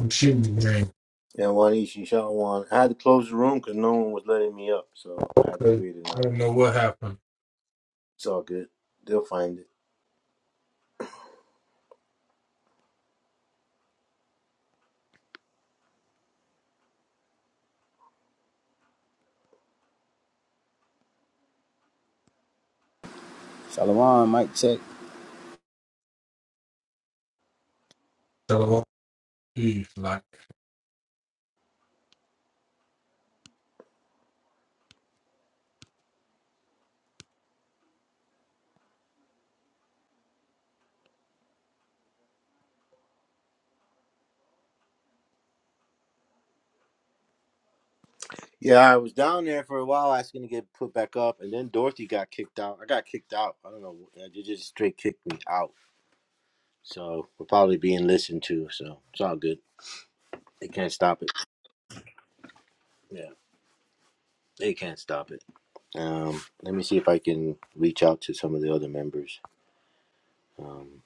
Some shooting game. Yeah, Wanishi Shawan. I had to close the room because no one was letting me up, so I had to Okay. create I another. don't know what happened. It's all good. They'll find it. Shalom, mic check. So, geez, like, I Yeah, I was down there for a while asking to get put back up, and then Dorothy got kicked out. I got kicked out. I don't know. uh, They just straight kicked me out. So we're probably being listened to, so it's all good. They can't stop it. Yeah, they can't stop it. Um, let me see if I can reach out to some of the other members. Um,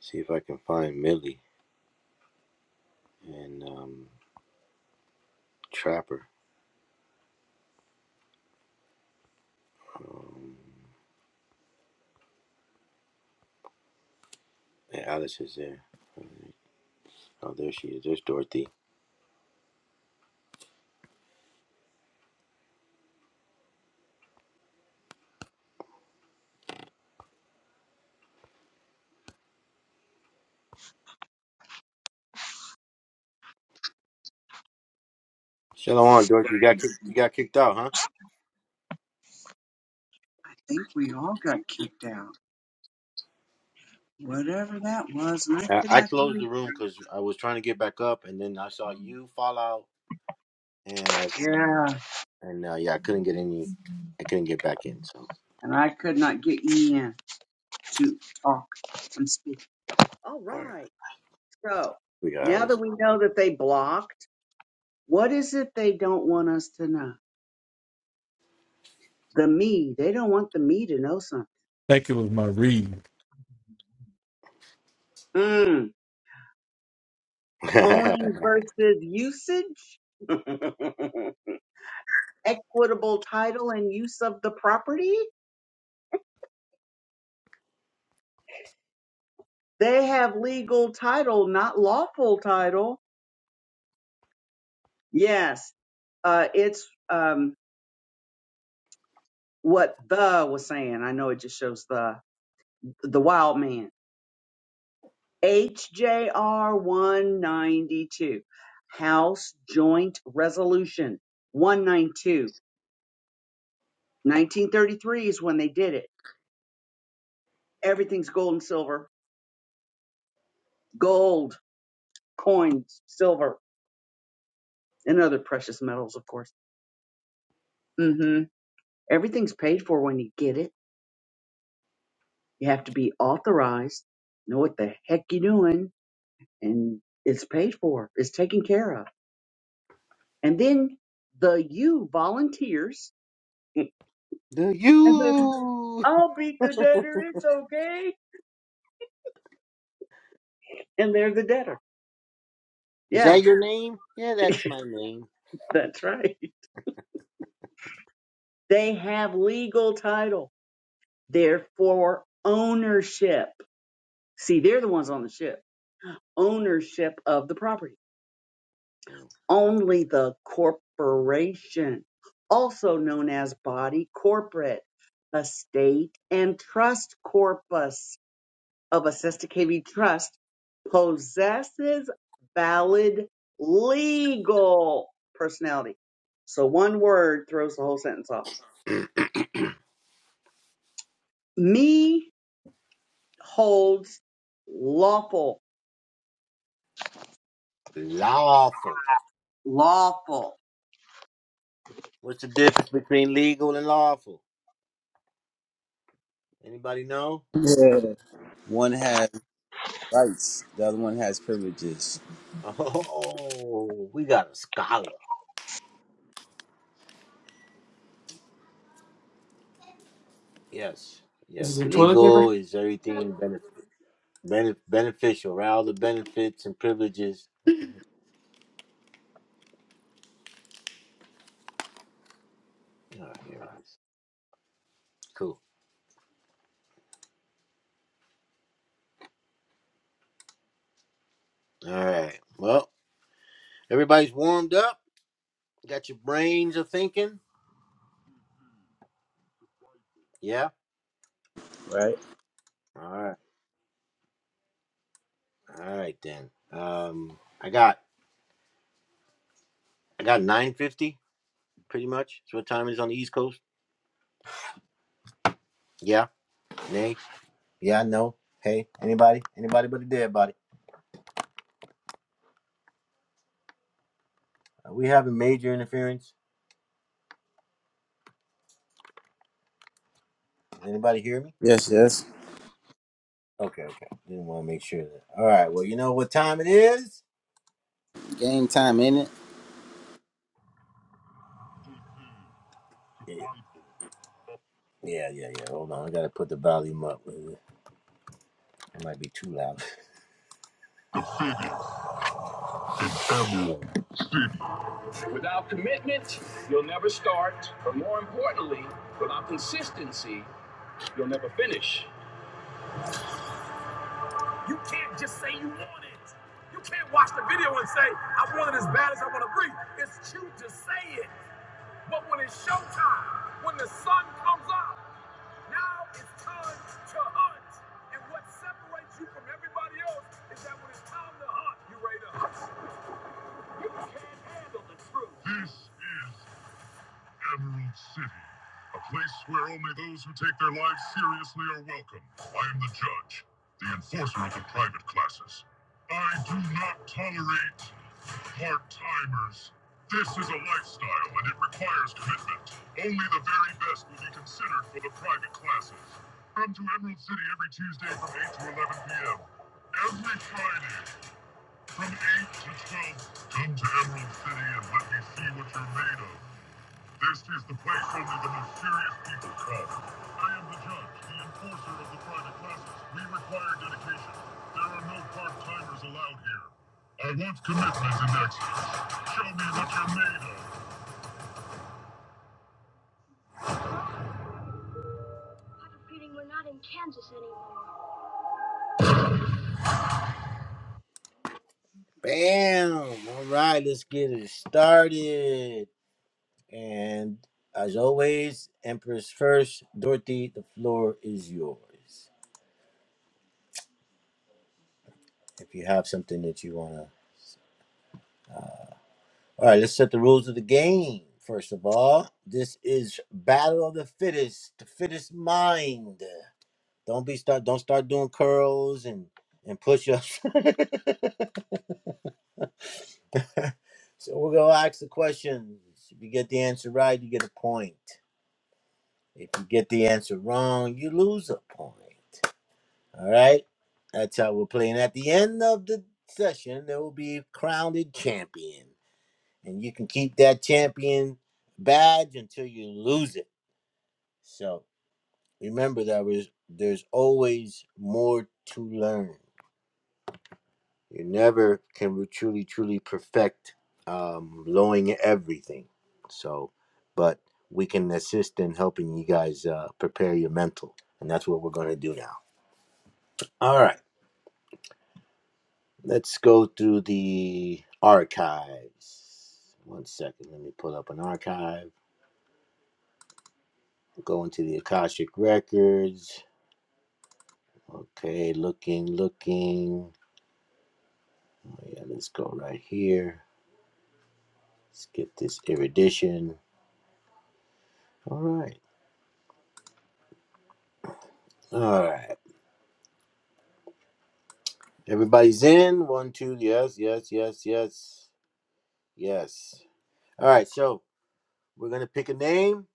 see if I can find Millie and um, Trapper. Um, And Alice is there. Oh, there she is. There's Dorothy. Shalom, Dorothy. You got kick- you got kicked out, huh? I think we all got kicked out. Whatever that was, and I could I, I not closed the room because I was trying to get back up, and then I saw you fall out, and I hear you. Yeah, and uh, yeah, I couldn't get any. I couldn't get back in. So and I could not get you in to talk and speak. All all right, right. So we got now that Alice. we know that they blocked, what is it they don't want us to know? The me. They don't want the me to know something. think it was my reading. Mm. Owning versus usage. Equitable title and use of the property. They have legal title, not lawful title. Yes. Uh, it's um, what the was saying. I know it just shows the the wild man. HJR 192, House Joint Resolution 192. 1933 is when they did it. Everything's gold and silver. Gold, coins, silver, and other precious metals, of course. Mm-hmm. Everything's paid for when you get it. You have to be authorized, know what the heck you're doing, and it's paid for. It's taken care of. And then the you volunteers and Do says, you? I'll beat the debtor, it's okay. And they're the debtor. Is Yeah, that your name? Yeah, that's my name. that's right. They have legal title. They're for ownership. See, they're the ones on the ship. Ownership of the property. Mm. Only the corporation, also known as body corporate, estate, and trust corpus of a Sister KB trust possesses valid legal personality. So one word throws the whole sentence off. Me holds lawful, Lawful. lawful. What's the difference between legal and lawful? Anybody know? Yeah. One has rights, the other one has privileges. Oh, we got a scholar. Yes, Is yes. it toilet Legal paper? is everything benef- benef- beneficial, right? All the benefits and privileges. What the heck? All right, here it is. Cool. All right. Well, everybody's warmed up. Got your brains a thinking. Yeah. Right? All right. All right then. Um, I got I got nine fifty pretty much. That's what time it is on the East Coast. Yeah. Nay. Yeah. No. Hey. Anybody? Anybody but a dead body. Are we having major interference? Anybody hear me? Yes, yes. Okay, okay. Didn't want to make sure that. All right. Well, you know what time it is? Game time, ain't it? Yeah, yeah, yeah. yeah. Hold on. I got to put the volume up. It might be too loud. Without commitment, you'll never start. But more importantly, without consistency, you'll never finish. You can't just say you want it. You can't watch the video and say, I want it as bad as I want to breathe. It's cute to say it. But when it's showtime, when the sun comes up, Now it's time to hunt. And what separates you from everybody else is that when it's time to hunt, you ready to hunt. You can't handle the truth. This is Emerald City, a place where only those who take their lives seriously are welcome. I am the judge, the enforcer of the private classes. I do not tolerate. Part timers. This is a lifestyle and it requires commitment. Only the very best will be considered for the private classes. Come to Emerald City every Tuesday from 8 to 11 p.m. Every Friday from 8 to 12. Come to Emerald City and let me see what you're made of. This is the place only the mysterious people come. I am the judge, the enforcer of the private classes. We require dedication. There are no part-timers allowed here. I want commitment and excellence. Show me what you're made of. Bam! All right, let's get it started. And as always, Empress first. Dorothy, the floor is yours. If you have something that you want to All right, let's set the rules of the game. First of all, this is battle of the fittest, the fittest mind. Don't be start don't start doing curls and and push-ups. so we're gonna ask the questions. If you get the answer right, you get a point. If you get the answer wrong, you lose a point. All right, that's how we're playing. At the end of the session, there will be crowned champion. and you can keep that champion badge until you lose it. So remember that was there's always more to learn. You never can truly, truly perfect um, knowing everything. So, but we can assist in helping you guys uh, prepare your mental, and that's what we're going to do now. All right, let's go through the archives. One second, let me pull up an archive. Go into the Akashic records Okay, looking, looking. Oh, yeah, let's go right here. Let's get this erudition. All right. All right. Everybody's in. One, two. Yes, yes, yes, yes, yes. All right. So we're gonna pick a name.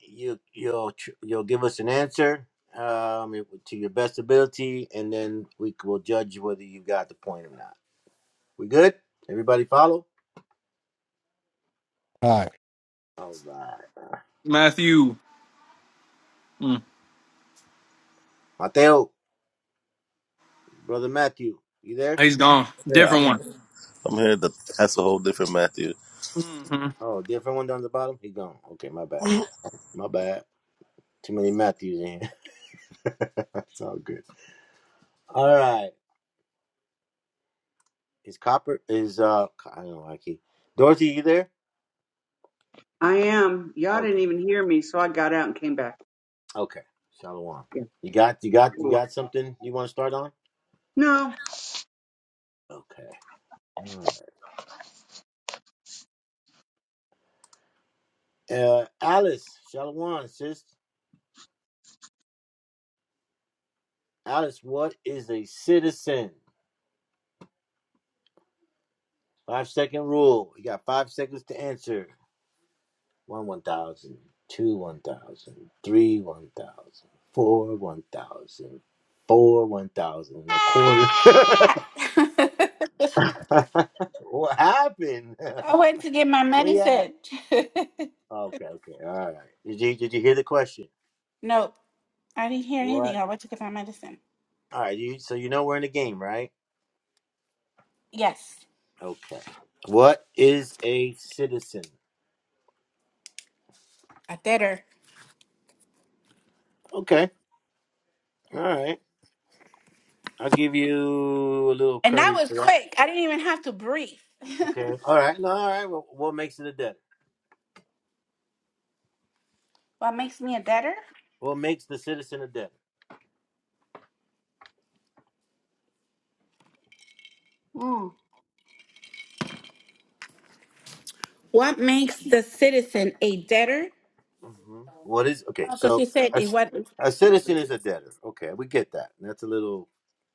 You you'll tr- you'll give us an answer um it- to your best ability, and then we c- will judge whether you got the point or not. We good? Everybody follow? All right. All right. Matthew. Mm, Mateo, brother Matthew, you there? he's gone. Yeah, I'm Different here. I'm here. To, that's a whole different Matthew. one. hmm Oh, different one down the bottom? He gone. Okay, my bad. My bad. Too many Matthews in here. That's all good. All right. Is Copper is uh I don't know why I keep Dorothy, you there? I am. Y'all didn't Okay. even hear me, so I got out and came back. Okay. Shalom. Yeah. You got you got you cool. got something you want to start on? No. Okay. All right. Uh Alice, Shalom, sis. Alice, what is a citizen? Five second rule. You got five seconds to answer. one one thousand, two one thousand, three one thousand, four one thousand, four one thousand, and a quarter. I what happened? went to get my Where you at? medicine. Okay, okay, all right. Did you did you hear the question? nope, I didn't hear anything. What? I went to get my medicine. All right, you so you know we're in the game, right? Yes, Okay. What is a citizen? a debtor. Okay, all right. I'll give you a little And that courage was for that. quick. I didn't even have to breathe. Okay, all right. No, all right. Well, what makes it a debtor? What makes me a debtor? What makes the citizen a debtor? Mm. What makes the citizen a debtor? hmm What is okay? Because So you said a, it s- what? a citizen is a debtor. Okay, we get that. That's a little.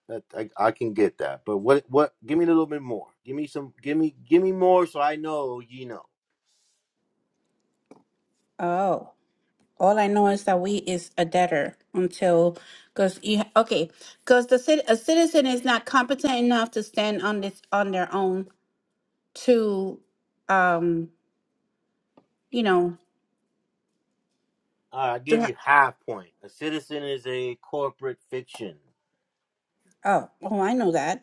That I, I can get that. But what? What? Give me a little bit more. Give me some. Give me. Give me more, so I know you know. Oh, all I know is that we is a debtor until because you okay because the cit- a citizen is not competent enough to stand on this on their own to, um, you know, All right, I to give ha- you half point. A citizen is a corporate fiction. oh, oh, I know that.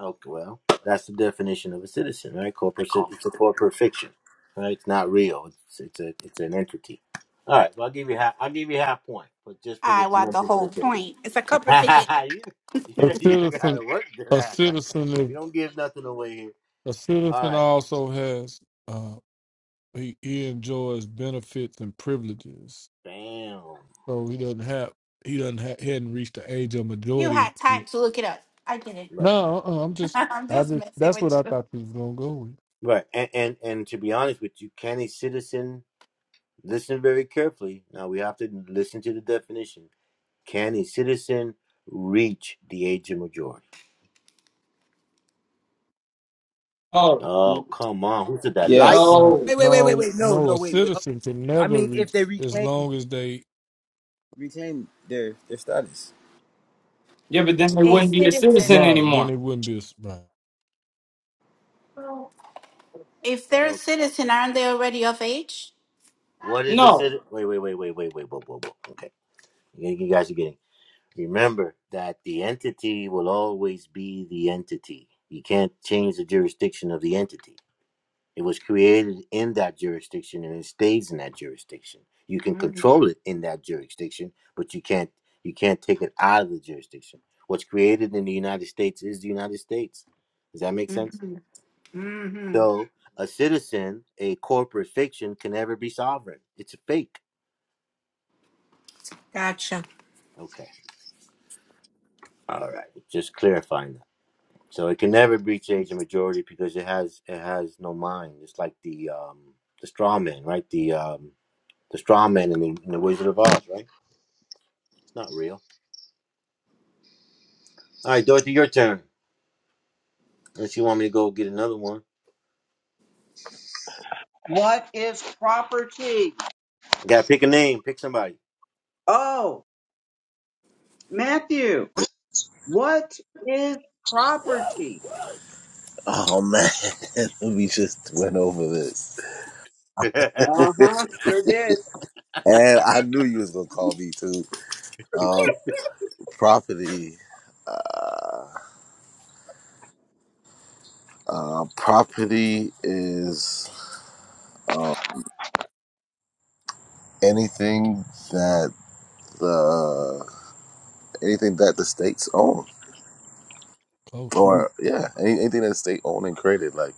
Okay, well, that's the definition of a citizen, right? I Corporate. cit- called It's a it. corporate fiction, right? It's not real. It's it's a it's an entity. All right. Well, I'll give you half. I'll give you half point, but just for I the want the mention whole point. It's a cup of fish. you, A yeah, you citizen, gotta work to a that. citizen, We is- don't give nothing away here. a All citizen right. also has, uh, he, he enjoys benefits and privileges. Bam. So he doesn't have, he doesn't ha he hadn't reached the age of You majority. had time to look it up. I didn't. Right. No, uh, I'm just, I'm I just just, messing that's what with I you. thought you was going to go with. Right. And and, and to be honest with you, can a citizen listen very carefully? Now we have to listen to the definition. Can a citizen reach the age of majority? Oh, Oh, come on. Who said that? Light? Yes. Uh, no. Wait, wait, wait, wait, no, wait. No, no, no, a wait, wait. Oh, citizen can I never mean, if reach they as reclaim, long as they, reclaim their their status. Yeah, but then they A wouldn't be a citizen. citizen right, then anymore. it wouldn't be a, right. If they're a No. citizen, aren't they already of age? What is a No. citizen? Wait, wait, wait, wait, wait, wait, whoa, whoa, whoa. Okay. You you guys are getting Remember that the entity will always be the entity. You can't change the jurisdiction of the entity. It was created in that jurisdiction and it stays in that jurisdiction. You can Mm-hmm. control it in that jurisdiction, but you can't you can't take it out of the jurisdiction. What's created in the United States is the United States. Does that make sense? Mm-hmm. hmm So a citizen, a corporate fiction can never be sovereign. It's a fake. Gotcha. Okay. All right. Just clarifying that. So it can never breach age and majority because it has it has no mind. It's like the um the straw man, right? The um the straw man in the, in the Wizard of Oz, right? It's not real. All right, Dorothy, your turn. Unless you want me to go get another one. What is property? Gotta pick a name, pick somebody. Oh, Matthew. What is property? Oh man, we just went over this, Uh gotcha. huh. Sure did. and I knew you was gonna call me too. Um, property, uh, uh, property is uh, anything that the anything that the states own, Close. or yeah, any, anything that the state owned and created. Like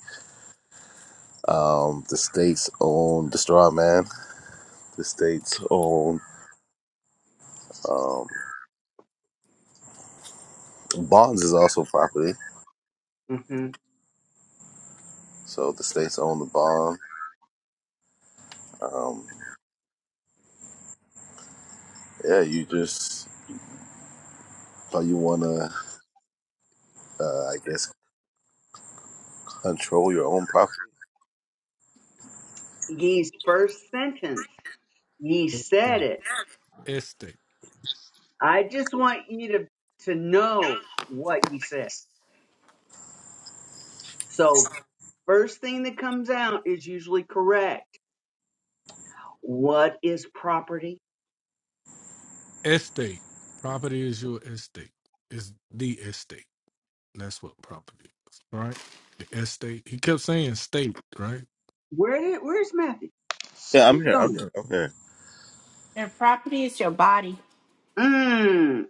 um, the states own the straw man. The states own um, bonds is also property. Mm-hmm. So the states own the bond. Um, yeah, you just so you want to, uh, I guess, control your own property. Ye's first sentence. Ye said Estate. it. Estate. I just want you to, to know what ye said. So, first thing that comes out is usually correct. What is property? Estate. Property is your estate. It's the estate. That's what property is. All right. The estate. He kept saying state, right? Where did, where's Matthew? Yeah, I'm He's here. I'm gone. here. I'm here. Your property is your body. Mm,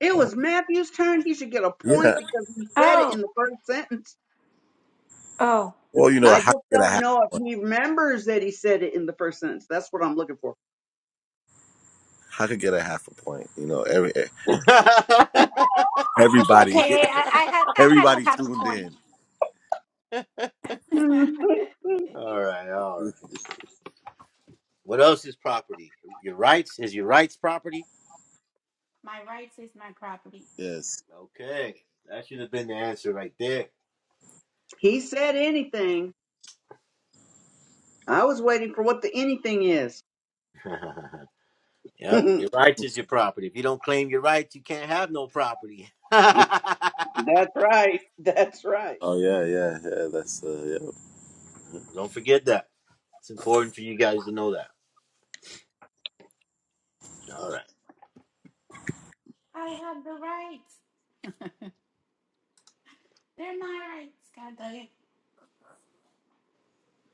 it Oh, was Matthew's turn. He should get a point yeah. because he said it in Oh, the first sentence. oh. Well, you know, I how just could get a don't half know if a point? he remembers that he said it in the first sentence. That's what I'm looking for. How could get a half a point? You know, every eh, It's everybody, okay. I, I had I had everybody a half a tuned point. in. All right, all right. What else is property? Your rights is your rights property. my rights is my property. Yes. Okay, that should have been the answer right there. he said anything. I was waiting for what the anything is. Yep. Your rights is your property. If you don't claim your rights, you can't have no property. don't That's right. That's right. Oh yeah, yeah, yeah. That's uh, forget that. It's important for you guys to know that. All right. I have the rights. They're my rights, God dang it.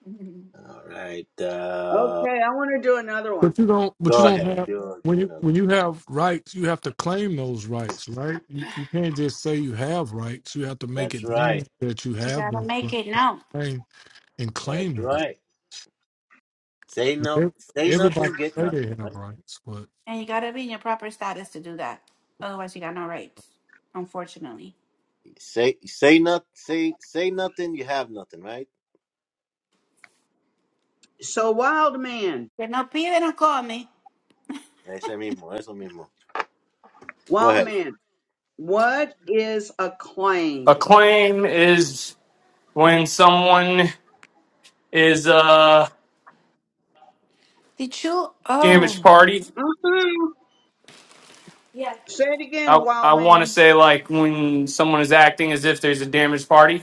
Mhm. All right. Uh, Okay, I want to do another one. But you don't but you go don't ahead. have Do when do you another. when you have rights, you have to claim those rights, right? You, you can't just say you have rights. You have to make That's it known right. that you You have gotta those make rights it known. and and claim That's them. I right. Say mean, no. ev- Say Everybody nothing. Get say they nothing. have Right. rights, but And you gotta be in your proper status to do that. Otherwise you got no rights, unfortunately. Say say not. Say say nothing. You have nothing. Right. So, wild man, Que no pide, no come. That's what I mean. That's what I mean. Go wild ahead. man, what is a claim? A claim is when someone is a Did you damaged oh party. mm Yeah. Say it I, again, I wild want to man. say, like, when someone is acting as if there's a damaged party,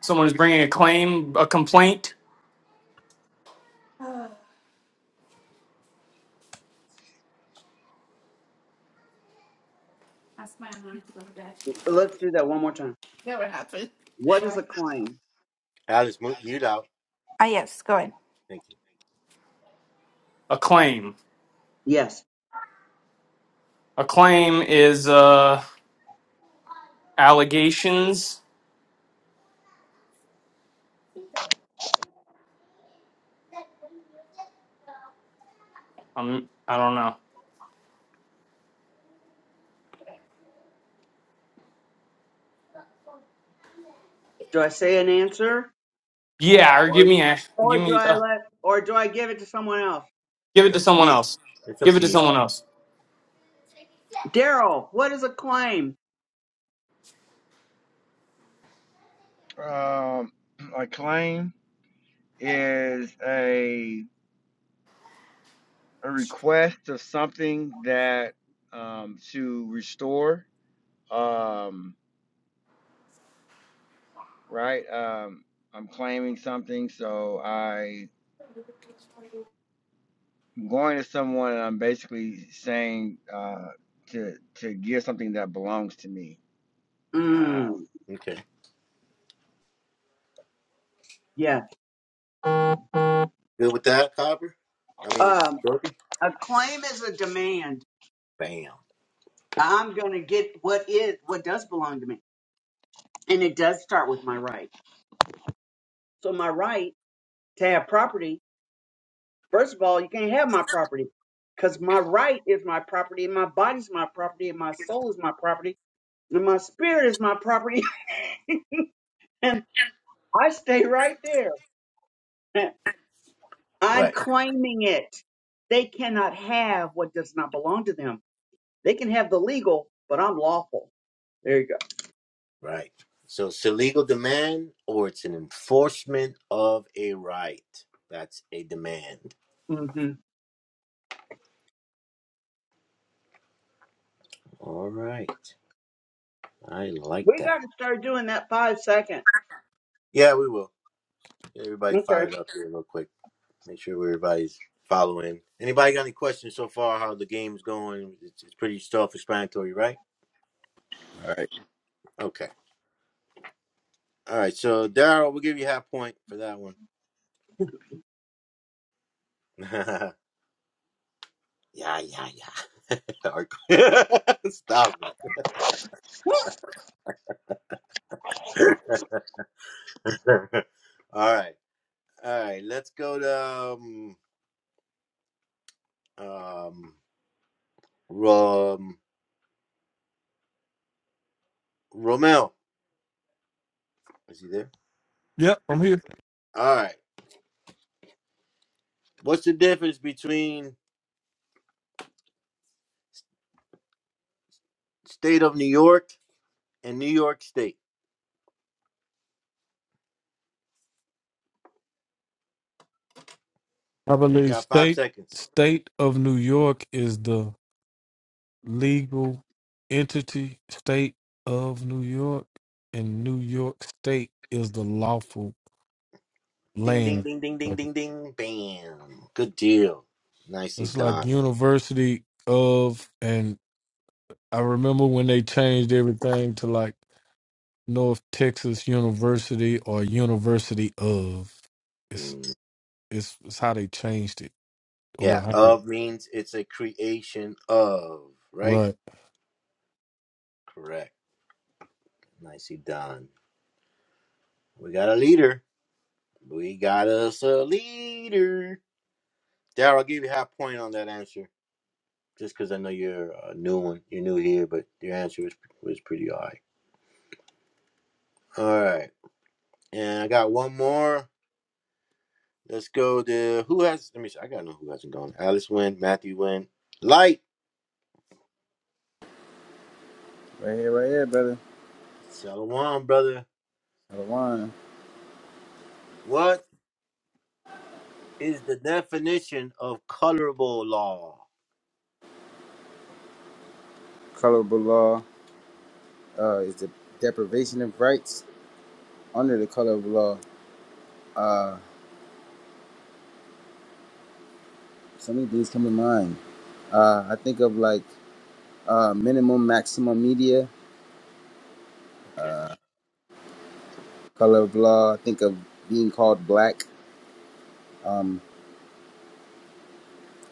someone is bringing a claim, a complaint, Oh, That's my alarm to go to bed. Let's do that one more time. Never happened. What is Right. a claim? Alice, mute, mute out. Ah yes, go ahead. Thank you. a claim. Yes. A claim is uh, allegations. Um, I don't know. Do I say an answer, Yeah, or or give me a or give do me I uh, let, or do I give it to someone else? give It's it to up to someone you. else. It's up Give it to to you. someone else. Daryl, what is a claim? Um, a claim is a a request of something that um, to restore. Um, right. Um, I'm claiming something, so I'm going to someone, and I'm basically saying uh, to to give something that belongs to me. Mm, Okay. yes. Good with that, Copper. I mean, Um, Dorothy? a claim is a demand. Bam. I'm going to get what is what does belong to me, and it does start with my right. So my right to have property. First of all, you can't have my property because my right is my property, and my body's my property, and my soul is my property, and my spirit is my property, and I stay right there. I'm Right. claiming it. They cannot have what does not belong to them. They can have the legal, but I'm lawful. There you Right. So it's a legal demand or it's an enforcement of a right. That's a demand. go. hmm All right. I like We got that. to start doing that five second. Yeah, we will. Get everybody Okay. fired up here real quick. Make sure everybody's following. Anybody got any questions so far? How the game's going? It's, it's pretty self-explanatory, right? All right. Okay. All right. So Daryl, we'll give you half point for that one. yeah, yeah, yeah. Stop it. All right. All right, let's go to um, um, Rom, Romel. Is he there? Yep, I'm here. All right. What's the difference between state of New York and New York State? I You believe got five state seconds. state of New York is the legal entity, state of New York, and New York State is the lawful Ding, ding, land. ding, ding, ding, ding, ding. Bam. Good deal. Nicely It's like done. University of, and I remember when they changed everything to like North Texas University or University of. It's Mm, it's, it's how they changed it or Yeah. how they, Of means it's a creation of, right? right. Correct. Nicely done. We got a leader. We got us a leader. Daryl, I'll give you half point on that answer. Just because I know you're a new one, you're new here, but your answer was was pretty alright. All right, and I got one more. Let's go to who has. Let me. See, I gotta know who hasn't gone. Alice went. Matthew went. Light. Right here, right here, brother. Shalom, brother. Shalom. What is the definition of colorable law? Colorable law uh, is the deprivation of rights under the colorable law. Uh, so many things come to mind. Uh, I think of like uh, minimum, maximum media Okay. color of law, think of being called black, um,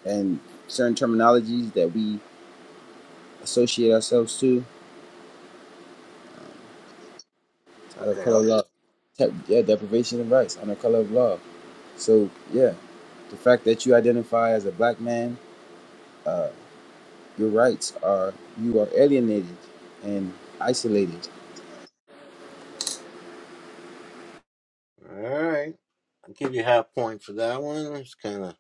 and certain terminologies that we associate ourselves to out of Okay. color of I'll- law. Te- yeah, deprivation of rights under color of law. So yeah, the fact that you identify as a black man, uh, your rights are you are alienated and isolated. All right. I'll give you half point for that one. It's kind of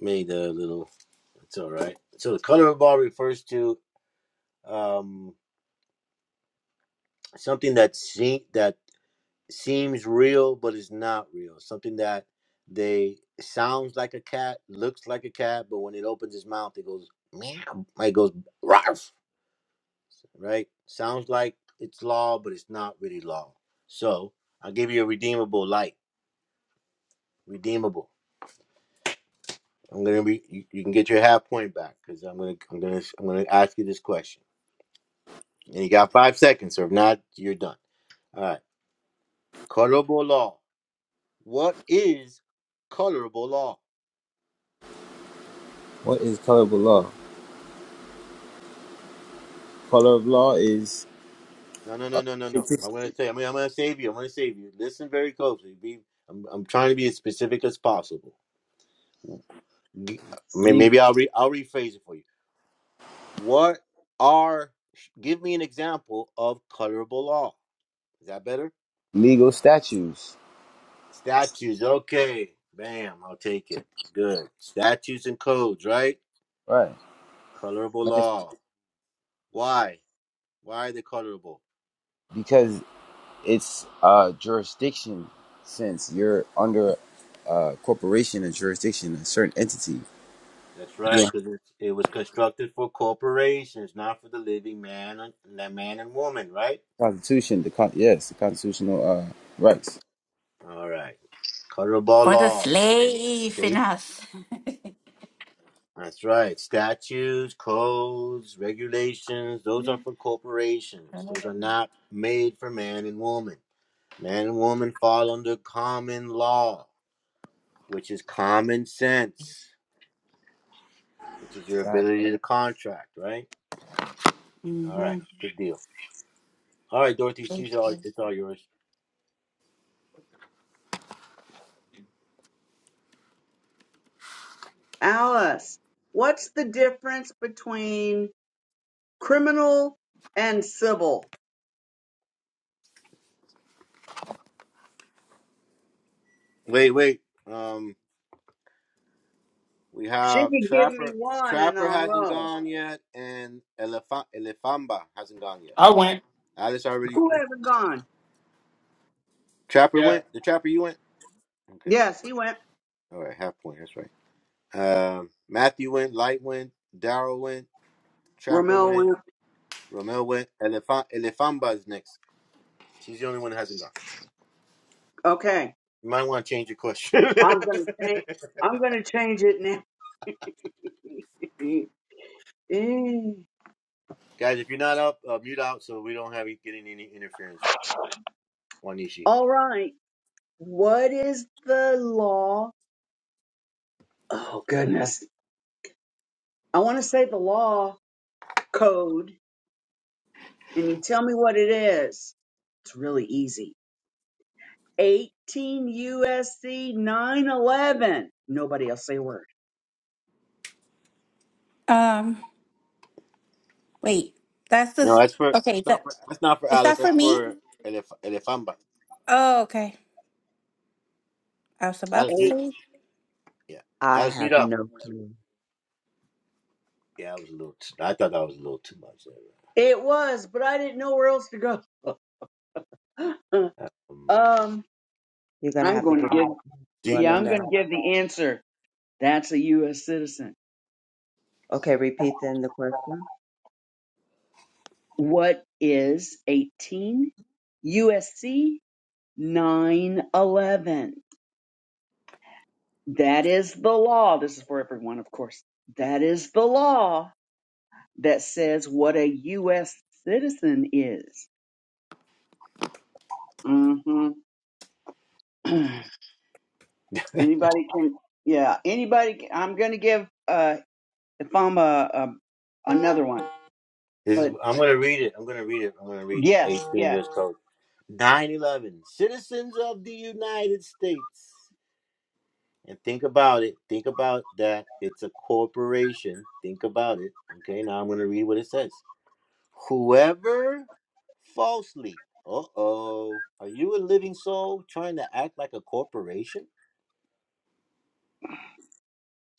made a little. It's all right. So the colorable law refers to um something that see that seems real but it's not real something that they sounds like a cat looks like a cat but when it opens its mouth it goes meow like it goes "Rarf," right sounds like it's law but it's not really law so i'll give you a redeemable light redeemable i'm gonna be you, you can get your half point back because i'm gonna i'm gonna i'm gonna ask you this question and you got five seconds or if not you're done all right colorable law what is colorable law What is color of law? Color of law is No, no, no, uh, no, no, no. I'm gonna say. I mean, I'm gonna save you. I'm gonna save you. Listen very closely. Be. I'm. I'm trying to be as specific as possible. G- may- legal Maybe I'll re. I'll rephrase it for you. What are? Give me an example of colorable law. Is that better? legal statutes, Statues. Okay. Bam. I'll take it. Good. Statutes and codes. Right. right? Colorable law. Why? Why are they colorable? Because It's uh, jurisdiction since you're under uh, corporation and jurisdiction, a certain entity. That's right, because it, it was constructed for corporations, not for the living man and the man and woman, right? Constitution, the con- yes, the constitutional uh, rights. All right. Colorable For the law. slave in State. us. That's right. Statutes, codes, regulations, those are for corporations. Those are not made for man and woman. Man and woman fall under common law, which is common sense, which is your Uh, ability to contract, right? All hmm right. Good deal. All right, Dorothy, she's all, it's all yours. Alice, what's the difference between criminal and civil? Wait, wait. Um, we She have could give me Trapper. one and Trapper I'll hasn't know. gone yet, and Elef- Elefamba hasn't gone yet. I went. Alice already Who went. hasn't gone? Trapper Yeah. went. The Trapper, you went. Okay. Yes, he went. All right. Half point. That's right. Um, Matthew went. Light went. Daryl went. Trapper Romel went. went. Romeo went. Elefant. Elefamba is next. She's the only one that hasn't gone. Okay. You might want to change your question, I'm gonna change I'm gonna change it now. guys. If you're not up, uh, mute out so we don't have you getting any interference. Wanishi. All right. What is the law? Oh goodness. I wanna say the law code and you tell me what it is. It's really easy. 18 USC 911. Nobody else say a word. Um wait. That's the No, s- that's for that's okay, not that for that's not for is that Alice. for That's me? for Elef- Elefamba. Oh, okay. I was about to Alice, Eight. mute. say Yeah, I Alice, mute have up. no clue. Yeah, I was a little. T- I thought that was a little too much. It was, but I didn't know where else to go. There. Um, um, You're gonna I'm have to going to give me give. one Yeah, and I'm going that. to give the answer. That's a U.S. citizen. Okay, repeat then the question. What is 18 USC 911? That is the law. This is for everyone, of course. That is the law that says what a U.S. citizen is. hmm Anybody can, yeah, anybody. Can, I'm going to give uh, if i another one, This is, but I'm going to read it. I'm going to read it. I'm going to read yes, 18 yes. years code. 911. citizens of the united states and think about it think about that it's a corporation think about it okay now i'm going to read what it says whoever falsely uh-oh are you a living soul trying to act like a corporation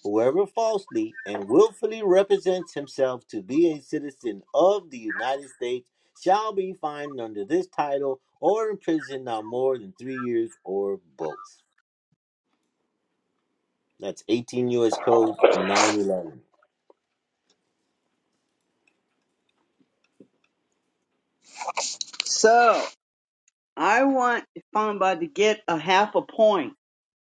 Whoever falsely and willfully represents himself to be a citizen of the United States shall be fined under this title or imprisoned not more than three years or both. That's 18 U.S. Code 911. So I want Famba to get a half a point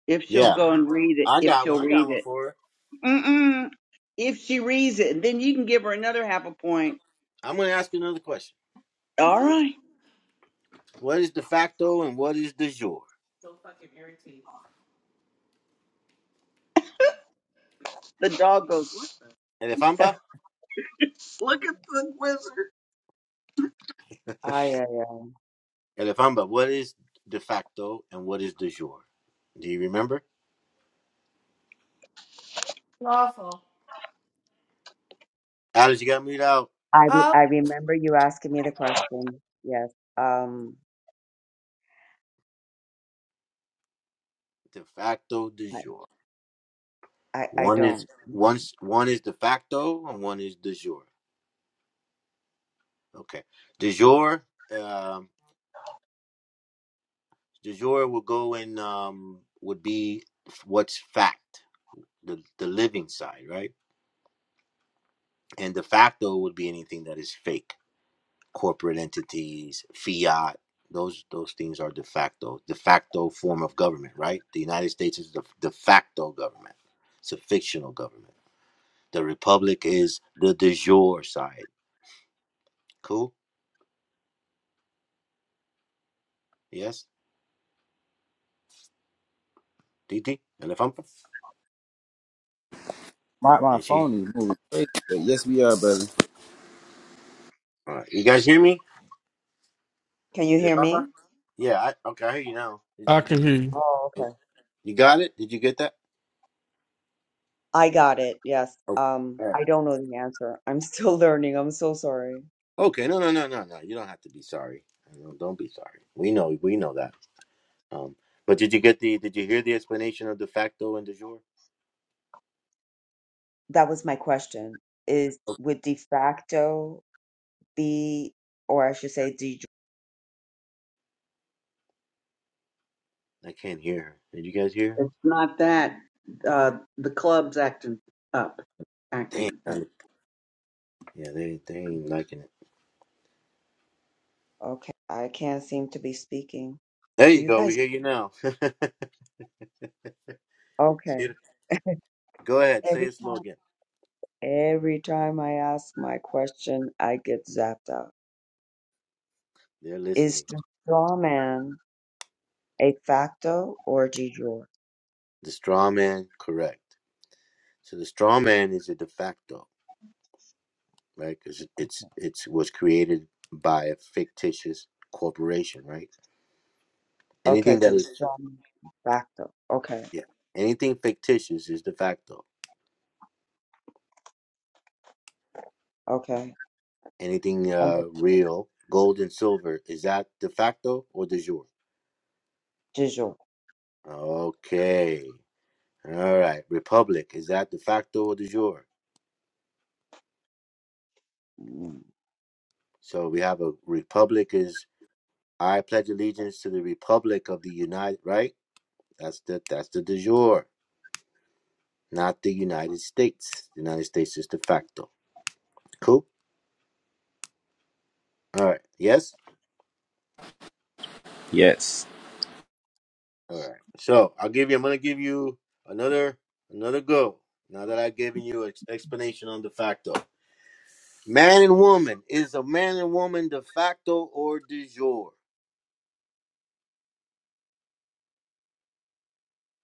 if she'll Yeah, go and read it. I If got she'll one. I got read one it, for her. Mm-mm. if she reads it, then you can give her another half a point. I'm going to ask you another question. All right. What is de facto and what is de jure? The dog goes. I, Elefamba? Look, look at the wizard. I, Elefamba, what is de facto and what is de jure? Do you remember? Lawful. Alice, you got me out. I, re- Oh, I remember you asking me the question. Yes. Um, De facto, de I, jure. I, I One is don't. I don't. one's one is de facto and one is de jure. Okay, de jure, um, de jure will go in um, would be what's fact, the the living side, right? And de facto would be anything that is fake, corporate entities, fiat. Those those things are de facto, de facto form of government, right? The United States is the de facto government. It's a fictional government. The republic is the de jure side. Cool. Yes. DT, elephant. My, my And she, phone is moving crazy, but yes, we are, brother. all right. You guys hear me? Can you Is it hear Bamba? me? Yeah. I, okay, I hear you now. Did, I did you can get? hear you. Oh, oh, okay. You got it? Did you get that? I got it. Yes. Oh, Um, all right. I don't know the answer. I'm still learning. I'm so sorry. Okay. No, no, no, no, no. You don't have to be sorry. No, don't be sorry. We know. We know that. Um. But did you get the? Did you hear the explanation of de facto and de jure? That was my question. Is Okay. would de facto be, or I should say, de? I can't hear her. Did you guys hear? It's not that. Uh, the club's acting up, her? Damn. acting up. man. Yeah. They they ain't liking it. jure? Okay. I can't seem to be speaking. There Do you you go. We guys? hear you now. See Okay. it? go ahead. Say Every it slow time, again. every time I ask my question, I get zapped out. They're listening. Is the straw man a facto or a de jure? The straw man, correct. So the straw man is a de facto. right? Because it's it's was created by a fictitious corporation, right? Okay, Anything so that the is straw man is facto. Okay, yeah, anything fictitious is de facto. okay. Anything And the uh, real, gold and silver, is that de facto or de jure? de jure. Okay, all right. Republic is that de facto or de jure? Mm. So we have a republic is I pledge allegiance to the republic of the United, right? That's the that's the de jure, not the United States. The United States is de facto. Cool. All right. Yes. Yes. All right. So I'll give you. I'm gonna give you another another go. Now that I've given you an explanation on de facto, man and woman is a man and woman de facto or de jure?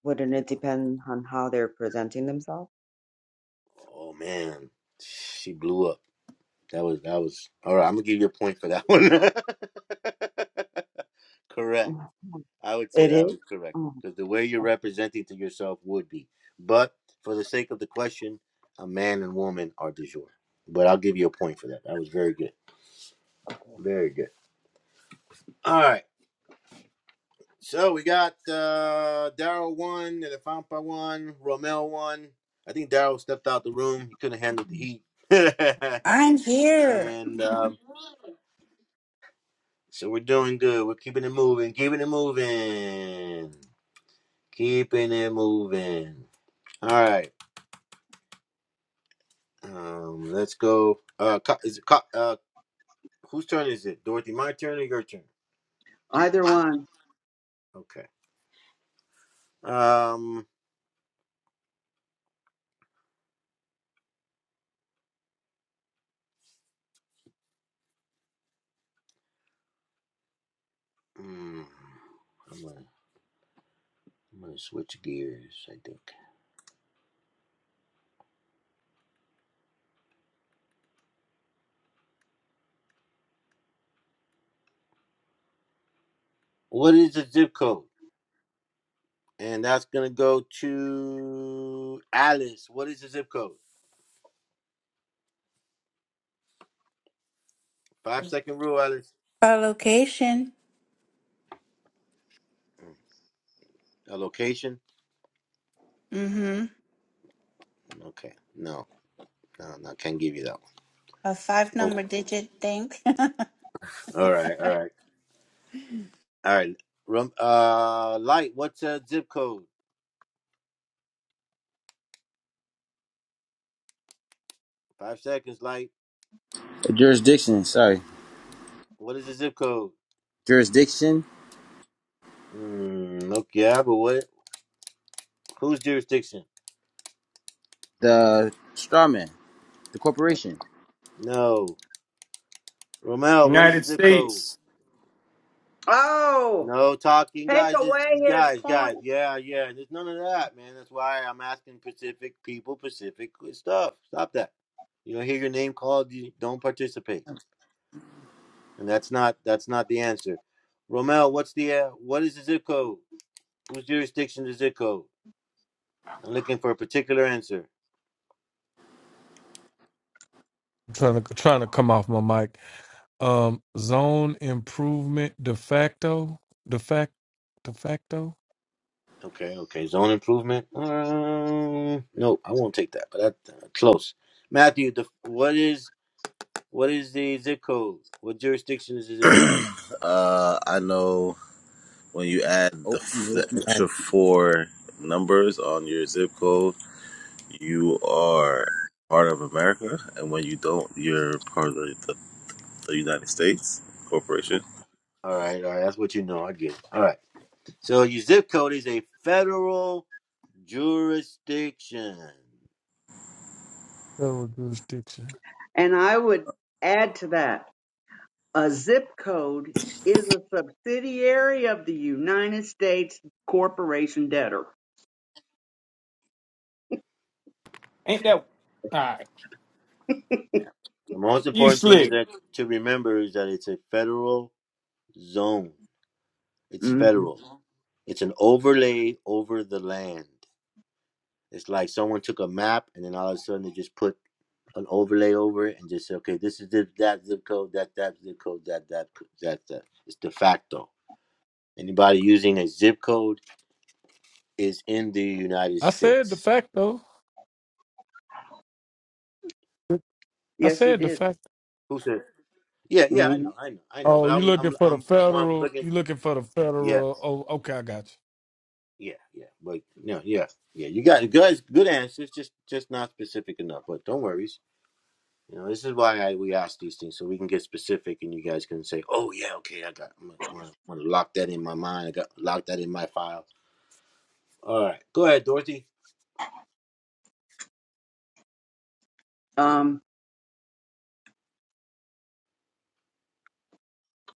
Wouldn't And it if I, depend on how they're presenting themselves? oh man, she blew up. That was that was all right. I'm gonna give you a point for that one. Correct. Mhm. I would say It that is? was correct Mm, because the way you're o- representing to yourself would be. But for the sake of the question, a man and woman are de jour. But I'll give you a point for that. That was very good. Okay. Very good. All right. So we got uh Daryl one and Afampa one, Romel one. I think Daryl stepped out the room. He couldn't handle the Mm. heat. I'm here. and um, so we're doing good. We're keeping it moving. Keeping it moving. Keeping it moving. All right. Um, let's go. Uh, co- is it co- uh, whose turn is it? Dorothy, my turn or your turn? Either one. Okay. Um, mm, I'm gonna I'm gonna switch gears. I think. What is the zip code? And that's gonna go to Alice. What is the zip code? Five second rule, Alice. A location. Mm, A location? Mm-hmm. Okay. No, no, no. Can't give you that one. A five number Oh, digit thing. all right, all right, all right. Rum, uh, light. What's the zip code? Five seconds, light. The jurisdiction, sorry. What is the zip code? Jurisdiction, Mm, okay, yeah, but what? Whose jurisdiction? the straw man, the Uh, corporation. no, Romel. What is the United zip code? States. Oh. No talking, Take guys. Just away his guys, guys. point. Yeah, yeah. There's none of that, man. That's why I'm asking Pacific people Pacific stuff. Stop that. You don't hear your name called. You don't participate, and that's not that's not the answer. Romel, what's the uh, what is the zip code? Whose jurisdiction is the zip code? I'm looking for a particular answer. I'm trying to trying to come off my mic. um zone improvement de facto de fact de facto Okay, okay. Zone improvement. Um, nope, I won't take that. But that uh, close. Matthew, the, what is what is the zip code? What jurisdiction is the zip code? yeah. uh, I know when you add Oh, the what the you ask? extra four numbers on your zip code you are part of America, and when you don't, you're part of the, the, the United States corporation. All right, all right. That's what you know. I get it. All right. So your zip code is a federal jurisdiction. federal jurisdiction And I would add to that a zip code is a subsidiary of the United States corporation debtor. Ain't that all right? Yeah. The most You important thing is slick. that to remember is that it's a federal zone. It's hmm federal. It's an overlay over the land. It's like someone took a map and then all of a sudden they just put an overlay over it and just say, okay, this is the, that zip code, that that zip code, that that that that. It's de facto. Anybody using a zip code is in the United I said the States. fact, though. I Yes, you said the did. fact. Who said? Yeah, yeah, I hmm know, I know, I know. But Oh, I you was, looking I'm, for the I'm, I want to federal? looking. You looking for the Yes, federal? Oh, okay, I got you. yeah, yeah. But no, yeah, yeah. You got good, good answers. Just, just not specific enough. But don't worry. You know, this is why I, we ask these things so we can get specific, and you guys can say, "Oh yeah, okay, I got, I'm gonna, I'm gonna lock that in my mind. I got lock that in my file." All right, go ahead, Dorothy. Um,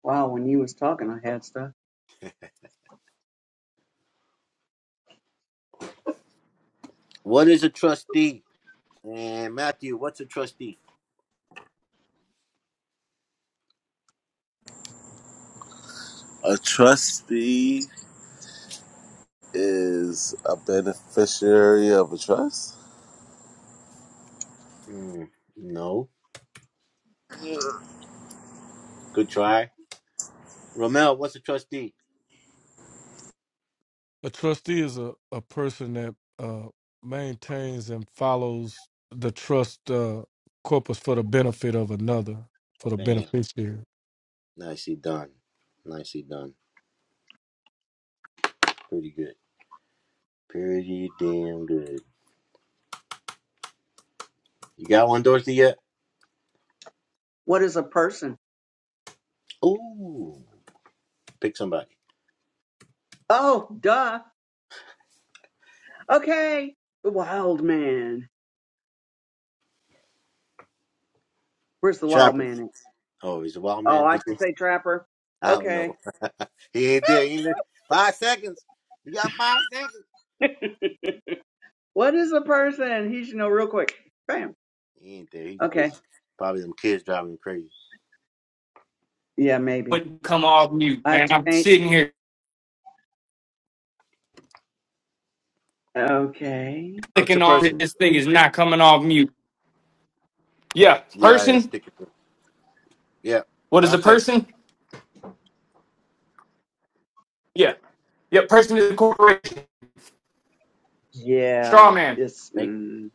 wow, when you was talking, I had stuff. What is a trustee? And Matthew, what's a trustee? A trustee is a beneficiary of a trust. Mm, no, good try. Romel, what's a trustee? A trustee is a, a person that uh, maintains and follows the trust uh, corpus for the benefit of another, for the Bam, beneficiary. nicely done, nicely done. Pretty good, pretty damn good. You got one, Dorothy yet? What is a person? Ooh, pick somebody. Oh, duh. Okay. The wild man. Where's the wild Chopper. man at? Oh, he's a wild Oh, man. I should He's say trapper. I don't Okay. know. he ain't there. He ain't there. Five seconds. You got five seconds. What is a person? He should know real quick. Bam. He ain't there. He's Okay. busy. Probably them kids driving him crazy. Yeah, maybe. Wouldn't come off mute, I have man. to I'm change. sitting here Okay. What's a clicking on it. person? This thing is not coming off mute. Yeah. Yeah, it's Person. sticking. Yeah, What is a five seconds. person? Yeah. Yeah. Person is a corporation. Straw Yeah. man. It's Nate. mm,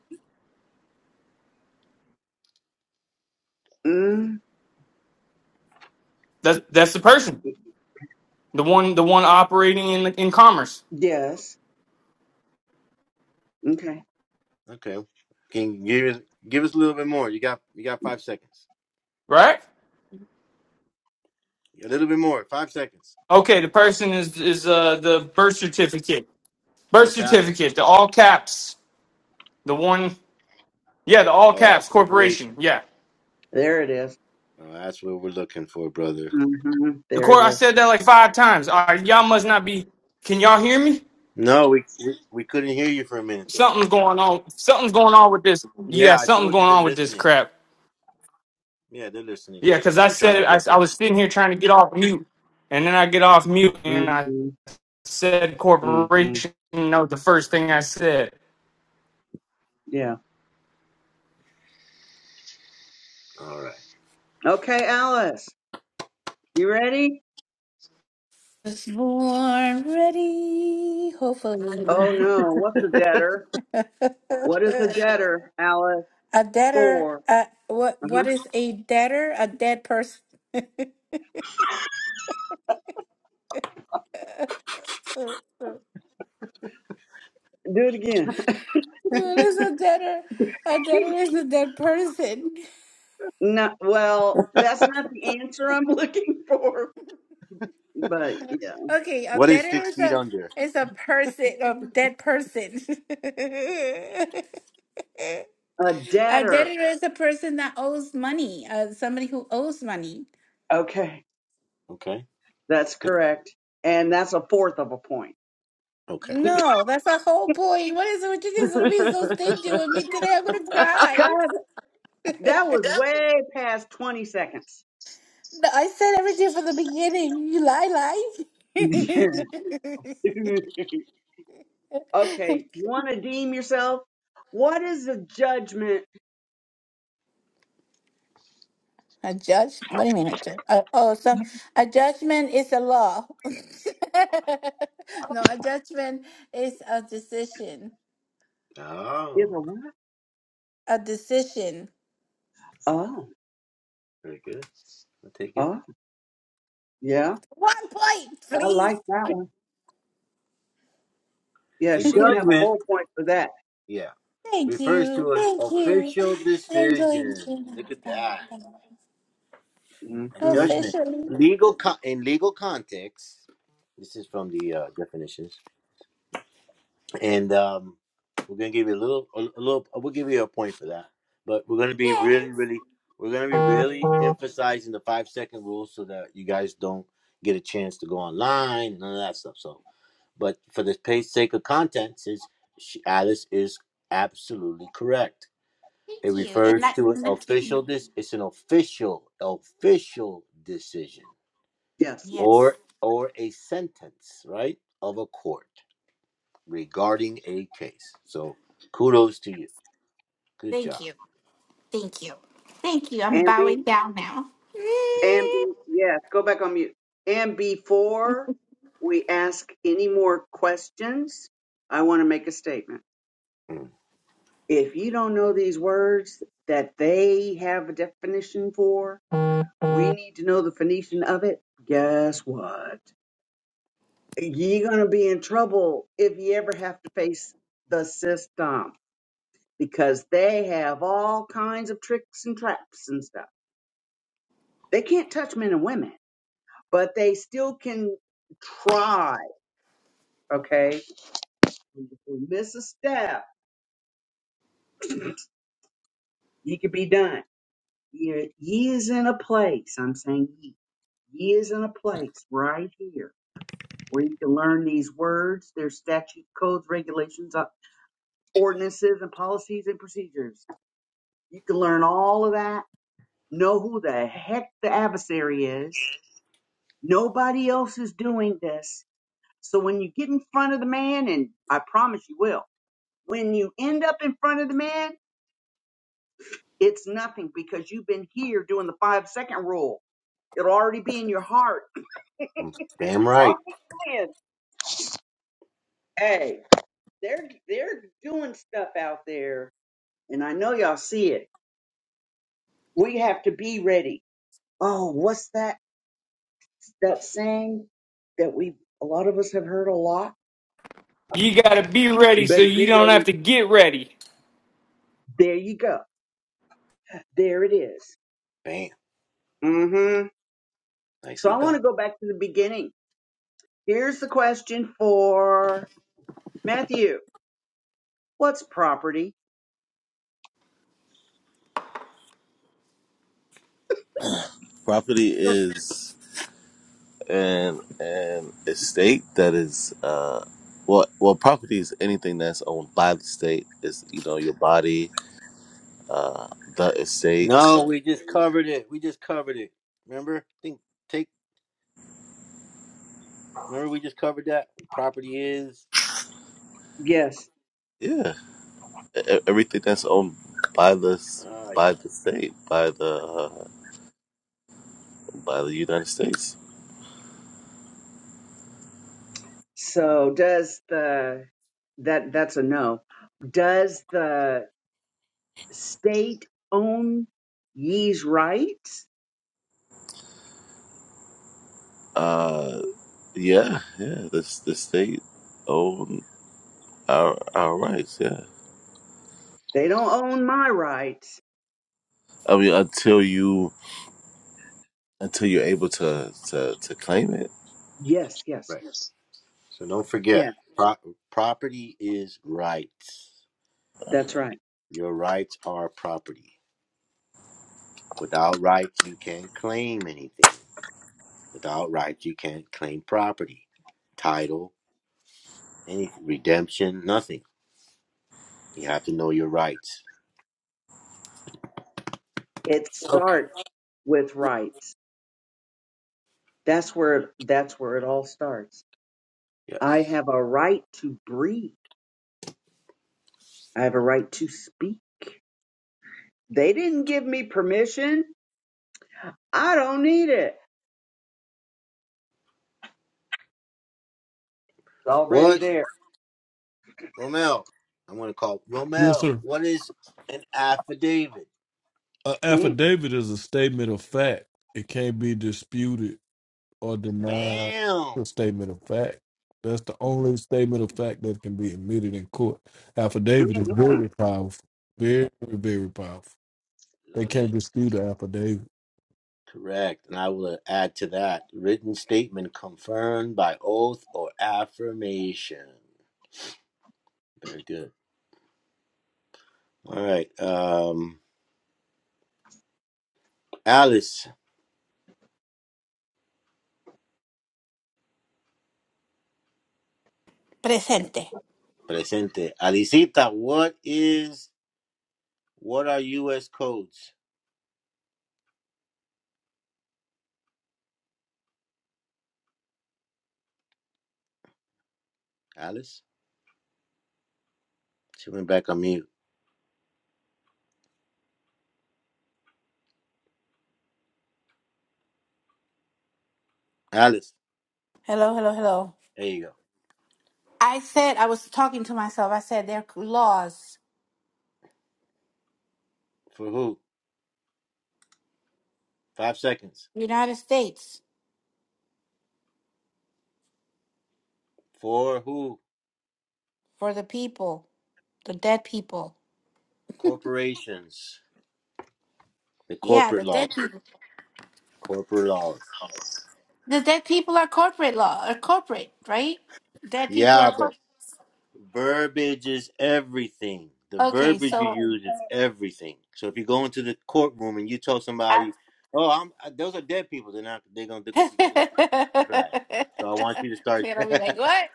mm, That's that's the person. The one the one operating in in commerce. yes. Okay. Okay. Can you give us give us a little bit more? You got you got five seconds. Right? A little bit more. Five seconds. Okay. The person is is uh the birth certificate. All Birth caps. certificate, the all caps, the one, yeah, the all Oh, caps corporation. corporation, yeah. There it is. Oh, that's what we're looking for, brother. Mm-hmm. The There it court, I is. said that like five times. All right, y'all must not be. Can y'all hear me? No, we, we we couldn't hear you for a minute though. Something's going on. Something's going on with this. Yeah, Yeah, I something's told you going they're on with this listening. crap. Yeah, they're listening. Yeah, because So I they're trying said to it. I, break it I up. was sitting here trying to get off mute, and then I get off mute and I Mm-hmm. said Mm-hmm. corporation. You know, the first thing I said. Yeah. All right. Okay, Alice. You ready? Was born ready, hopefully. Oh no. What's a debtor? a What is a debtor, Alice? debtor. For. Uh, what? What Uh-huh. is a debtor? A dead person. What Do it again. is a debtor? A debtor is a dead person. Not well. That's not the answer I'm looking for. But yeah, Okay, a What is debtor six is feet a under? is a person, a dead person. a A debtor. debtor is a person that owes money, uh, somebody who owes money. Okay, Okay. that's correct, and that's a fourth of a point. Okay. No, that's the whole point. What is it with you guys gonna be so stingy with me today? I'm gonna cry. That was way past 20 seconds. No, I said everything from the beginning. You lie, Yeah. lie. okay, you want to deem yourself? What is a judgment? a judge? What do you mean a judge? Uh, oh, some a judgment is a law. no, a judgment is a decision. Is Oh, a what? A decision. Oh, very good. I'll take it. oh, yeah. One point, I please. like that one. Yeah, A she can have a judgment, whole point for that. yeah, Thank refers you. to an Thank you. official I enjoy decision. listening to Look at that. that. Thank you. A hmm judgment. Officially. Legal con- in legal context, this is from the uh, definitions, and um, we're gonna give you a little, a, a little. We'll give you a point for that, but we're gonna be Yes. really, really, we're gonna be really emphasizing the five second rule so that you guys don't get a chance to go online and all that stuff. So But for the pa- sake of content, is she, Alice is absolutely correct. Thank It you. And refers that to an not taking official. This it's an official, official decision Yes. Yes. or or a sentence, right, of a court regarding a case. So, kudos to you. Good Thank job. you. Thank you. Thank you. I'm And be, bowing down now. and Mm. be, yes, go back on mute. And before we ask any more questions, I want to make a statement. Mm, If you don't know these words that they have a definition for, We need to know the Phoenician of it. Guess what? You're going to be in trouble if you ever have to face the system because they have all kinds of tricks and traps and stuff. They can't touch men and women, but they still can try. Okay. If you miss a step, you could be done. Ye ye is in a place, I'm saying ye, ye is in a place right here where you can learn these words, their statute codes, regulations, uh, ordinances and policies and procedures. You can learn all of that, know who the heck the adversary is. Nobody else is doing this. So when you get in front of the man, and I promise you will, when you end up in front of the man, it's nothing because you've been here doing the five second rule. It'll already be in your heart. Damn I'm right. just saying, hey, they're they're doing stuff out there, and I know y'all see it. We have to be ready. Oh, what's that? that saying that we a lot of us have heard a lot. You gotta be You ready so better you get don't ready. have to get ready. There you go. There it is. Bam. Mm-hmm. So Nicely I want done. to go back to the beginning. Here's the question for Matthew. What's property? Property Sure. is an an estate that is uh well well property is anything that's owned by the state. Is you know your body, uh the estate, No, we just covered it. We just covered it. Remember? think take remember we just covered that? Property is Yes. yeah, e- e- everything that's owned by this uh, by the state by the uh, by the United States. So does the that that's a no. Does the state own ye's rights? Uh, yeah, yeah. The the state own our our rights. Yeah, They don't own my rights. I mean until you until you're able to to, to claim it. Yes, yes. right. So don't Yeah, forget. Pro- property is rights. that's right. Your rights are property. Without rights you can't claim anything. Without rights you can't claim property, title, any redemption, nothing. You have to know your rights. It Okay. starts with rights. That's where it, that's where it all starts. I Yes. have a right to breathe. I have a right to speak. They didn't give me permission. I don't need it. It's already What? there. Romel, I'm gonna call Yes, Romel. sir. What is an affidavit? An Mm, affidavit is a statement of fact. It can't be disputed or denied. Bam! It's A statement of fact. That's the only statement of fact that can be admitted in court. mm, Affidavit is mm. very powerful. Very, very powerful. They Love can't it. dispute an affidavit. Correct. And I will add to that written statement confirmed by oath or affirmation. Very good. All right. Um, Alice, Presente. presente. Alicita, what is what are U.S. codes? Alice, she went back on mute. Alice, Hello, hello, hello. there you go. I said I was talking to myself. I said there are laws, For who? Five seconds. United States, For who? for the people, the dead people. Corporations. The Yeah, corporate the laws. dead people. Corporate laws. The dead people are corporate law, or corporate, right? Dead people are Yeah, corporate. but verbiage is everything. The Okay, verbiage you so use is everything. So if you go into the courtroom and you tell I somebody, "Oh, I'm uh, those are dead people," they're not. They're gonna look at you like, right. So I want you to start. They're gonna be like, what?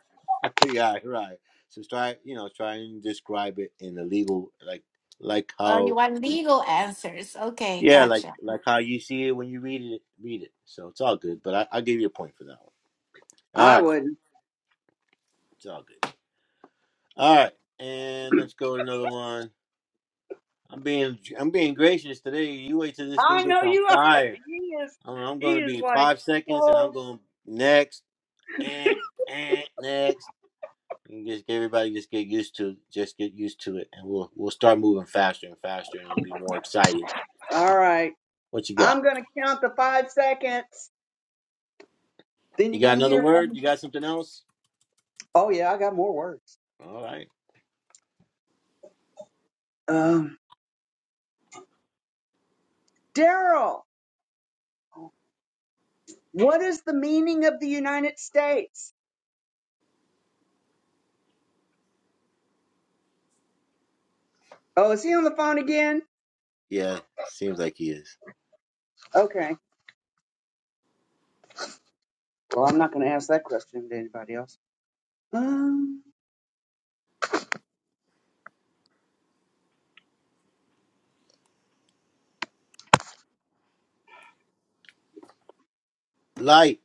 yeah, right. So try, you know, try and describe it in the legal, like, like Oh, you how, want legal answers. Okay, yeah, like, gotcha. like how you see it when you read it. Read it. So it's all good. But I, I'll give you a point for that one. All I right, wouldn't. it's all good. All right, and let's go to another one. I'm being I'm being gracious today. You wait till this thing I know gets on you are. fire. He is. I'm, I'm He going to is be like, five seconds, and I'm oh, going next and and next. And just everybody just get used to just get used to it, and we'll we'll start moving faster and faster, and it'll be more exciting. all right. What you got? I'm gonna count the five seconds. Then You you're got gonna another hear from word? me. You got something else? Oh yeah, I got more words. All right. Um, Daryl, what is the meaning of the United States? Oh, is he on the phone again? Yeah, seems like he is. Okay. Well, I'm not going to ask that question to anybody else. Um, Light.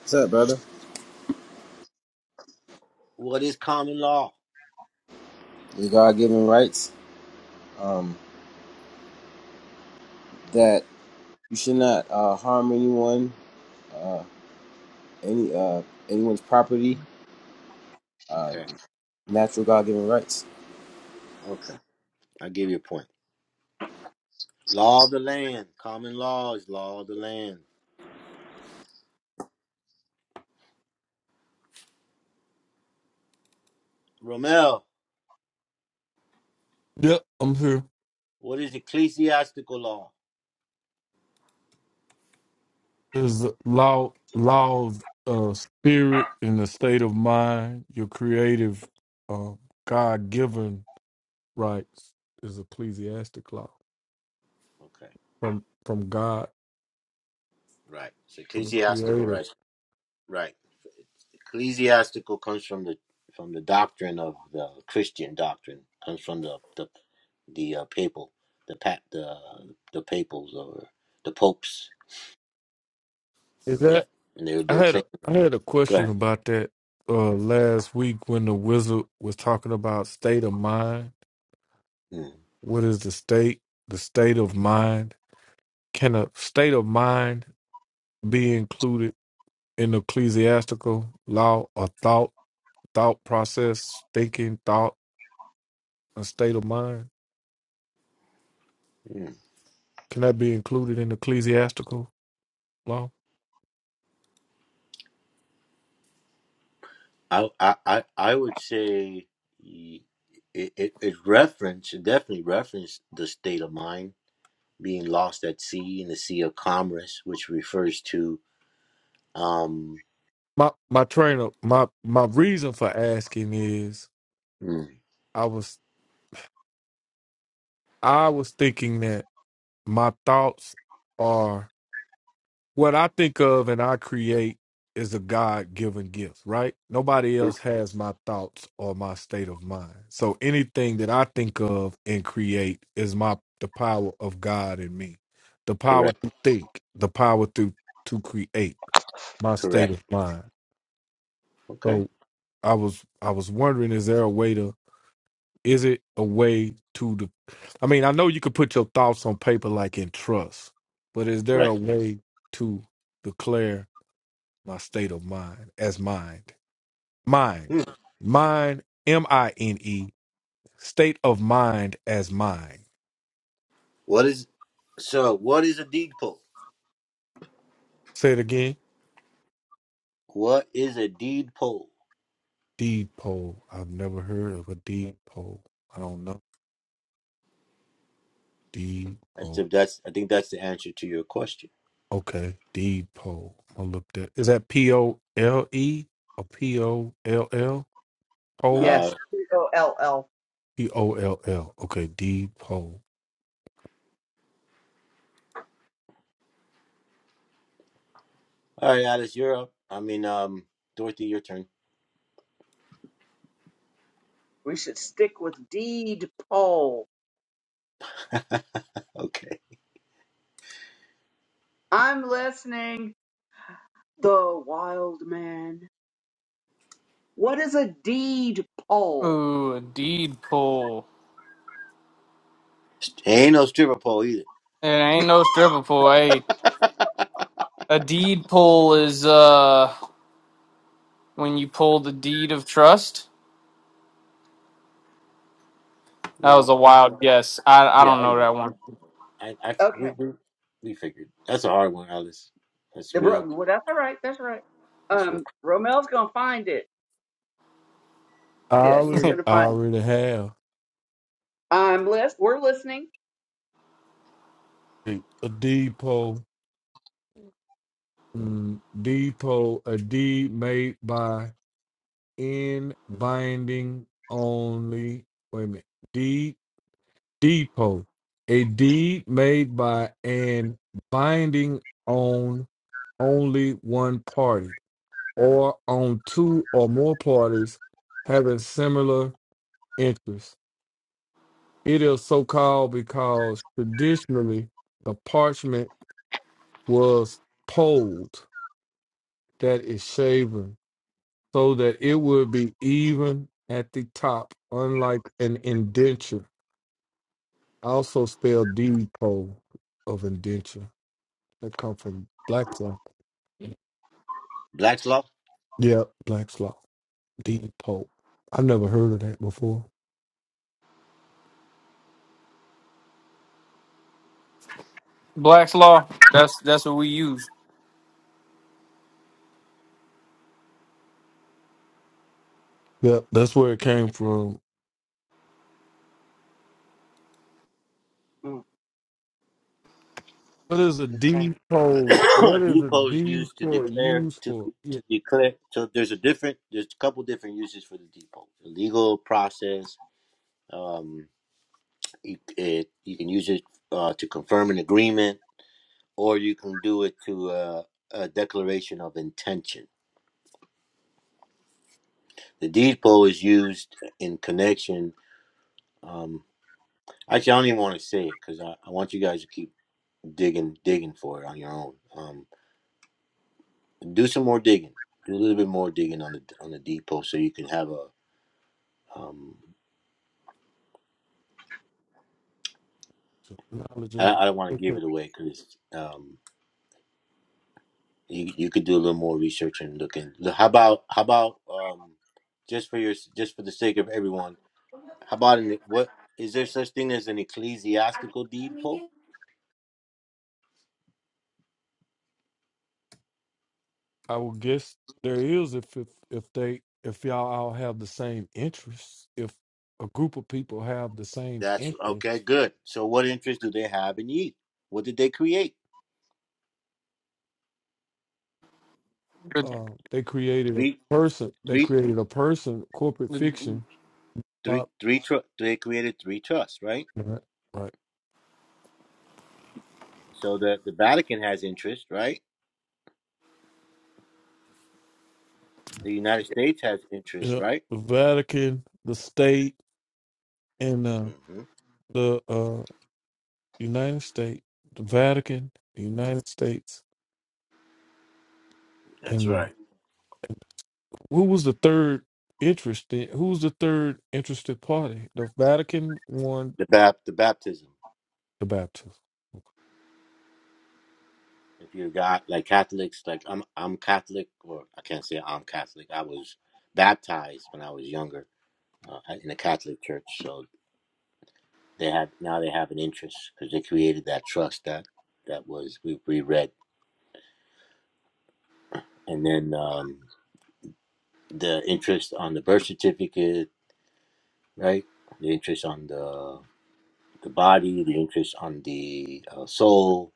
What's up, brother? What is common law? Your God given rights um, that you should not uh, harm anyone, uh, any uh, anyone's property. Uh, Okay. Natural God given rights. Okay. I'll give you a point. Law of the land. Common law is law of the land. Romel, Yep, I'm here. what is ecclesiastical law? There's a law, law of uh, spirit and the state of mind, your creative, uh, God given rights is ecclesiastic law Okay, from from God, right. It's from the ecclesiastical, Creator. right? Right. Ecclesiastical comes from the from the doctrine of the Christian doctrine. Comes from the the the uh, papal, the pat the the papals or the popes. Is Yeah, that and they're I they're had clean. a, I had a Go question ahead. about that uh last week when the wizard was talking about state of mind. Mm. What is the state? The state of mind. Can a state of mind be included in ecclesiastical law or thought thought process, thinking, thought, a state of mind? Can that be included in ecclesiastical law? I I I I would say y- it, it it reference it definitely referenced the state of mind being lost at sea in the sea of commerce, which refers to um My my trainer my my reason for asking is mm, I was I was thinking that my thoughts are what I think of and I create is a God given gift, right? Nobody else has my thoughts or my state of mind. So anything that I think of and create is my the power of God in me. The power correct to think, the power to to create my state correct of mind. okay So I was I was wondering is there a way to is it a way to the? I mean, I know you could put your thoughts on paper, like in trust, but is there right. a way to declare my state of mind as mind, mind, Hmm. mind, M I N E, state of mind as mind? What is so? What is a deed poll? Say it again. What is a deed poll? Deed poll. I've never heard of a deed poll. I don't know. Deed That's poll. that's I think that's the answer to your question. Okay, deed poll. I looked at. Is that P O L E or P O L L? yes, Uh, P O L L. P O L L. Okay, depot. all right, Alice, you're up. I mean, um, Dorothy, your turn. We should stick with deed poll. Okay, I'm listening. The wild man. What is a deed poll? Ooh, a deed pool. ain't no stripper pole either. It ain't no stripper pole, eh? A deed poll is uh when you pull the deed of trust. That was No, a wild guess. I I yeah, don't I know know. that one. I, I Okay. we, we we figured that's a hard one, Alice. That's The bro- real. well, that's all right. That's all right. That's real. Um, Romel's gonna find it. I Yeah, he's already, gonna I find. It. already have I'm list. We're listening. a a depot. Mm, D pole, a D made by in binding only. Wait a minute. D depot. A deed made by and binding on only one party or on two or more parties having similar interests. It is so called because traditionally the parchment was pulled, that is shaven, so that it would be even at the top, unlike an indenture, also spelled depot of indenture. That come from Black's Law. Black's law. Yep, Black's Law. Depot. I've never heard of that before. Black's law. That's that's what we use. Yep, that's where it came from. Mm, What is a okay. depot? a What is a depot is used to depot declare used to for? to declare. So there's a different. There's a couple different uses for the depot. The legal process. Um, you, it, you can use it uh, to confirm an agreement, or you can do it to uh, a declaration of intention. The depot is used in connection. Um, actually, I don't even want to say it because I, I want you guys to keep digging digging for it on your own. Um, do some more digging. Do a little bit more digging on the on the depot so you can have a. Um, knowledge I, of I don't want to it give it away because um, you you could do a little more research and looking. How about how about um, just for your just for the sake of everyone? How about an, what is there such thing as an ecclesiastical deed poll? I would guess there is if if if they if y'all all have the same interests, if a group of people have the same That's interest, okay. Good. So what interest do they have in ye? What did they create? The- uh, they created a Three person. They three created a person. Corporate the- fiction. three Bob, three. Tr- they created three trusts, right? right. right. So the, the Vatican has interest, right? The United States has interest, Yep. right? The Vatican, the state, and uh, hmm the uh, United States. The Vatican, the United States, That's and. the right. who was the third interested? Who was the third interested party? The Vatican won The bap the baptism. the Baptist. If you got like Catholics, like I'm I'm Catholic, or I can't say I'm Catholic. I was baptized when I was younger uh, in a Catholic church, so they have now they have an interest because they created that trust that that was we we read, and then um, the interest on the birth certificate, right? The interest on the the body, the interest on the uh, soul.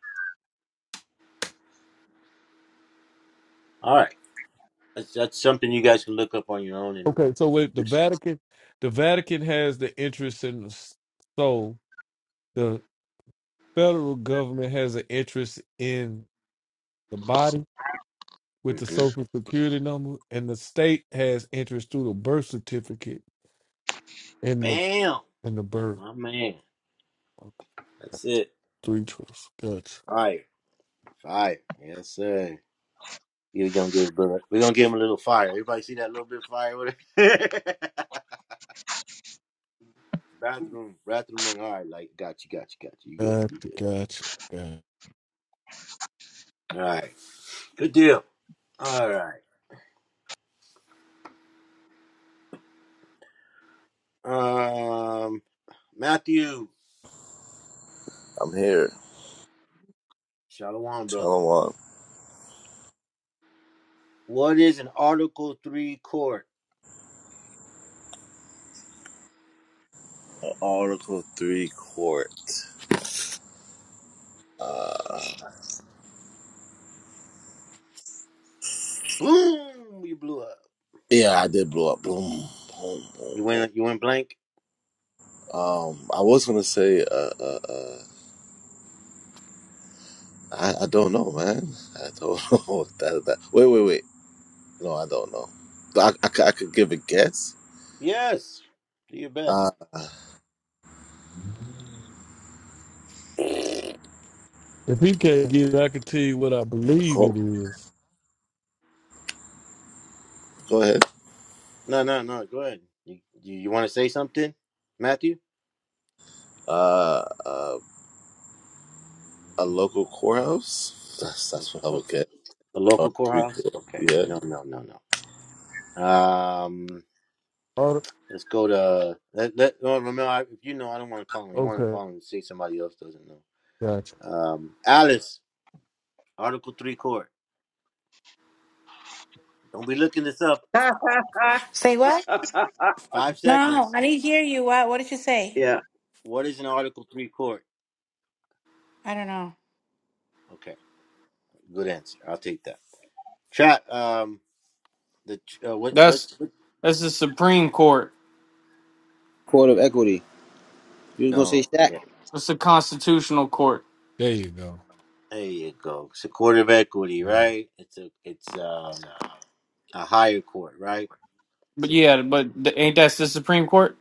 All right, that's that's something you guys can look up on your own and Okay, so wait, the just. Vatican, the Vatican has the interest in the s- soul. The federal government has an interest in the body with the hmm social security number, and the state has interest through the birth certificate and the Bam, and the Like, birth. my man. Okay, That's it. Three truths. Gotcha. Fire, fire. Yes, sir. We're gonna give brother. We're gonna give him a little fire. Everybody see that little bit of fire with it? bathroom, bathroom. run. All right, like got you, got you, got you. You good, Gotcha. you good. Gotcha. gotcha. All right, good deal. All right, um, Matthew, I'm here. shalom, brother. Shalom. What is an Article Three court? Article three court. Uh, Boom! You blew up. yeah, I did blow up. Boom, boom, boom, You boom. went you went blank? Um, I was gonna say. Uh, uh, uh, I I don't know, man. I don't know. that, that. Wait, wait, wait. No, I don't know. I, I, c- I could give a guess. Yes. Do your best. Uh. If he can't get, it, I can tell you what I believe Cor- it is. go ahead. No, no, no. Go ahead. You you, you want to say something, Matthew? Uh, uh, a local courthouse. That's Oh, that's what I would Okay. get. A Oh, local we courthouse? could- Okay. Yeah. No, no, no, no. Um, Oh, let's go to let let. No. Ramel, I, if you know, I don't want to call him. You want to okay, call him and say somebody else doesn't know. gotcha. Um, Alice, Article Three Court. Don't be looking this up. Say what? Five No, seconds. I didn't hear you. What what did you say? yeah. What is an Article Three Court? I don't know. Okay, good answer. I'll take that. Chat. Um. The uh, what what That's what- that's the Supreme Court. Court of equity. You was gonna say no Shaq? yeah It's the constitutional court. There you go. there you go it's a court of equity Yeah, right it's a it's um a higher court right it's But a, yeah, but the, ain't that the Supreme Court?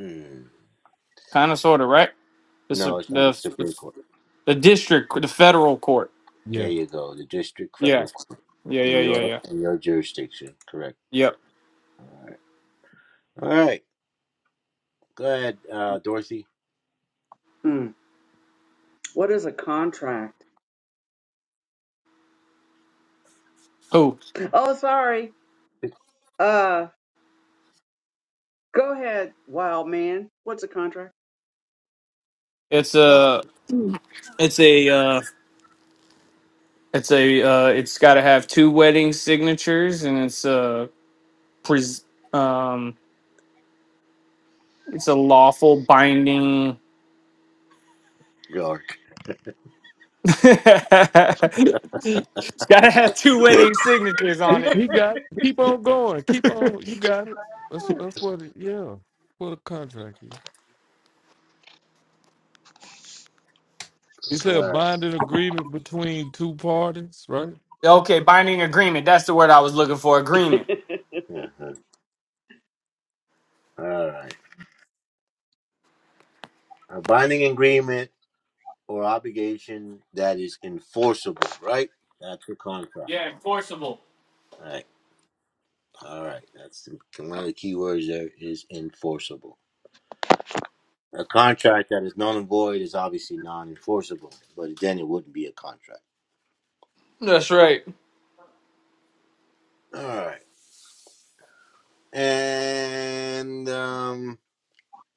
mm, Kind of, sort of, right? The, no su- it's not the the the Supreme Court the district, the federal court. there yeah. you go the district Yeah, federal court yeah, in yeah, yeah, your yeah. in your jurisdiction correct Yep. all right go ahead uh Dorothy Mm. What is a contract? Who? Oh, sorry. Uh, go ahead, wild man. What's a contract? It's wow a it's a uh, It's a uh, it's got to have two wedding signatures, and it's a pres- um, it's a lawful binding. York it's got to have two wedding signatures on He it. he got. It. Keep on going. Keep on. You got it. That's that's what. It, yeah, what a contract is. He said all a right binding agreement between two parties, right? Okay, binding agreement. That's the word I was looking for. Agreement. uh-huh. all right a binding agreement or obligation that is enforceable right that's a contract Yeah, enforceable. Right. All right, that's the, one of the key words there is enforceable. A contract that is null and void is obviously non-enforceable, but then it wouldn't be a contract. That's right. All right, and um,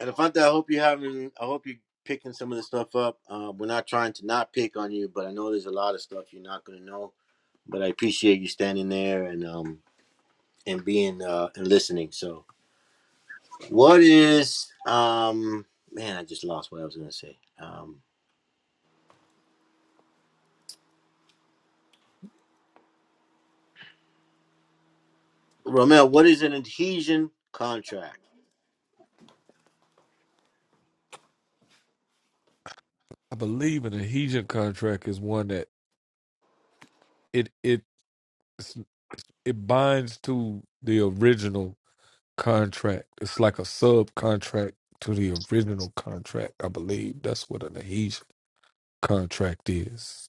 Elefante, I hope you having, I hope you picking some of the stuff up. Uh, we're not trying to not pick on you, but I know there's a lot of stuff you're not going to know. But I appreciate you standing there and um and being uh and listening. So, what is um man? I just lost what I was going to say. Um, Romel, what is an adhesion contract? I believe an adhesion contract is one that it it it binds to the original contract. It's like a subcontract to the original contract. I believe that's what an adhesion contract is.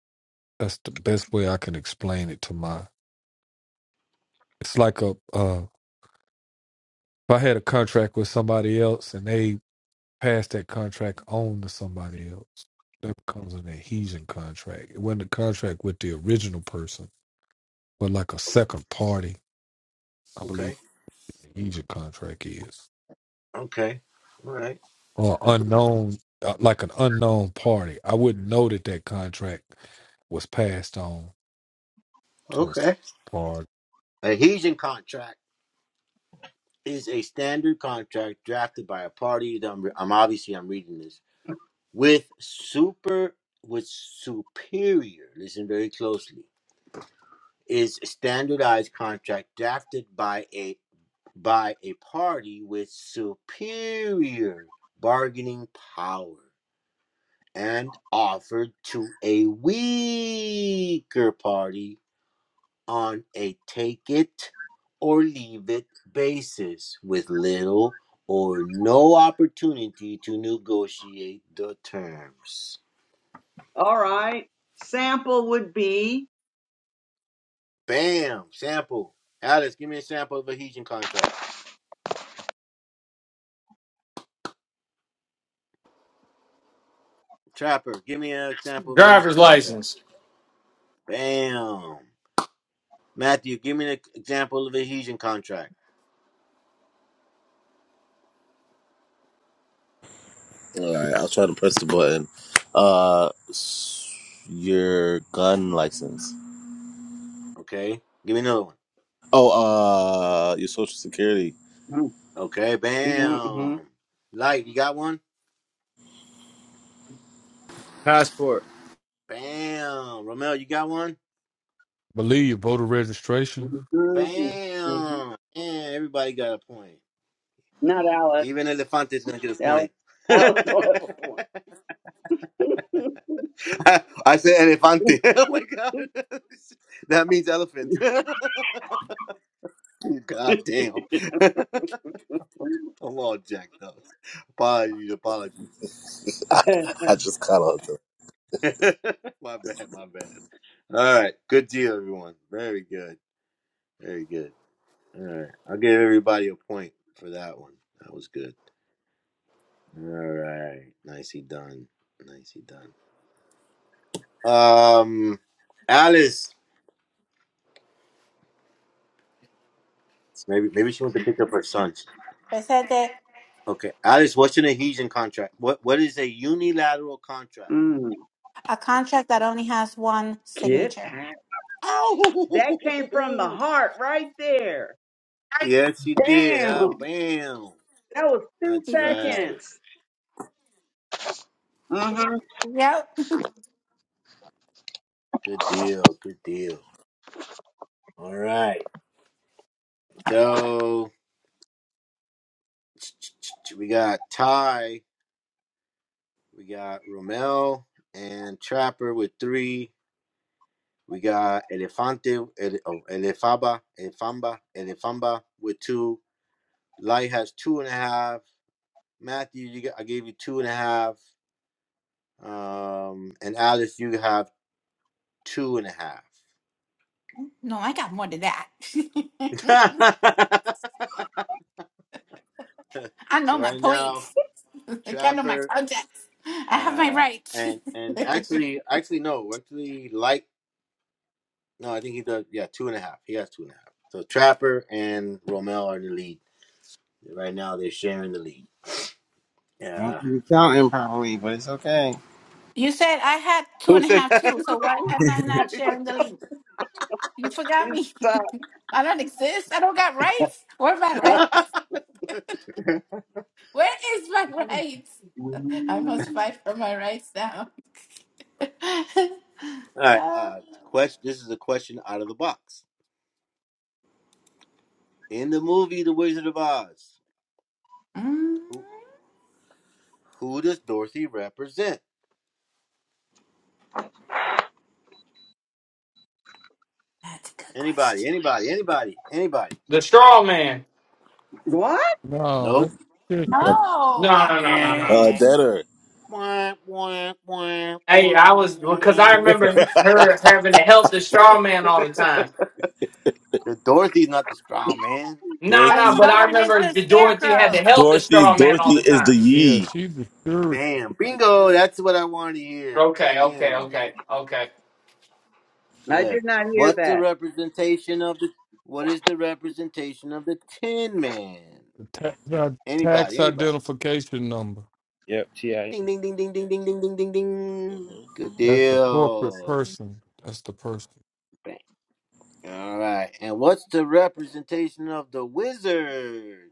That's the best way I can explain it to my. It's like a uh, if I had a contract with somebody else and they pass that contract on to somebody else, that becomes an adhesion contract. It wasn't a contract with the original person, but like a second party. I believe Okay. the adhesion contract is Okay. All right. or unknown, uh, like an unknown party. I wouldn't know that that contract was passed on to a s- Okay. party. Adhesion contract is a standard contract drafted by a party. that I'm, I'm obviously I'm reading this with super with superior. Listen very closely. Is standardized contract drafted by a by a party with superior bargaining power. and offered to a weaker party on a take it or leave it basis with little or no opportunity to negotiate the terms. All right. Sample would be. Bam! Sample. Alice, give me a sample of a Hesian contract. Trapper, give me an example of a Hesian Driver's contract. license. Bam! Matthew, give me an example of a Hesian contract. All right. I'll try to press the button. Uh, s- your gun license. Okay? Give me another one. Oh, uh, your social security. Mhm, Okay, mhm, bam! mhm, Light, you got one? Passport. Bam. Romel, you got one? Believe voter registration. mhm, mhm. Bam. And everybody got a point. Not Alex. Even Elefante's gonna get a point. Alex. Alex don't have a I I said elefante. Oh my god. that means elephant. god damn. I'm all jacked up. Apologies, apologies. point. I, I just caught on to my bad, my bad. All right. Good deal, everyone. Very good. Very good. All right. I'll give everybody a point for that one. That was good. All right. Nicely done. Nicely done. Um, Alice. Maybe maybe she went to pick up her son. I said that Okay, Alice. What's an adhesion contract? What what is a unilateral contract? Mm, a contract that only has one Get signature. out. That came from the Oh, heart right there. yes, she did. Ah, Damn. bam. That was two That's right. seconds. Uh-huh. Yep. Good deal. Good deal. All right. So we got Ty. We got Romel and Trapper with three. We got Elefante, Ele, oh, Elefaba, Elefamba, Elefamba with two. Light has two and a half. Matthew, you got, I gave you two and a half. Um, and Alice, you have two and a half. No, I got more than that. I know so my right now, points. I know my Trapper, contacts. I have my uh, rights. and and actually, actually no, actually Light. No, I think he does. Yeah, two and a half. He has two and a half. So Trapper and Romel are in the lead right now. They're sharing the lead. I Don't Yeah. be counting properly, but it's okay. you said I had two Who and a said half that? too, so why Who am did I you not say? sharing the link? You forgot Two me. sec- I don't exist. I don't got rights. Where are my uh, rights? All Where is my rights? I mm. must fight for my rights now. right. Uh, Uh, quest. This is a question out of the box. In the movie The Wizard of Oz, mm, who, who does Dorothy represent? that's a good Anybody? question. Anybody? Anybody? Anybody? The straw man. What? Nope. No, that's it. No, No, no, no, no, no. Uh, Eh. debtor. Wah, wah, wah, Hey, wah. I was because I remember her having to help the straw man all the time. Dorothy's not the strong man. No, the no, but Dorothy. straw I man is remember the the Dorothy had to scarecrow. help the Dorothy. straw man all Dorothy the is time. the Yeah, ye. she's the sure Bam. Bingo. That's what I wanted to hear. Okay, okay, Bam. okay, okay. I Good. did not hear What's the that. representation of the what is the representation of the Tin Man? the tax, uh, tax Anybody, anybody. identification number. Yep, TIN. Ding ding ding ding ding ding ding ding ding ding. Mhm. Good I'm That's embarrassed. the corporate deal. person. That's the person. Bang. All right. And what's the representation of the wizard?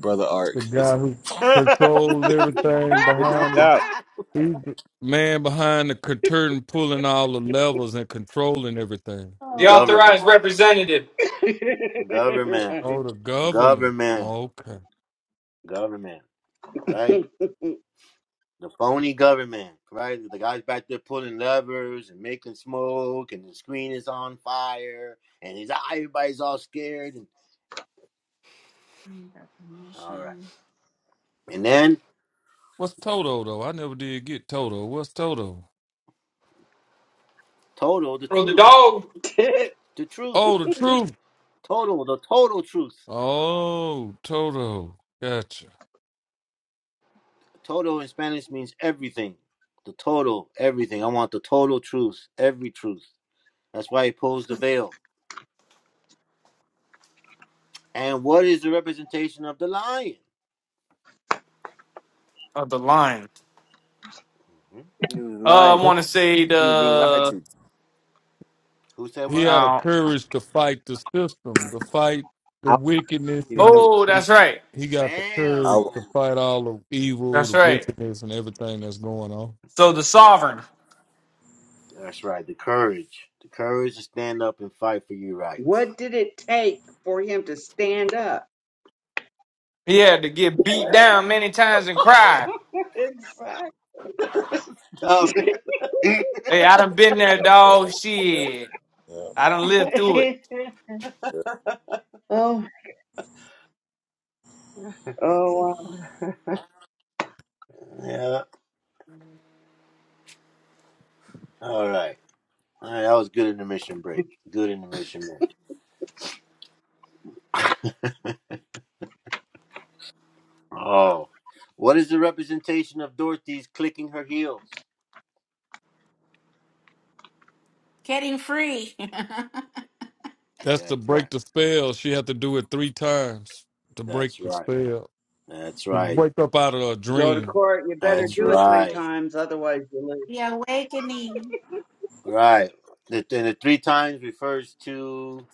Brother That's the Ark. guy who controls everything Figured no. behind it the. out. He's the man behind the curtain, pulling all the levels and controlling everything. The oh my Government. authorized god! representative. Government. Right. Oh, the government. Government. Okay. Government. Right? The phony government, right? The guy's back there pulling levers and making smoke, and the screen is on fire, and he's ah, everybody's all scared. And Under all right, permission, and then What's Toto though? I never did get Toto. What's Toto? total the Well, the truth, dog. the truth, Oh, the truth. total the total truth. Oh, Toto. Gotcha. Total in Spanish means everything, the total everything. I want the total truth, every truth. That's why he pulls the veil. And what is the representation of the lion? Of the lion. hmm He was Uh, I lying. want to say He was being lied the. to. Who said he what? had a Uh, courage to fight the system, to fight the I, wickedness, He and didn't have the, the oh, he that's right. he got the I, courage to Bam. fight all the evil, That's the right. wickedness, and everything that's going on. So the That's right. sovereign. That's right. The courage. The courage to stand up and fight for your rights. what did it take for him to stand up? He had to get beat down many times and cry. exactly. All right. Hey, I done been there, yeah, dog. yeah, yeah. Shit. I done lived through it. oh, oh Mm-hmm. wow. yeah. All right. All right. That was good intermission break. Good intermission break. Oh. What is the representation of Dorothy's clicking her heels? getting free, the That's That's to break right. the spell. She had to do it three times to break That's the right. spell, That's to right. break up out of a Go to dream. court. You better or That's do break- it three right. times, otherwise you lose. awakening. Right. The, and the three times refers to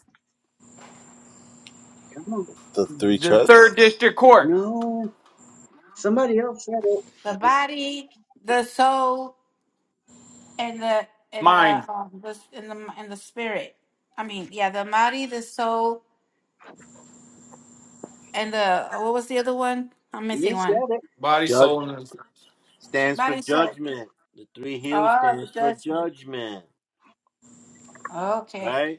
Come on. The three The trusts. third district court. No. Somebody else said it. the I think body, the soul, and the and Mind, the um the and the and the spirit. I mean, yeah, the body, the soul, and the uh, what was the other one? I'm missing You one. said body, judge soul, and. stands for Body, soul. judgment. The three heels Oh, the stands for judgment. judgment. Okay. Right?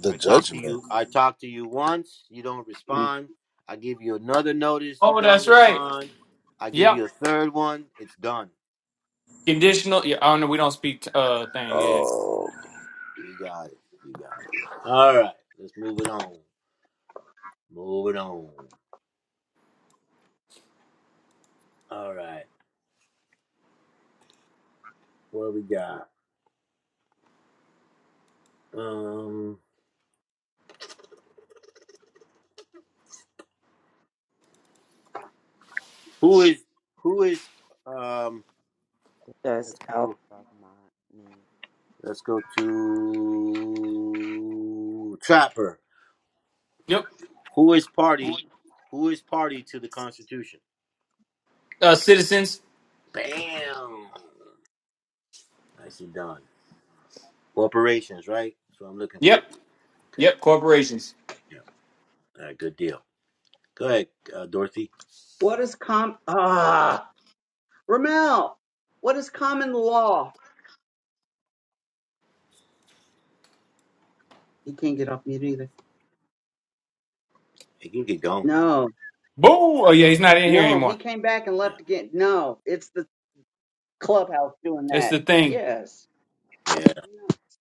The I talk to judgment. you. I talk to you once. You don't it. respond. I give you another notice. You Oh, don't that's right. respond. I give Yep. you a third one. It's done. Conditional. Yeah. Oh no, we don't speak uh thing. Yeah. Um, You got it. You got it. All right. Let's move it on. Move it on. All right. What we got? Um. Who is? Who is? Um. Does Let's alpha go. not mean? Let's go to Trapper. Yep. Who is party? Who is party to the Constitution? Uh, citizens. Bam. Nicely done. Corporations, right? That's what I'm looking for. Yep. Okay. Yep. Corporations. Yeah. All right. Good deal. Go ahead, uh, Dorothy. What is com ah Ramel? What is common law? He can't get off mute either. Hey, You can get going. No. Boo. Oh yeah, he's not in here No, he anymore. came back and Yeah. left again. No, it's the clubhouse doing That's that. the thing. Yes, Yeah.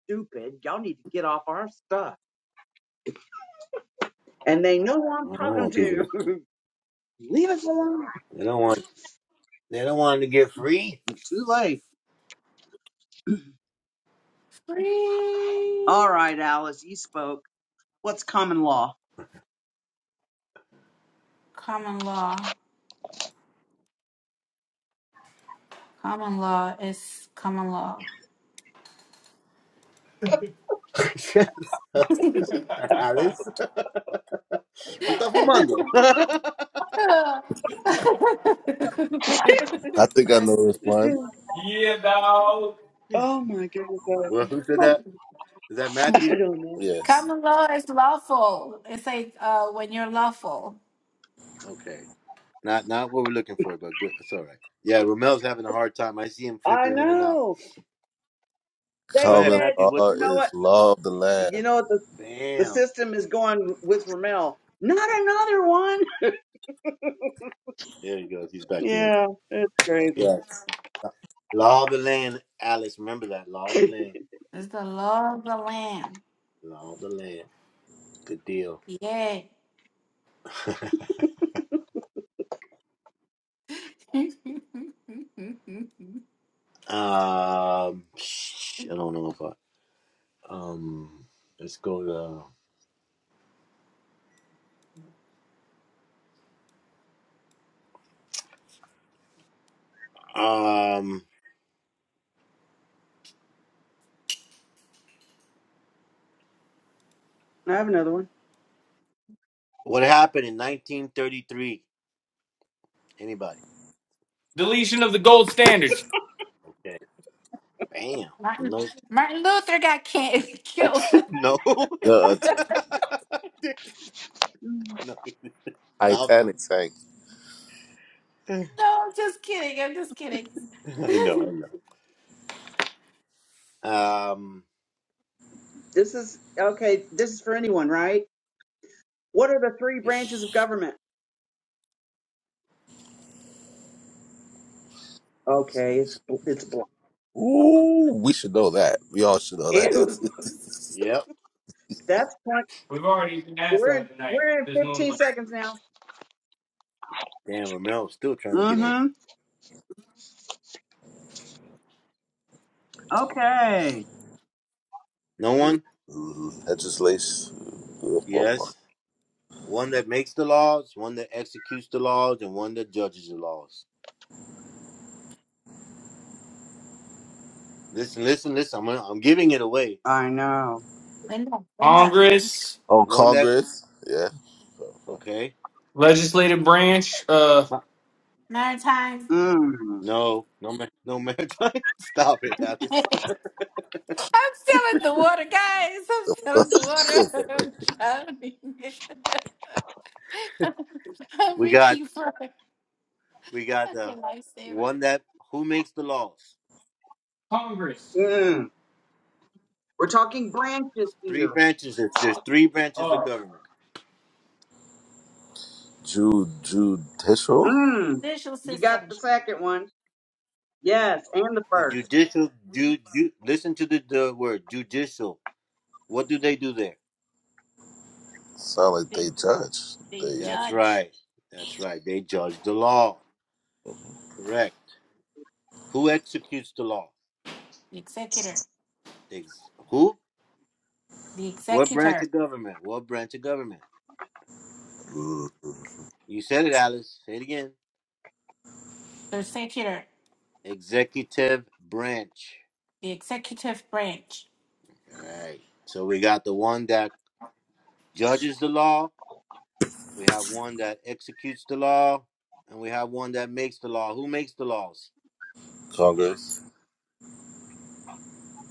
stupid. Y'all need to get off our stuff. And they know who I'm Well, I don't talking want people to. to. Leave us alone. They don't want. They don't want to get free. It's too late. All Free right, Alice, you spoke. What's common law? common law. Common law is common law. Alice, tú estás fumando. I think I know this one. Yeah, dog. oh my goodness, Well, who said that? Is that I I Matthew? don't know. Yes. Common law is lawful. It's like uh, when you're lawful. Okay. Not not what we're looking for, but good. It's all right. Yeah, Romel's having a hard time. I see him I flickering in and out. know. They Go ahead, Common said, Matthew. What law you know what? what? is law of the land. You know what? The, the Bam. system is going with Ramel. Not another one. There he goes. He's back in. Yeah, it's crazy. Yeah. Law of the land, Alice. Remember that law of the land. It's the law of the land. Law of the land. Good deal. Yeah. Um, I don't know if I. Um, let's go to. Um, I have another what happened in 1933? Anybody? Deletion of the gold standards. Okay. Bam. Martin, No. Martin Luther got can- killed. no, no. The one. no. Stop. Titanic sank. I I'm just kidding. I'm just kidding. know. I know. Um. This is okay. This is for anyone, right? What are the three Yeah. branches of government? Okay, it's bl- it's blank. Ooh, we should know that. We all should know It was that. Yep. that's point. We've already been asked We're in that tonight. we're in There's no 15 like seconds now. Damn. Romel's still trying to get in. Mm-hmm. Okay. No one. Legislation. Yes. One that makes the laws, one that executes the laws, and one that judges the laws. Listen, listen, listen. I'm gonna, I'm giving it away. I know. Linda, Linda. Congress, Oh, One that Congress. Yeah. okay. legislative branch, uh, Nine times. Mm. No, no, ma- no matter! Stop it, Alice. I'm still in the water, guys. I'm still in the water. I'm drowning. I'm We got reaching for a we got uh, lifesaver. one that who makes the laws. Congress, Mm. We're talking branches It's three here. branches. It's just three branches of uh, government. Jude, judicial. Mm. Judicial You got system. the second one. Yes, and the The judicial, ju, ju, listen to the, the word judicial. What do they do there? Sound like they judge. the They That's judge, right. That's right. They judge the law. Correct. Who executes the law? the executor, Ex- who? the What branch executor, of government? What branch of government? mm, You said it, Alice. Say it again. the executor, Executive branch. the executive branch, All right. So we got the one that judges the law, we have one that executes the law, and we have one that makes the law. Who makes the laws? Congress.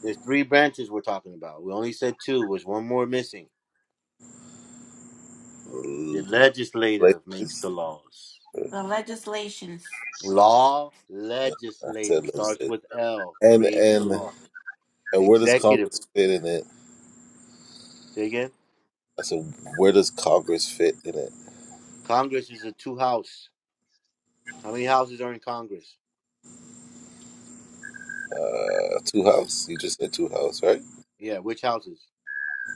There's three branches we're talking about. We only said two. There's one more missing. The Mm, legislative makes the Legislative. laws. the legislations. Law, Yeah, I said legislative starts legislative. with L, And creates the and law. And where does Executive. Congress fit in it? Say again. I said, where does Congress fit in it? Congress is a two house. How many houses are in Congress? Uh, two house. You just said two house, right? Yeah, which houses?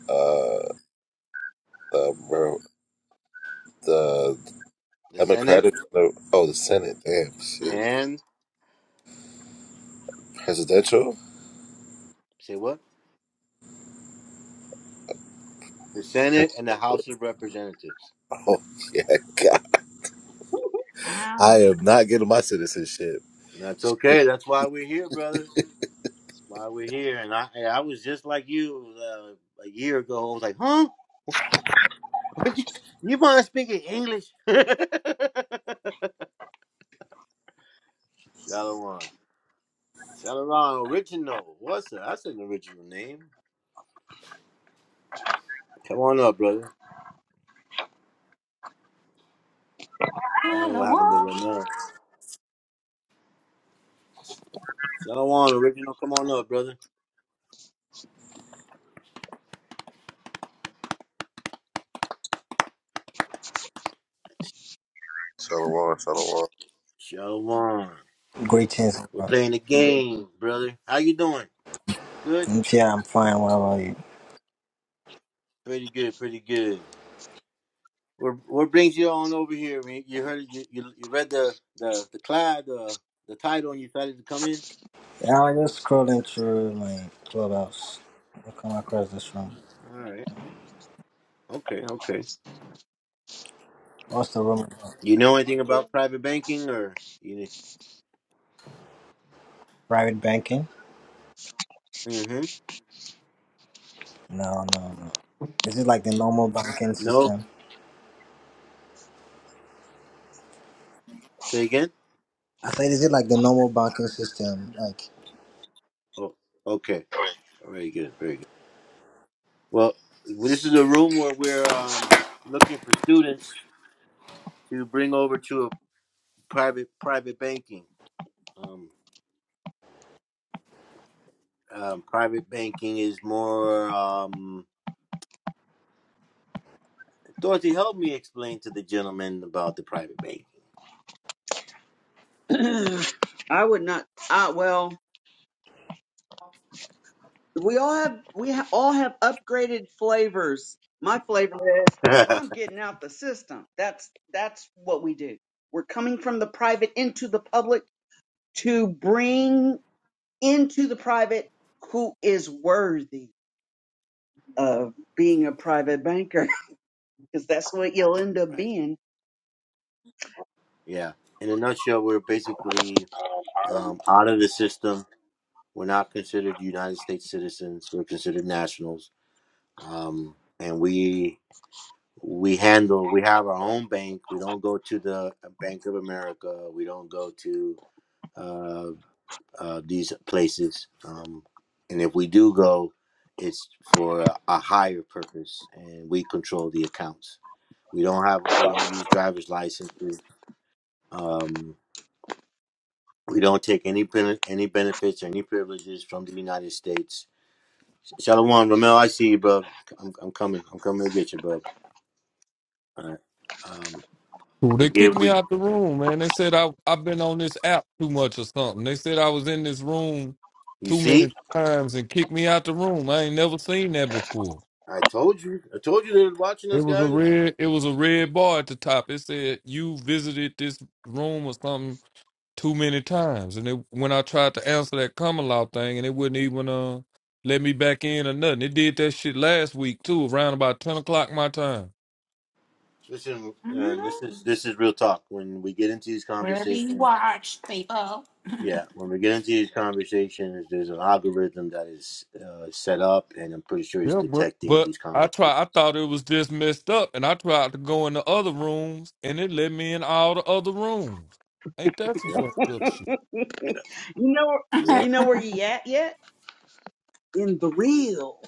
Uh, um, where the the Senate Democratic. Oh, the Senate. Damn shit. and Presidential. say what? The Senate and the House of Representatives. Oh yeah, God. Ow. I am not getting my citizenship. And that's okay. That's why we're here, brother. That's why we're here. And I, I was just like you uh, a year ago. I was like, huh? you you mind speaking English? Shalawan. Shalawan original. What's that? That's an original name. Come on up, brother. I don't know what happened to Shalom. Ramon. Shalawan original. Come on up, brother. Shalom, shalom. Shalawan. Greetings. We're bro. playing the game, brother. How you doing? Good. Mm, Yeah, I'm fine. What about you? Pretty good, pretty good. What what brings you on over here? man? You heard you you, you read the the the cloud the the title and you decided to come in. Yeah, I was just scrolling through my clubhouse. I come across this room. All right. Okay. Okay. What's the room about? You know anything about private banking or you? Private banking? Mm-hmm. No, no, no. Is it like the normal banking No. system? Say again. I said, is it like the normal banking system? Like. Oh. Okay. Very good. Very good. Well, this is a room where we're um looking for students to bring over to a private private banking. Um, um private banking is more um. Dorothy, help me explain to the gentleman about the private banking. first. I would not. Ah, well. We all have we ha- all have upgraded flavors. My flavor is I'm right. getting out the system. That's that's what we do. We're coming from the private into the public to bring into the private who is worthy of being a private banker because that's what you'll end up being. Yeah. In a nutshell, we're basically um, out of the system. We're not considered United States citizens. We're considered nationals, um, and we we handle. We have our own bank. We don't go to the Bank of America. We don't go to. uh, uh, these places. Um, and if we do go, it's for a higher purpose, and we control the accounts. We don't have, we don't use driver's licenses. Um, we don't take any bene- any benefits or any privileges from the United States. Shalom, Ramel, I see you, bro. I'm, I'm coming. I'm coming to get you, bro. All right. Um, Ooh, we They kicked give. me We out the room, man. They said I I've been on this app too much or something. They said I was in this room you too see? many times and kicked me out the room. I ain't never seen that before. I told you. I told you they're watching It us, was a guys. red. It was a red bar at the top. It said you visited this room or something too many times. And it, when I tried to answer that common law thing, and it wouldn't even uh let me back in or nothing. It did that shit last week too, around about ten o'clock my time. Listen, uh, this is Mhm. this is real talk. When we get into these We're being conversations watched, people. Yeah, when we get into these conversations, there's an algorithm that is uh, set up, and I'm pretty sure it's Yeah, but detecting But these conversations. I tried. I thought it was just messed up, and I tried to go in the other rooms, and it let me in all the other rooms. Ain't that some Yep, fucked up shit? you know you yep. know where it you at yet? In the real.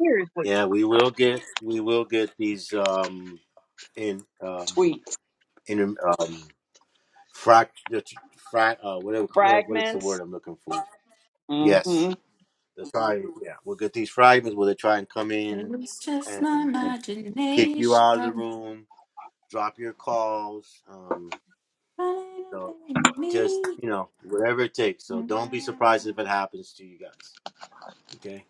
Seriously. Yeah, we will get we will get these um in um tweets in um frac frac uh whatever what what is the fragments. word I'm looking for? Yes, hmm the time. Yeah, we'll get these fragments where they try and come in was just and, my and kick you imagination out of the running room, drop your calls. Um, away So with just me. you know whatever it takes. So don't be Mhm. surprised if it happens to you guys. Okay,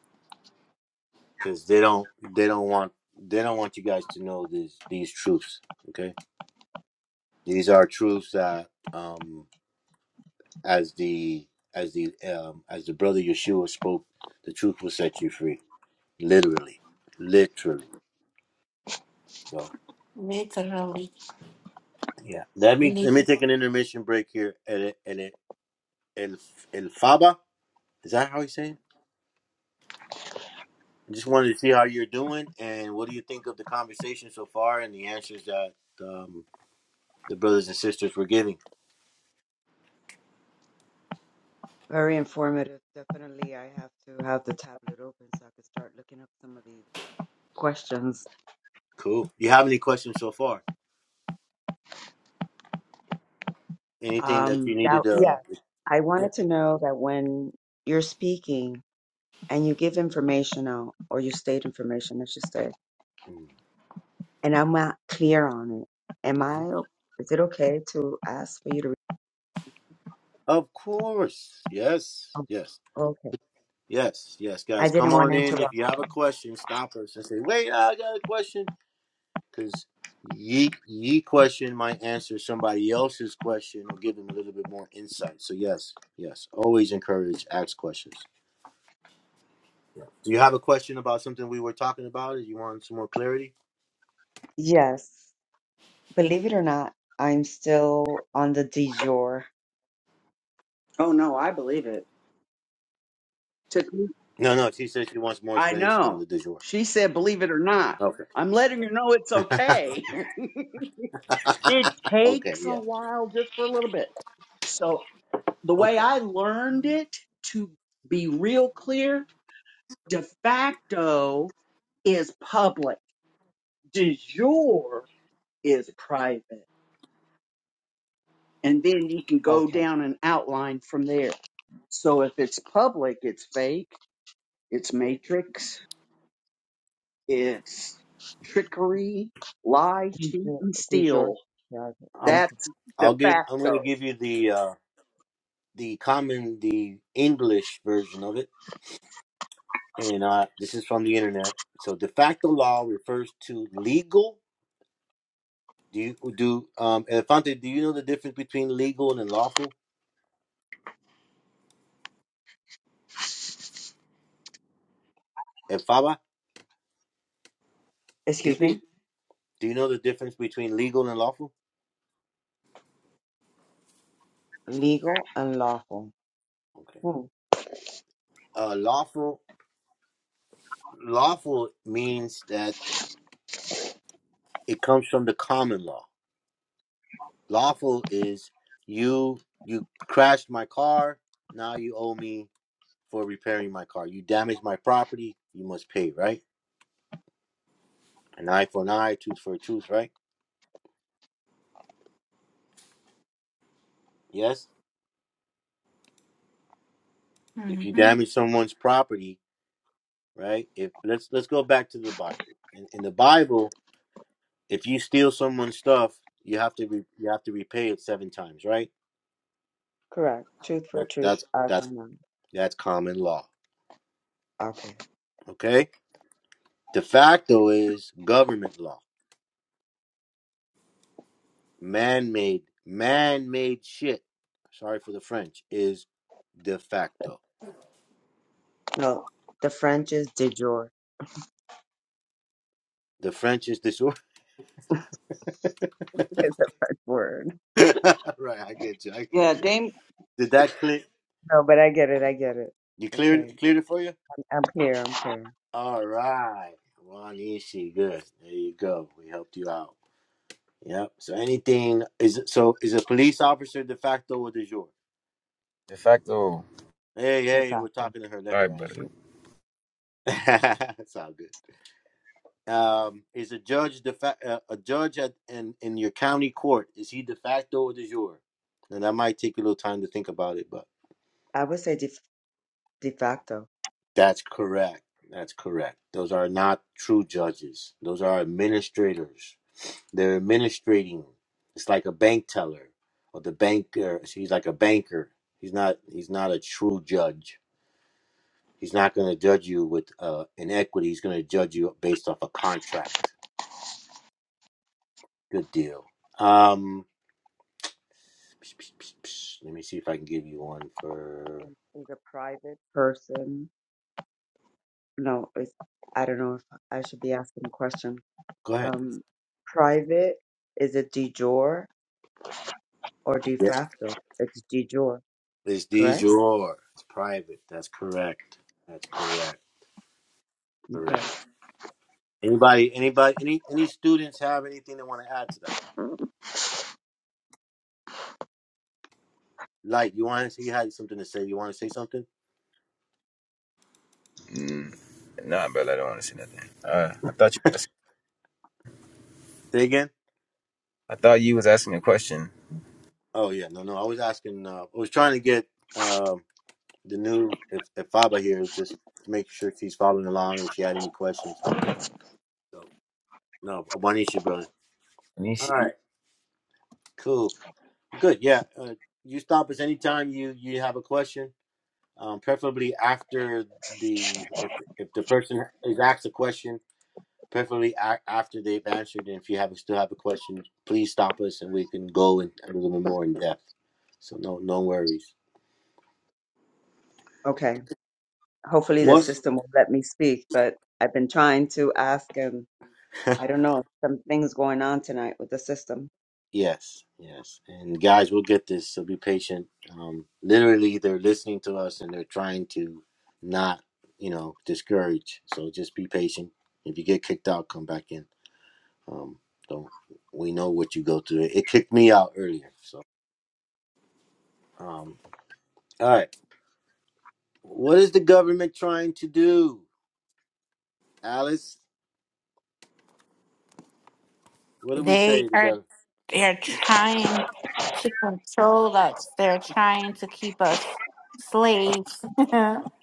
because they don't they don't want they don't want you guys to know these these truths. Okay, these are truths that um as the as the um as the brother Yeshua spoke, the truth will set you free. Literally, literally. So Literally. yeah, let me let me Literally. take an intermission break here. And it and it El El Faba. Is that how you say it? I just wanted to see how you're doing and what do you think of the conversation so far and the answers that um, the brothers and sisters were giving. Very informative. Definitely, I have to have the tablet open so I can start looking up some of these. questions. Cool. You have any questions so far? Anything that you Um, that, needed? yeah, Uh, I yeah. wanted to know that when you're speaking and you give information out, or you state information, I should say, and I'm not clear on it, am Mm-hmm. I, o- is it okay to ask for you to, re- Of course. Yes. oh, Yes. okay. Yes. Yes, I guys. Come didn't want on to in. If interrupt. you have a question, stop us and say, wait, I got a question. Because ye, ye question might answer somebody else's question or give them a little bit more insight. So, yes. Yes. Always encourage, ask questions. Yeah. Do you have a question about something we were talking about? Or you want some more clarity? Yes, believe it or not, I'm still on the de jure. Oh no, I believe it. No, no. She said she wants more I explanation on know. the du jour. She said, believe it or not. Okay. I'm letting her know it's okay. it okay. takes a Yeah. while just for a little bit. So the way Okay. I learned it to be real clear, de facto is public. De jure is private. And then you can go Okay. down and outline from there. So if it's public, it's fake, it's matrix, It's trickery, lie, De cheat, jure, and de jure. steal. charges. Um, That's Okay. de I'll give. I'm gonna facto. give you the uh, the common the English version of it, and uh, this is from the internet. So de facto law refers to legal. Do you do um Elefante? Do you know the difference between legal and lawful? And Faba, Excuse Titi, me? do you know the difference between legal and lawful? Legal and lawful. Okay. Hmm. Uh, lawful lawful means that it comes from the common law. Lawful is you you crashed my car, now you owe me for repairing my car. You damaged my property, you must pay, right? An eye for an eye, tooth for a tooth, right? Yes. If you hmm damage someone's property, right? If let's let's go back to the Bible. In, in the Bible, if you steal someone's stuff, you have to re, you have to repay it seven times, right? Correct. Truth for That, truth, that's eye for that's an eye. that's common law. Okay. Okay De facto is government law, man made, man made shit. Sorry for the French, is de facto. No, the French is de jour. The French is the short. It's the French word. right, I get you. I Yeah, got you. Dame, Did that clear? No, but I get it. I get it. You cleared Okay. it, cleared it for you? I'm clear. I'm clear. All right. Ron Ishii, good. There you go. We helped you out. Yep. So anything is it- so is a police officer de facto or de jure? de facto. All Hey, De hey, we're facto. talking to her. Let right, her brother. answer. That's all good. um, is a judge de fa- uh, a judge at in in your county court is he de facto or de jure and that might take a little time to think about it but I would say de, de facto. that's correct that's correct those are not true judges those are administrators they're administrating it's like a bank teller or the banker he's like a banker he's not he's not a true judge he's not going to judge you with uh inequity he's going to judge you based off a contract good deal um Let me see if I can give you one for. Is is a private person. No, it's, I don't know if I should be asking the question. Go ahead. Um, private is it de jure or de Yeah. facto? It's de jure, It's these correct? It's private. That's correct. That's correct. Okay. Correct. Anybody? Anybody? Any? Any students have anything they want to add to that? Like you want to say you had something to say. You want to say something? Mm. Nah, brother, I don't want to see nothing. Uh, I thought you. Was, Say again. I thought you was asking a question. Oh yeah. No no. I was asking. Uh, I was trying to get um the new if if Faba here is just to make sure she's following along and if she had any questions. So no. One you, brother. And he All sh- right. Cool. Good. Yeah. Uh, you stop us anytime you you have a question, um, preferably after the if if the person is asked a question, preferably a- after they've answered. And if you have still have a question, please stop us and we can go in a little bit more in depth. So no no worries. Okay. Hopefully the What? system will let me speak, but I've been trying to ask him. I don't know. Some things going on tonight with the system. Yes, yes. And guys, we'll get this. So be patient. Um, literally, they're listening to us and they're trying to not you know discourage. So just be patient. If you get kicked out, come back in. Um, don't we know what you go through? It kicked me out earlier. So, um, all right. What is the government trying to do, Alice? What do we say They to the are government? They're trying to control us. They're trying to keep us slaves.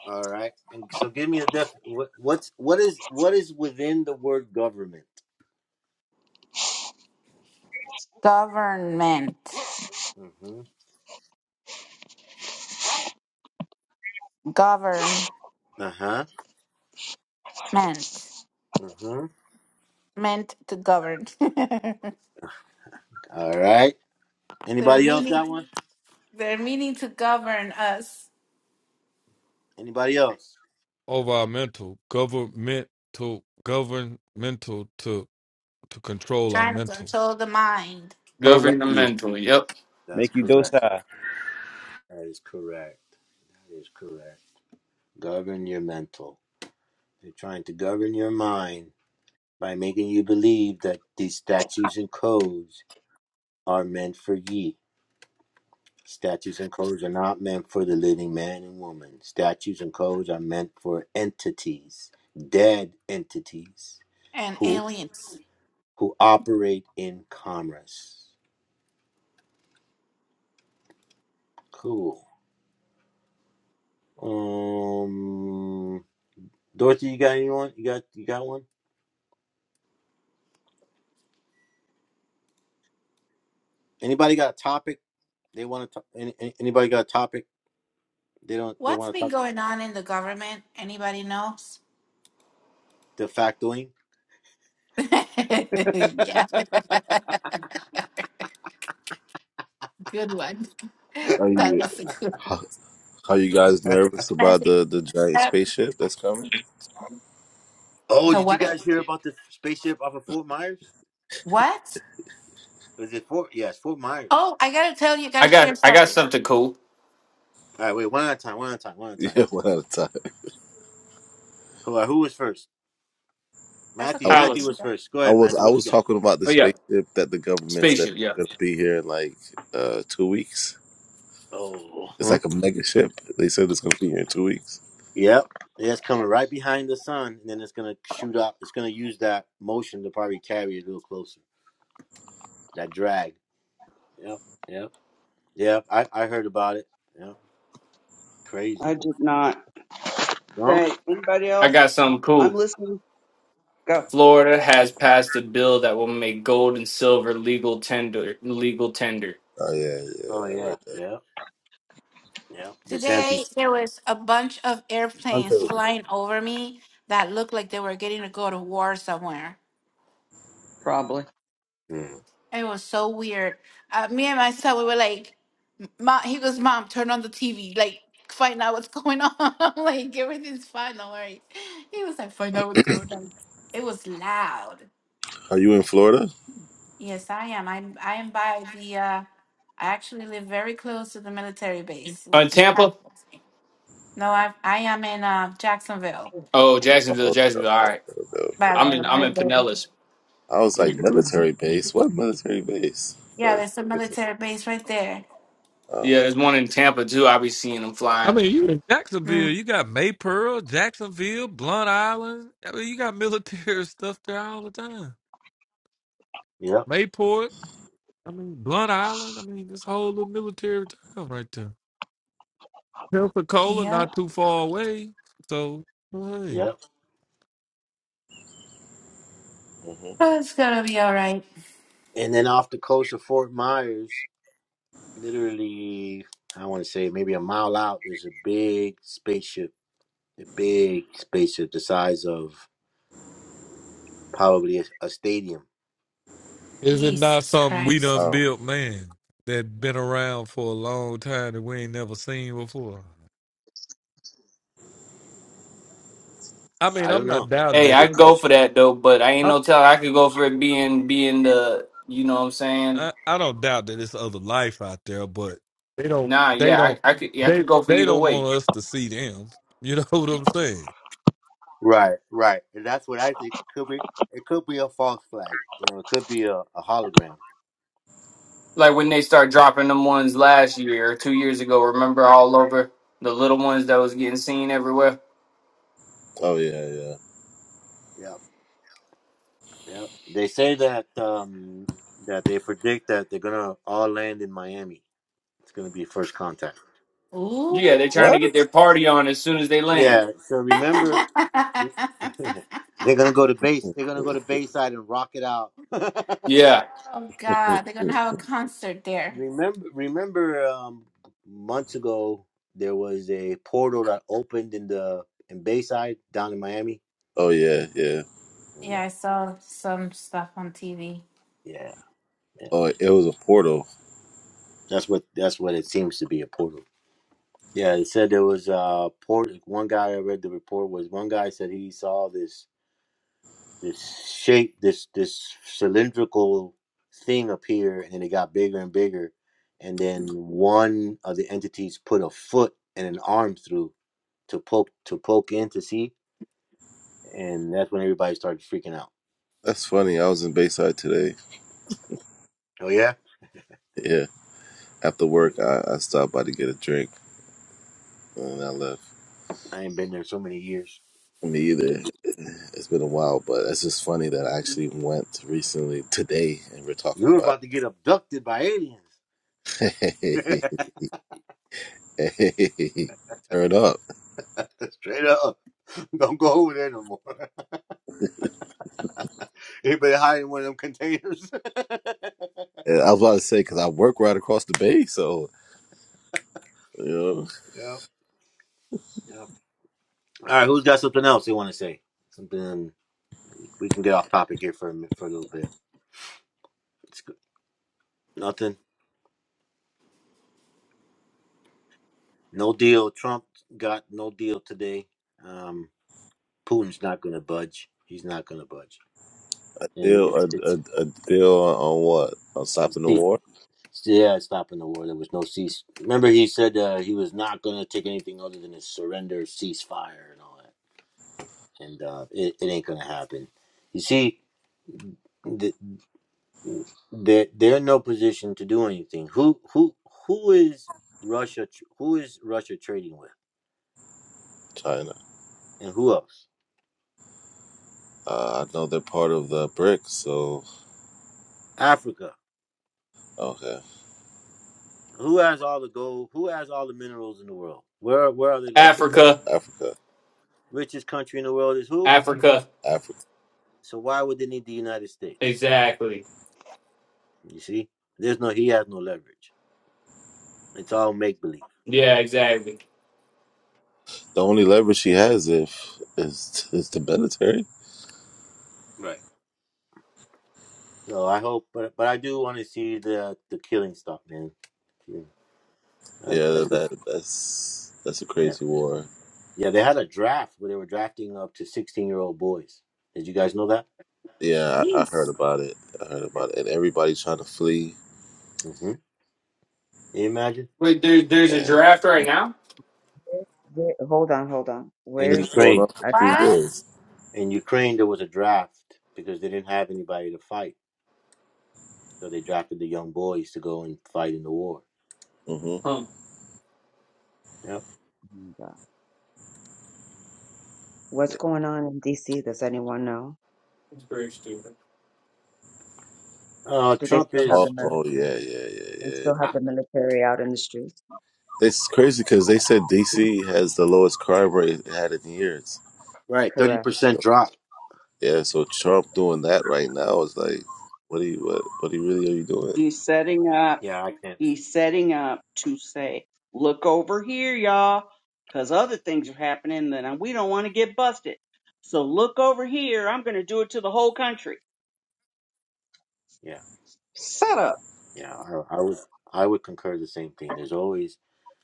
All right. And so, give me a def. What, what's what is what is within the word government? Government. Mm-hmm. Government. Uh huh. Mm-hmm. Meant to govern. All right. they're Anybody else meaning got one? they're meaning to govern us. Anybody else? Over our mental governmental governmental to control our Trying to mental. control the mind program That you, governmental. Yep. that's make you correct. docile. That is correct. That is correct. Govern your mental. You're trying to govern your mind by making you believe that these statutes and codes are meant for ye. Statutes and codes are not meant for the living man and woman. Statutes and codes are meant for entities, dead entities, and who aliens. who operate in commerce. Cool. Um, Dorothy, you got anyone? You got you got one? Anybody got a topic they want to? Any, any- anybody got a topic they don't they What's want to been talk? going on in the government? Anybody knows? De factoing. yeah. Good one. Are That you? was a good How, are you guys nervous about the the giant one. spaceship that's coming? Oh, The did you what? guys hear about the spaceship off of Fort Myers? What? Was it Fort? Yes, Fort Myers. Oh, I gotta tell you, gotta I share got. I got something. something cool. All right, wait, one at a time, one at a time, one at a time. Yeah, one at a Who, uh, who was first? That's Matthew. time. okay. you Matthew can Alice. do was that. first. Go I ahead, was Matthew. I What you was got? talking about the Oh yeah. spaceship that the government said Spaceship. Yeah. is gonna be here in like uh two weeks. Oh, It's huh? like a mega ship. They said it's gonna be here in two weeks. yep. yeah, It's coming right behind the sun, and then it's gonna shoot up. It's gonna use that motion to probably carry it a little closer. That drag. Yep. Yep. Yep. I I heard about it. Yep. I Crazy. did not. No. Okay, anybody I else? got something I'm cool. listening. Go. Florida has passed a bill that will make gold and silver legal tender. Legal tender. Oh yeah, Oh yeah, I yeah. read that. Yep. Yep. The Santi. Today there was a bunch of airplanes Until flying over me that looked like they were getting to go to war somewhere. Probably. Mm. It was so weird. Uh, me and my son, we were like, "Mom," he goes, "Mom, turn on the TV, like find out what's going on. I'm like everything's fine, don't worry." He was like, "Find out what's going on." It was loud. Are you in Florida? Yes, I am. I'm I am by the uh I actually live very close to the military base, on which is not Tampa. No, I I am in uh Jacksonville. Oh, Oh Jacksonville, no, Jacksonville. All no, no, right. no. By no. I'm the, in. I'm by in the Pinellas. I was yeah. like military base. What military base? yeah, But there's a it's military base right there. oh, Yeah, there's one in Tampa too. I be seeing them I flying. mean, you in Jacksonville, Mm. you got Maypearl, Jacksonville, Blunt Island. I mean, you got military stuff there all the time. Yep. Mayport, I mean, Blunt Island. I mean, this whole little military town right there. Pensacola, not Yep. too far away. So, well, hey, Yep. hmm Oh, it's gonna be all right. And then off the coast of Fort Myers, literally, I want to say maybe a mile out, there's a big spaceship, a big spaceship the size of probably a, a stadium. is it not Jesus something we Christ. done wow. built, man, that been around for a long time that we ain't never seen before? I mean, I I'm don't not know. That's a Hey, doubting I good could it. go for question. that though, but I ain't no tell. I could go for it being being the. You know what I'm saying? I, I don't doubt that it's other life out there, but they don't Nah, they yeah, don't I, I could. Yeah, I could they go for they either don't way. want us to see them. You know what I'm saying? Right, right. And that's what I think could be. It could be a false flag. You know, it could be a, a hologram. Like when they start dropping them ones last year or two years ago. Remember all over the little ones that was getting seen everywhere. Mm. oh yeah, yeah. Yep, yep. They say that um that they predict that they're gonna all land in Miami. It's gonna be first contact. Yeah, Ooh. they're trying to What? get their party on as soon as they land. Yeah. So remember, we- they're gonna go to base. They're gonna go to Bayside and rock it out. Yeah, Oh No. God, they're gonna have a concert there. Remember, remember, um, months ago there was a portal that opened in the in Bayside down in Miami. oh yeah, yeah. Yeah, Yeah, I saw some stuff on TV. yeah, yeah. Oh, it was a portal. That's what that's what it seems to be a portal. Yeah, it said there was a port. One guy I read the report was one guy said he saw this. this shape, this this cylindrical thing up here, and then it got bigger and bigger, and then one of the entities put a foot and an arm through to poke to poke in to see, and that's when everybody started freaking out. That's funny. I was in Bayside today. Oh yeah, Yeah, after work, I, I stopped by to get a drink. and I left. I ain't been there so many years. Me either. It's been a while, but it's just funny that I actually went recently today, and we're You talking were about about to get abducted by aliens. it. Hey, turn up. Straight up, don't go over there no more. Anybody hide in one of them containers? And I was about to say because I work right across the bay, so you know, yeah. yep. All right, who's got something else they want to say? Something. we can get off topic here for a minute, for a little bit. It's good. nothing, no deal. Trump got no deal today. Um, Putin's not going to budge. He's not going to budge, a and deal, a, it's it's, a, a deal on, on what? On stopping the see, war, yeah, it's stopping the war. There was no cease. Remember, he said uh, he was not going to take anything other than a surrender, ceasefire, and all that. And uh, it, it ain't going to happen. You see, the, they're, they're in no position to do anything. Who who who is Russia? tr- Who is Russia trading with, China. and who else? Uh, I know they're part of the BRICS. so Africa. okay, Who has all the gold? Who has all the minerals in the world? Where where are they located? Africa, Africa, Africa, Richest country in the world is who? Africa, Africa. So why would they need the United States? exactly. You see, there's no he has no leverage. It's all make believe. Yeah, exactly. The only leverage she has if is is the military. Right. So I hope, but but I do want to see the the killing stuff, man. Yeah, I- I- Yeah, do. that that's that's a yeah. crazy war. Yeah, They had a draft where they were drafting up to 16 year old boys. Did you guys know that? Yeah, I, I heard Jeez. about it. I heard Yeah. about it, and everybody's trying to flee, hmm you imagine? Wait, there, there's a and giraffe right now? Wait, hold on, hold on. In it's Where's been there going Ukraine, on for a a few draft? What? years. in Ukraine, there was a draft because they didn't have anybody to fight So they drafted the young boys to go and fight in the war. hmm Huh. Yep. Oh my God. What's Yeah. going on in DC? Does anyone know? That's very stupid. Uh, Do they Trump still have Oh, is the oh yeah, military? yeah, yeah, They yeah. still have ah, the military out in the streets? It's crazy because they said DC has the lowest crime rate it had in years. right. Correct. Thirty percent So drop. yeah, so Trump doing that right now is like, what are you, what, what are you really are you doing? He's setting up. Yeah, I can't. He's setting up to say, look over here, y'all, because other things are happening that I- we don't want to get busted. So look over here. I'm going to do it to the whole country. Yeah, Set up. yeah. I, I would. I would concur the same thing. There's always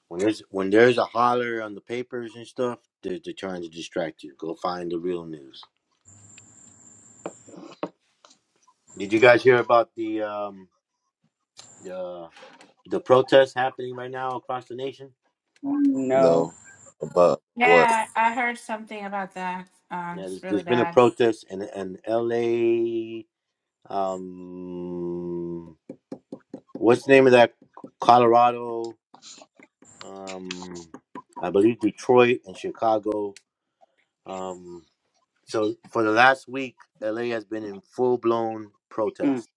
when there's when there's a holler on the papers and stuff. They're, they're trying to distract you. Go find the real news. Did you guys hear about the um the the protests happening right now across the nation? Mm, No. No, about what? Yeah, I heard something about that. Um, Yeah, it's there's, really there's been a bad. protest in in L.A. Um, what's the name of that Colorado? Um, I believe Detroit and Chicago. Um, so for the last week, LA has been in full blown Mm, protest.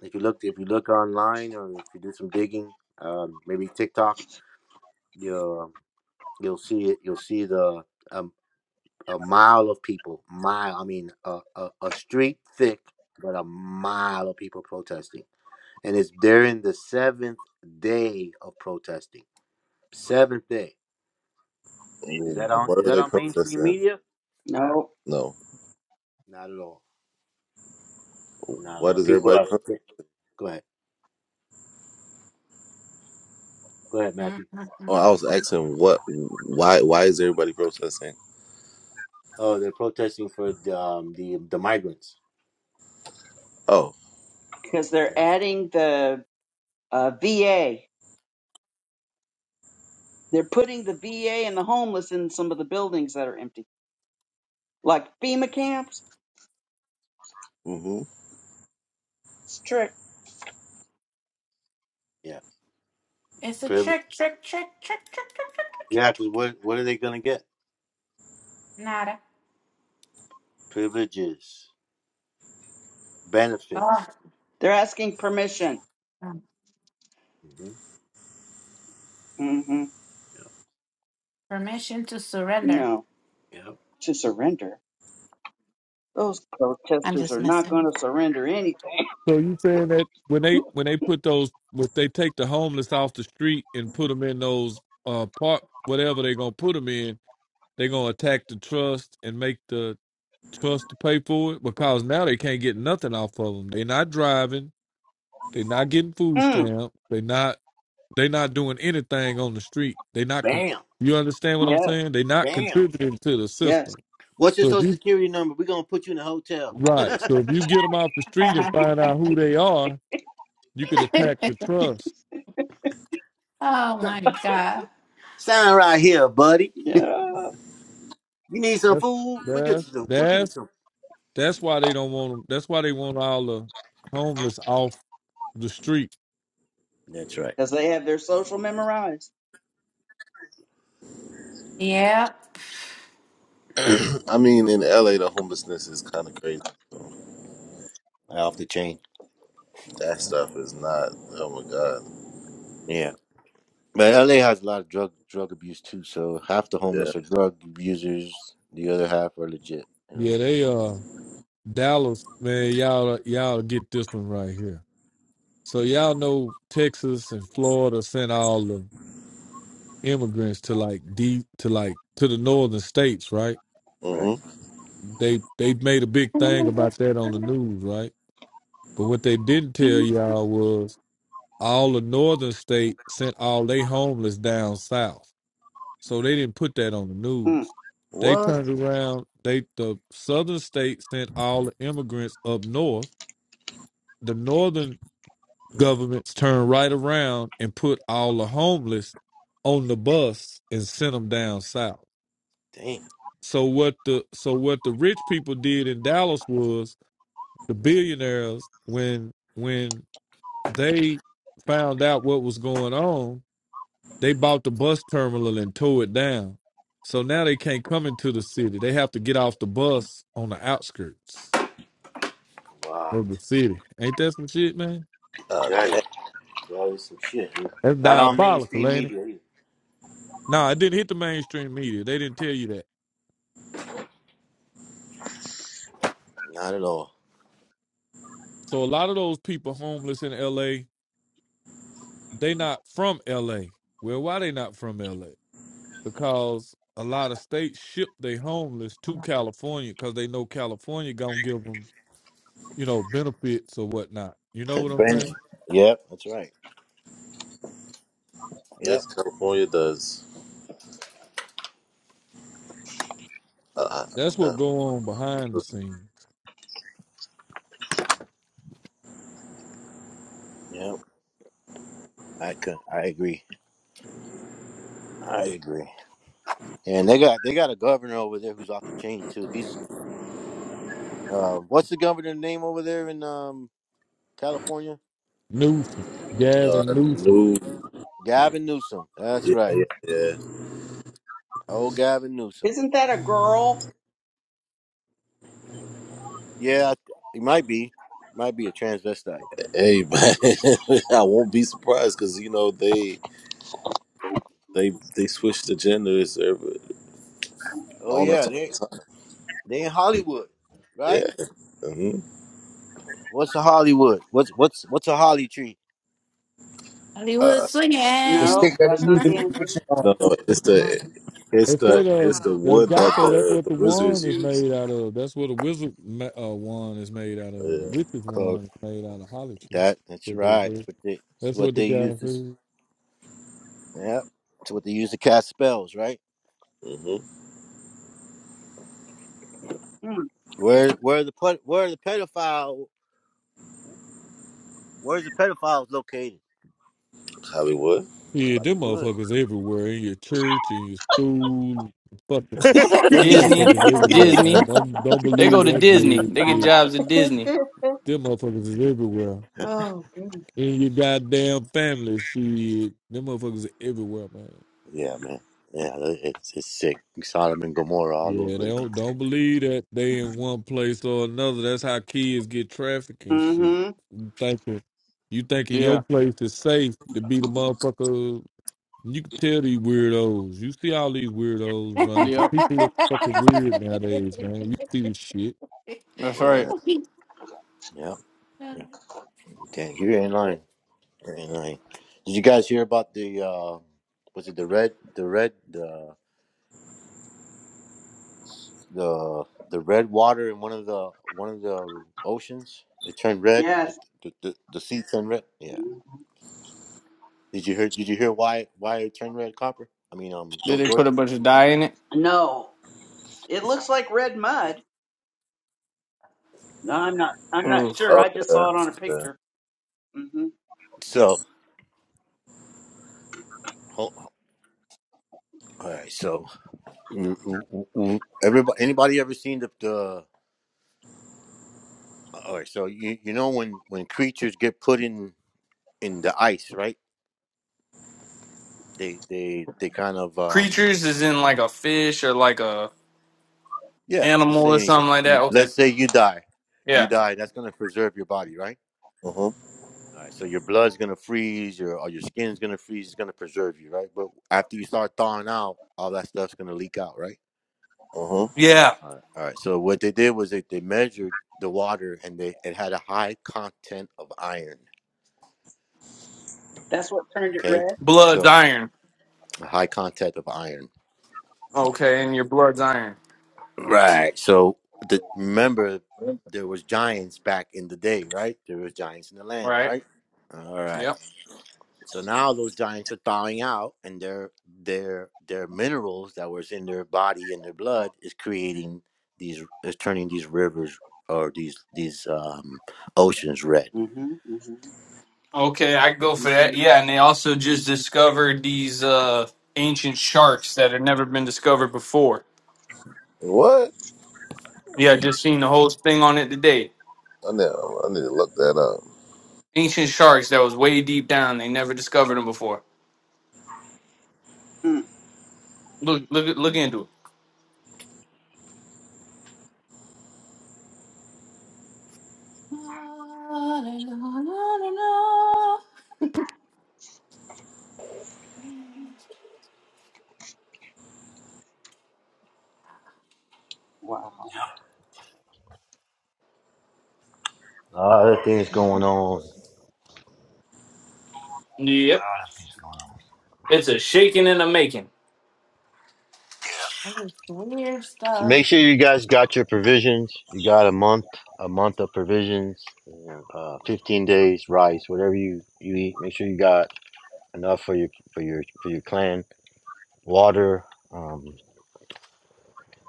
If you look, if you look online, or if you do some digging, um, maybe TikTok, you'll you'll see it. You'll see the um, a mile of people. Mile, I mean, a, a, a street thick, but a mile of people protesting, and it's during the seventh day of protesting. Seventh day Is that on? Is What are that they on mainstream protesting? media? no. No, Not at all. what No, is people are. everybody? Go ahead. Go ahead, Matthew. Oh, Mm-mm-mm. I was asking what, why, why is everybody protesting? Oh, they're protesting for the um, the, the migrants. Oh, Because they're Yeah. adding the uh, VA. They're putting the VA and the homeless in some of the buildings that are empty, like FEMA camps. hmm It's a trick. Yeah. It's a Priv- trick, trick, trick, trick, trick, trick, trick, trick, yeah, trick. because trick. what, what are they going to get? Nada. Privileges, Oh. benefits. They're asking permission. um, hmm hmm Yep. Permission to surrender. No, Yep. to surrender. Those I'm protesters just are not going messing. to surrender anything. So you saying that when they when they put those when they take the homeless off the street and put them in those uh park whatever they're gonna put them in, they're gonna attack the trust and make the trust to pay for it because now they can't get nothing off of them. They're not driving. They're not getting food Mm. stamps. They're not. They not doing anything on the street. They not. Con- Bam. you understand what I'm Yeah, saying? They not Bam. contributing to the yes, system. What's your So if social you security number? We're going to put you in a hotel. right, so if you get them off the street and oh find out who they are, you could attack the trust. my god. Sign right here, buddy. yeah, You need some That's food? we get you that's some. We'll get you that's some. that's why they don't want them. That's why they want all the homeless off the street. That's right. because they have their social memorized. Yep. I mean, in LA, the homelessness is kind of crazy. So Off the chain. that stuff is not. Oh my god. Yeah. But LA has a lot of drug drug abuse too. So half the Yeah. homeless are drug abusers. The other half are legit. You Yeah, know. they uh Dallas man, y'all y'all get this one right here. So y'all know Texas and Florida sent all the immigrants to like deep to like to the northern states, right? hmm Right. They they made a big thing about that on the news, right? But what they didn't tell y'all was all the northern state sent all they homeless down south. So they didn't put that on the Mm. news. They What? turned around, they the southern state sent all the immigrants up north. The northern governments turned right around and put all the homeless on the bus and sent them down south. Damn. So what the so what the rich people did in Dallas was the billionaires when when they found out what was going on, they bought the bus terminal and tore it down. So now they can't come into the city. They have to get off the bus on the outskirts What? of the city. Ain't that some shit, man? God That damn. is, that is some shit. dude. That's Not on diabolical, mainstream ain't it? media either. Nah, it didn't hit the mainstream media. They didn't tell you that. Not at all. So a lot of those people homeless in LA, they not from LA. Well, why they not from LA? because a lot of states ship their homeless to California because they know California gonna give them, you know, benefits or whatnot. You know what I'm Ben. saying? Yep. That's right. Yep. This California does. Uh, That's what uh, go on behind the scenes. Yep. I could. I agree. I agree. And they got they got a governor over there who's off the chain too. He's uh, what's the governor's name over there in um California? Newsom, Gavin uh, Newsom. new. Gavin Newsom. That's Yeah, right. yeah, yeah. Oh, Gavin Newsom. Isn't that a girl? Yeah, he might be. Might be a transvestite. Hey, man, I won't be surprised because you know they they they switch the genders every- Oh on yeah, us all they the time. they in Hollywood, right? Yeah. hmm What's a Hollywood? What's what's what's a holly tree? Hollywood the swinging. No, stick that that's they use not to the make answer. diction on. No, it's the it's They say the it's the the the wood guy that say that's the, what the the wizards wand is use. made out of. That's what a wizard ma- uh, wand is made out of. A Yeah. witch's Quote wand is made out of holly tree. that. That's That's What right. they say. But they, it's That's what what the they use guy to. s- said. Yep. It's what they use to cast spells, right? Mm-hmm. Where where the ped- where the pedophile where's the pedophiles located? Hollywood. In Yeah, them Hollywood. motherfuckers everywhere in your church, in your school, fucking Those Disney, motherfuckers everywhere, man. Disney. Don't don't They believe go to that Disney. They get bullshit. jobs at Mm. Disney. Them motherfuckers is everywhere. oh, goodness. In your goddamn family, shit. Them motherfuckers are everywhere, man. yeah, man. Yeah, it's it's sick. Sodom and Gomorrah all Yeah, over they again. don't don't believe that they in one place or another. That's how kids get trafficked and shit. Mm-hmm. You thinking you thinking Yeah, your place is safe to be the motherfucker. You can tell these weirdos. You see all these weirdos running. So yep. people look fucking weird nowadays, man. You see this shit. That's Oh, Yeah. right. Yep. Damn, you ain't lying. Very nice. Did you guys hear about the uh was it the red the red the the the red water in one of the one of the oceans? It turned red. Like Yes. the the, the sea turned red. Yeah. Did you hear did you hear why why it turned red copper? I mean um Did Jor- they put a Jordan? bunch of dye in it? No, it looks like red mud. No, I'm not. I'm not Oof. sure. Oh I just yeah. saw it on a yeah. picture. hmm So ho- ho- all right, so mm, mm, mm, everybody anybody ever seen the the all right, so you you know when when creatures get put in in the ice, right? They they they kind of um Creatures is in like a fish or like a Yeah, let's animal say or anything. something like You, that. Okay. let's say you die. You Yeah. die. That's going to preserve your body, right? Mm-hmm. All right. So your blood's going to freeze, your or your skin's going to freeze. It's going to preserve you, right? But after you start thawing out, all that stuff's going to leak out, right? Mm-hmm. Yeah. All right. All right. So what they did was they, they measured the water and they it had a high content of iron. That's what turned it Okay. red. Blood's So iron. a high content of iron. Okay, and your blood's iron. Right. So the, remember there was giants back in the day, right? There was giants in the land, Right. right? All right. Yep. So now those giants are thawing out, and their their their minerals that was in their body and their blood is creating these is turning these rivers or these these um, oceans red. hmm hmm Okay, I go for that. Yeah, and they also just discovered these uh ancient sharks that had never been discovered before. What? Yeah, just seen the whole thing on it today. I need I need to look that up. Ancient sharks that was way deep down. They never discovered them before. hmm Look, look, look into it. Wow. A lot of things going on. A Yep, lot of things going on. it's a shaking and a making. it's weird So stuff. make sure you guys got your provisions. You got a month, a month of provisions, uh, fifteen days rice, whatever you you eat. Make sure you got enough for your for your for your clan. Water. um,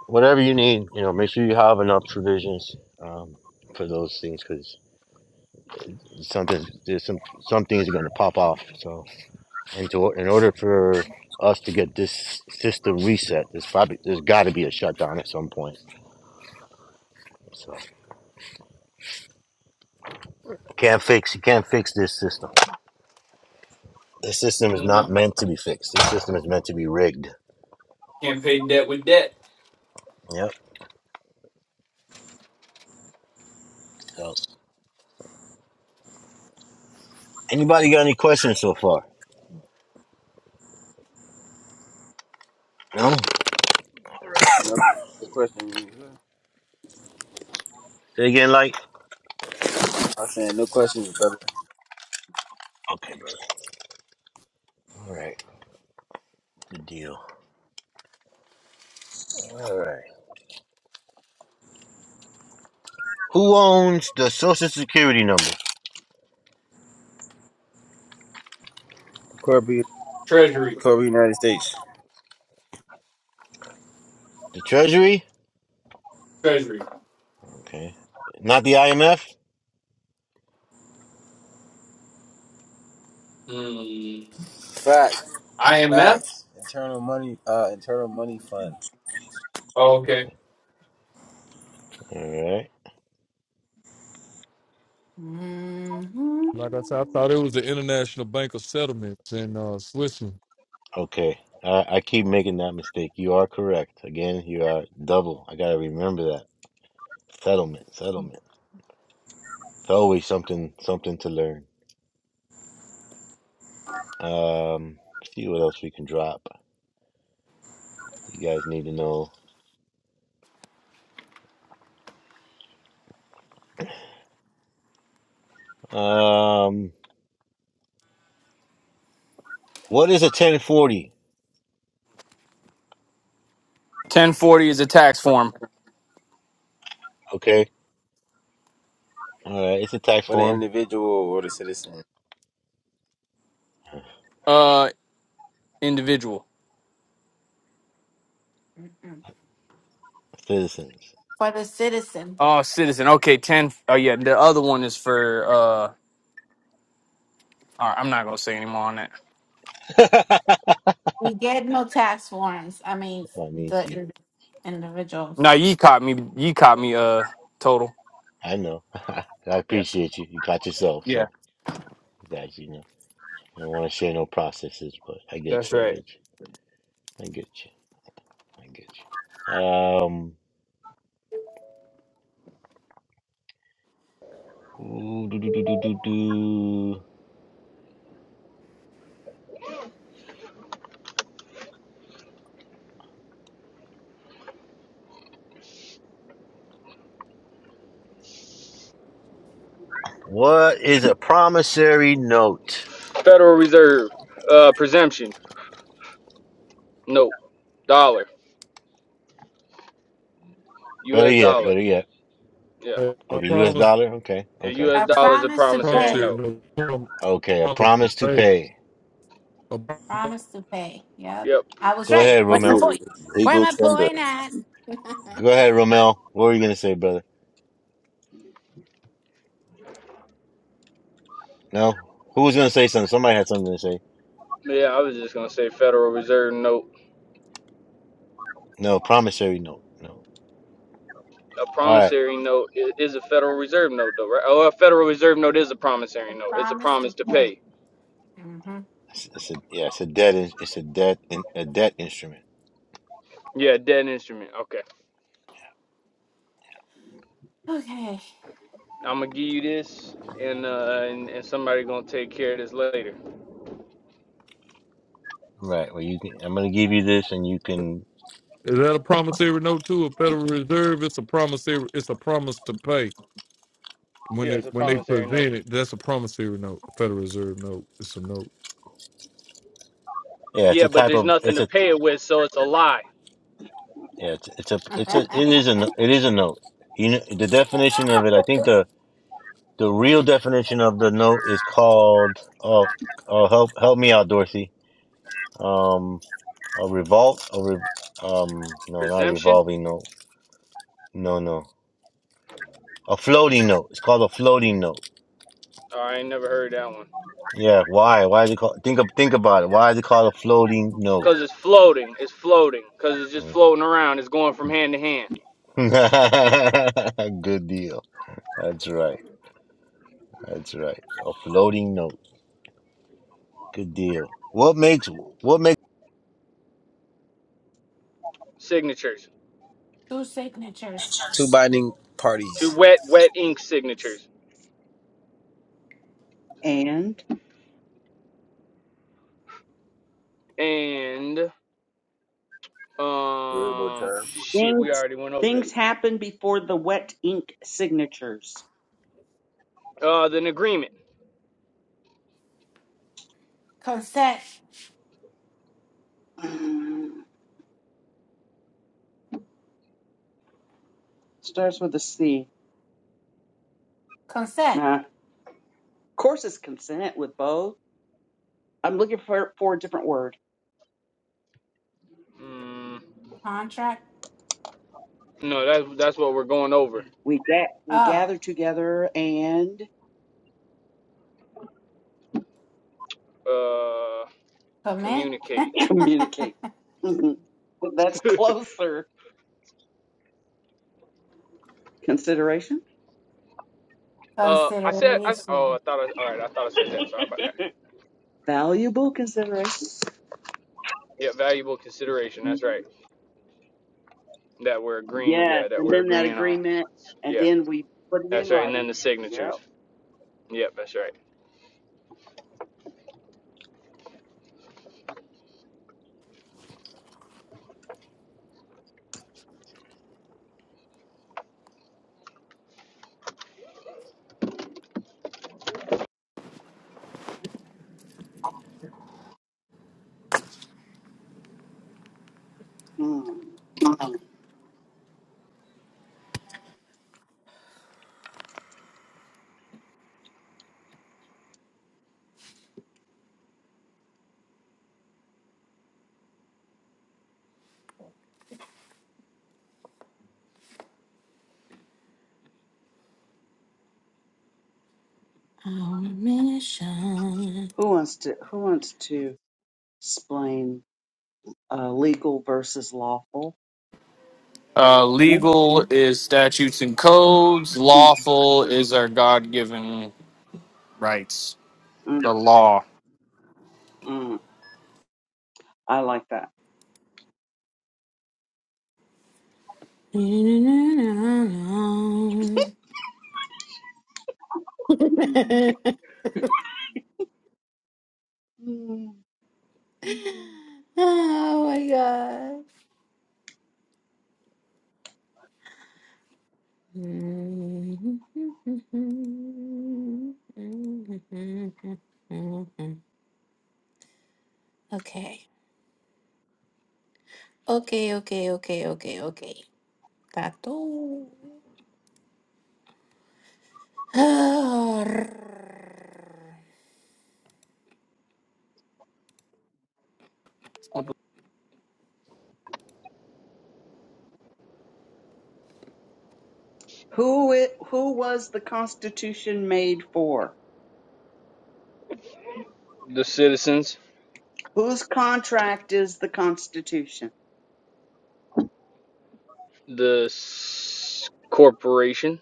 whatever you need, you know, make sure you have enough provisions um, for those things because something there's some some things are going to pop off. So, and to, in order for us to get this system reset, there's probably there's got to be a shutdown at some point. So, can't fix you can't fix this system. This system is not No, meant to be fixed. This system is meant to be rigged. can't pay debt with debt. Yep. So, anybody got any questions so far? No. Yep. No question. Say again, like. I'm saying no questions, brother. Okay, brother. All right. Good deal. All right. Who owns the Social Security number? Corby, Treasury, Corby, United States. The Treasury? treasury. Okay. Not the IMF? Mm, Facts, IMF. facts. Internal money, uh, internal money fund Oh, okay. All right. Mhm. Like I said, I thought it was the International Bank of Settlements in uh, Switzerland. Okay. I, I keep making that mistake. You are correct. Again, you are double. I gotta remember that. Settlement, settlement. It's always something something to learn. Um see what else we can drop. You guys need to know. Um what is a ten forty? Ten forty is a tax form. Okay. All right, it's a tax for the form. individual or the citizen. Uh, individual. Citizens. For the citizen, Oh, Citizen. Okay, ten. Oh yeah, the other one is for. uh All right, I'm not gonna say anymore on that. we get no tax forms. I mean, the Bonnici. in- individuals. No, you caught me. You caught me. Uh, total. I know. I Yeah, appreciate you. You got yourself, yeah, so I got you. you know, I don't want to share no processes, but I get that's you. I right. get you. I get you. I get you. Um, ooh, do, do, do, do, do, do. What is a promissory note? Federal Reserve uh presumption note dollar Better U.S. yet, dollar. better yet. Yeah, Uh, I Okay, U.S. promise, dollar. Okay, the okay, U.S. I dollar is a promise to promissory pay. promissory note. note. prom- okay. A promise to promissory- pay. a- Promise to pay. Yep. Yep. I was Go right. ahead, Where's my Romel. Legal point? Where legal my tender. point at? Go ahead, Romel. What were you gonna say, brother? No, who was gonna say something? Somebody had something to say. Yeah, I was just gonna say Federal Reserve note. No, promissory note. No. A All right. promissory note i- is a Federal Reserve note, though, right? Oh, a Federal Reserve note is a I promissory note. It's a promise to promise to pay. pay. hmm It's, it's a yeah, it's a debt. in- It's a debt. in- A debt instrument. Yeah, debt instrument. Okay. Okay. I'm gonna give you this, and uh, and, and somebody gonna take care of this later. Right. Well, you can. I'm going to give you this, and you can. Is that a promissory note too? A Federal Reserve? It's a promissory. It's a promise to pay. Yeah, When it's it a when they promissory note. present it, that's a promissory note. A Federal Reserve note. It's a note. Yeah, it's Yeah, a but type there's of. nothing It's to a. pay it with, so it's a lie. Yeah, it's it's a. It's a. It is a. no- It is a note. You know the definition of it. I think the the real definition of the note is called. Oh, oh, help help me out, Dorothy. Um, a revolt. A re, um, no, not a Presumption? revolving note. No, no. A floating note. It's called a floating note. Oh, I ain't never heard that one. Yeah. Why? Why is it called? Think of think about it. Why is it called a floating Cause note? it's floating. It's floating. Cause it's just Mm. floating around. It's going from hand to hand. Good deal. That's right. That's right. A floating note. Good deal. What makes what makes Signatures. Two signatures. Two binding Two parties. wet, wet ink signatures. And And Variable um, term. shit, we things already went over this. things happen before the wet ink signatures. Uh, the agreement. Consent. Mm, Starts with a C. Consent. Nah. Of course, it's consent with both. I'm looking for for a different word. Mm, Contract. no, that's that's what we're going over. We get we Oh, gather together and Uh, commit. communicate. communicate. hmm That's closer. Consideration. Uh, I said, I, s- oh, Consideration. I thought I, all right, I thought I said that. Sorry about that. Valuable consideration. Yeah, valuable consideration. That's Mm-hmm. right. That we're agreeing. Yes, Yeah, that and we're then that agreeing on. agreement, and Yeah, then we put it in that's right. And writing. then the Yep. signatures. Yep, that's right. Mm. Omission. Who wants to Who wants to explain uh, legal versus lawful? Uh, Mm, legal is statutes and codes. mm, Lawful is our God-given rights. mm, The law. mm. I like that. Mm. Mm. oh my god. Okay. Okay, okay, okay, okay, okay. Tattoo. Please What Who it, Who was the Constitution made for? the- The citizens, Whose contract is the Constitution? the s- corporation,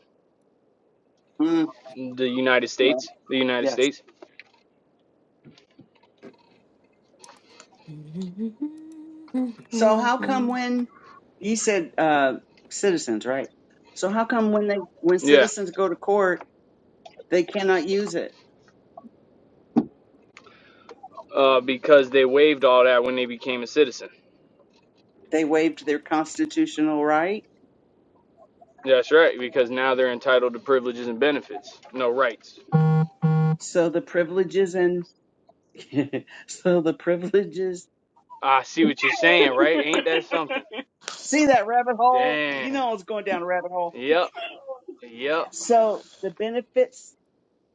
Mm. the United States, the United Yes. States. So how come when you said uh, citizens, right? So how come when they when Yeah, citizens go to court, they cannot use it? uh, because they waived all that when they became a citizen. They waived their constitutional right. That's right, because now they're entitled to privileges and benefits, no rights. So the privileges and so the privileges. I see what you're saying, right? Ain't that something? See that rabbit hole? Damn. You know I was going down a rabbit hole. Yep. Yep. So the benefits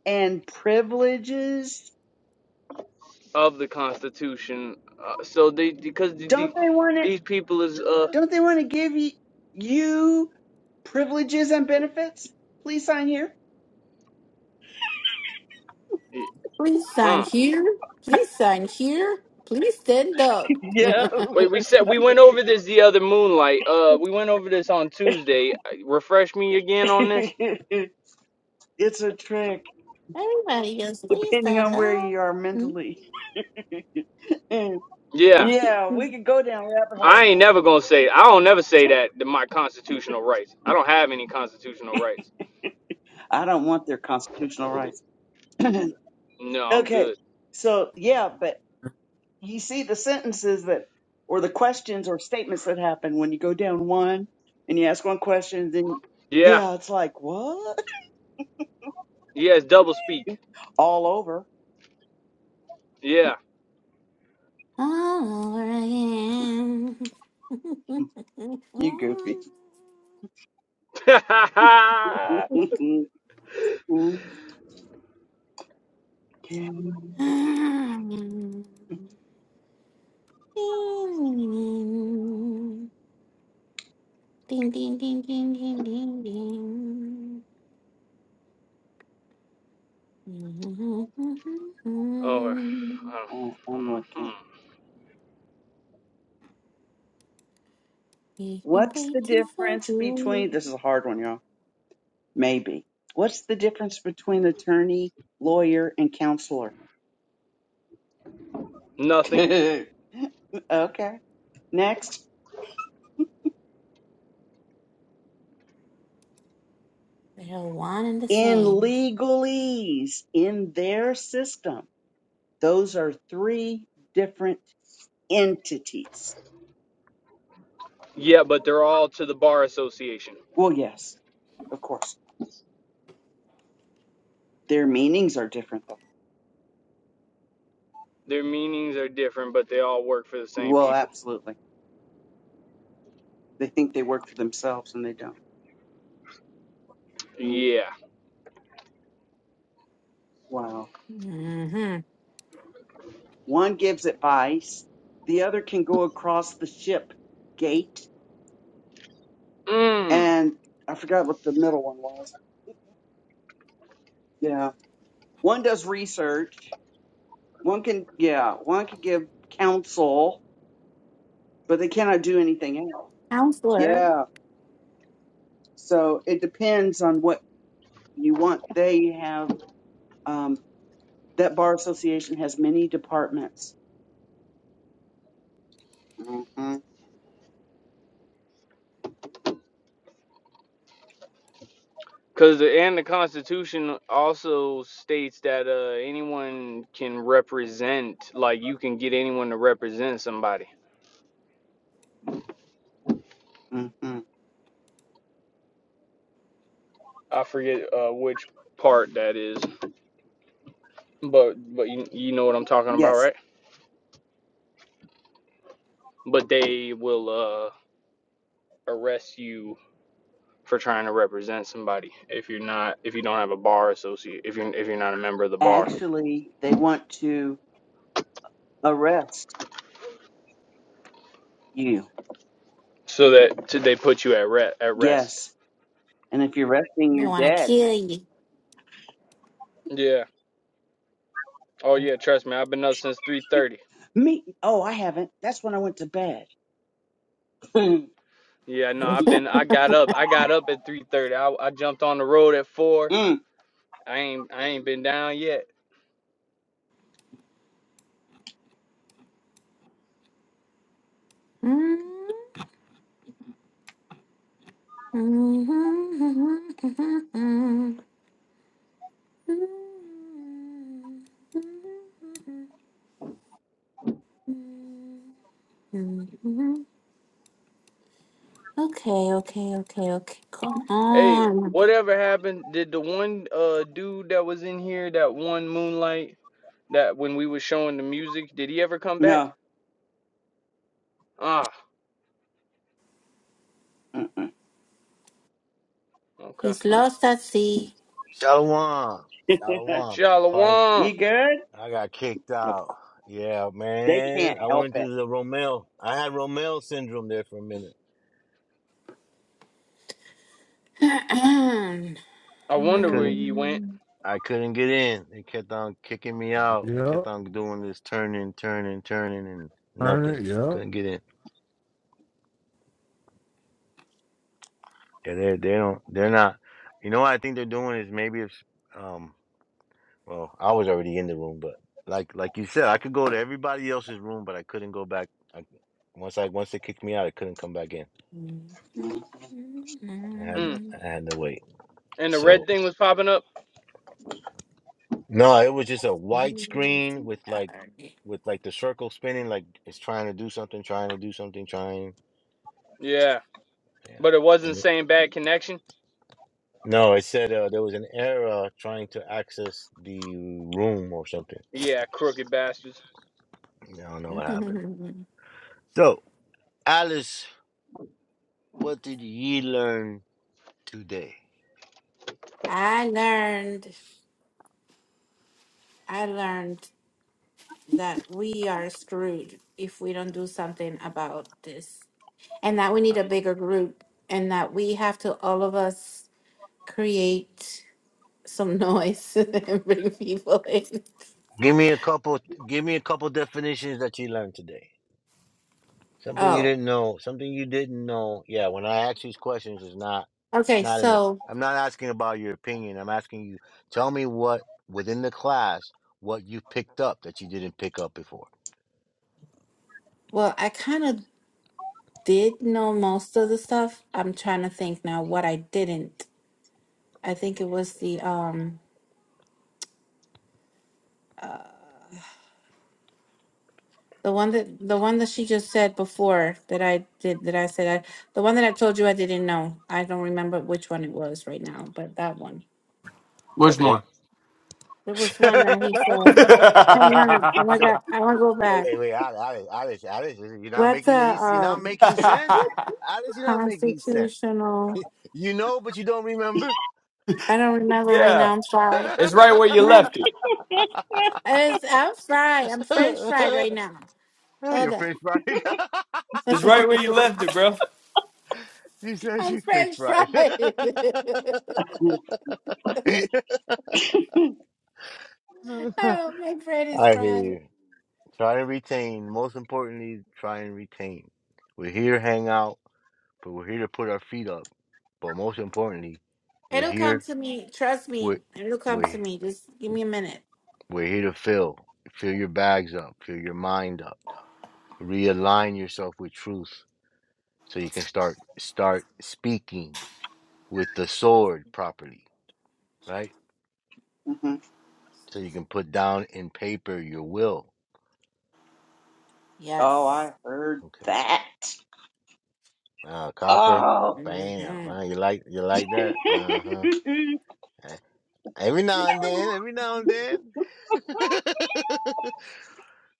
and privileges. Of the Constitution. Uh, so they because the, the, Don't they want it? these people is uh Don't they want to give you, you privileges and benefits? Please sign here. sign huh. here. Please sign here. Please stand up. Yeah. Wait, we said we went over this the other moonlight. Uh, we went over this on Tuesday. Uh, Refresh me again on this. it's a trick, Everybody just please depending stand on where up. you are mentally. yeah, Yeah. we could go down rabbit I hole. ain't never gonna say I don't never say that to my constitutional rights. I don't have any constitutional rights. I don't want their constitutional rights. No, I'm okay, good. so yeah, but you see the sentences that, or the questions or statements that happen when you go down one and you ask one question, then Yeah. yeah, it's like what? Yes, double speak. All over. Yeah. All right. You goofy. okay. Ding, ding, ding, ding, ding, ding, ding. You've been Oh. uh, uh, Uh, I'm hmm, looking. What's the waiting for difference you. between? This is a hard one, y'all. Maybe. What's the difference between attorney, lawyer, and counselor? nothing. okay. Next, They're all one and the in same. legalese, in their system, those are three different entities. Yeah, but they're all to the bar association. Well, yes, of course. Their meanings are different, though. Their meanings are different, but they all work for the same Well, people. absolutely. They think they work for themselves and they don't. Mm, Yeah. Wow. Mm-hmm. One gives advice, the other can go across the ship gate Mm. and I forgot what the middle one was. Yeah, one does research. One can, yeah, one can give counsel, but they cannot do anything else. Counselor, Yeah, so it depends on what you want. They have um, that bar association has many departments. hmm Cause the, and the Constitution also states that uh, anyone can represent, like you can get anyone to represent somebody. hmm I forget uh, which part that is, but but you, you know what I'm talking about, Yes, right? But they will. uh, arrest you for trying to represent somebody if you're not if you don't have a bar associate if you're if you're not a member of the bar actually, they want to arrest you. so that they put you at re- at rest Yes, and if you're resting, they you're want to dead. kill yeah oh yeah trust me i've been up since 3:30 Me? Oh, I haven't. That's when I went to bed. yeah no i've you. been i got up i got up at 3:30 I, I jumped on the road at 4 Mm, i ain't i ain't been down yet Okay, okay, okay, okay. Come hey on. whatever happened did the one uh dude that was in here that one moonlight that when we was showing the music did he ever come back No, ah Mm-mm. okay He's lost at sea. Shalom? Shalom. Probably Shalom. you good? I got kicked Yep. out. Yeah, They man. can't I help went it. to the Romel. I had Romel syndrome there for a minute. Mm. I I wonder where couldn't you went. I couldn't get in. They kept on kicking me out. They Yeah. kept on doing this turning, turning, turning and Earn nothing. it. Yeah. Couldn't get in. Yeah, they they don't they're not you know what I think they're doing is maybe it's um Well, I was already in the room, but like like you said, I could go to everybody else's room, but I couldn't go back. I, once I once they kicked me out, I couldn't come back in. I Mm. I had Mm. I had to wait. And the So red thing was popping up? no, it was just a white screen with like with like the circle spinning, like it's trying to do something, trying to do something, trying. Yeah. Yeah. But it And wasn't it, saying bad connection? no, it said uh, there was an error trying to access the room or something. Yeah, crooked bastards. I don't know what happened. So Alice, what did ye learn today? learned I learned that we are screwed if we don't do something about this. And that we need a bigger group and that we have to all of us create some noise and bring people in. Give me a couple. Give me a couple definitions that you learned today. Something you Oh. didn't know. Something you didn't know. Yeah, when I ask these questions, it's not. It's Okay, not in the. so I'm not asking about your opinion. I'm asking you. Tell me what within the class what you picked up that you didn't pick up before. well I kind of did know most of the stuff. I'm trying to think now what I didn't. I think it was the um uh, the one that the one that she just said before that I did that I said I the one that I told you I didn't know. I don't remember which one it was right now, but that one. Which Okay. one? There was so one that he said, "Hang on, oh my God, yeah, I want to go wait, back." wait, wait, Alice, Alice, Alice, you're not What's the making any. You're not um making sense, Alice. You're not making sense. constitutional? You know, but you don't remember. I don't remember right now. I'm fried. it's right where you Not left it. as I'm fried. I'm French fried right now. Hold You're up. fish fried. It's right where you left it, bro. she says I'm she fish French fried. fried. I Oh, my bread is hear fried. you. Try to retain. Most importantly, try and retain. We're here to hang out, but we're here to put our feet up. But most importantly, we're It'll come here. to me. Trust We're, me. It'll come to we're, me. Just give me a minute. we're here to fill. Fill your bags up. Fill your mind up. Realign yourself with truth so you can start start speaking with the sword properly, right? Mhm. So you can put down in paper your will. Oh, Yes. I heard Okay. that. Uh, copper. Oh. Bam. hmm Uh, you like you like that? Uh huh. Every now and then. Every now and then.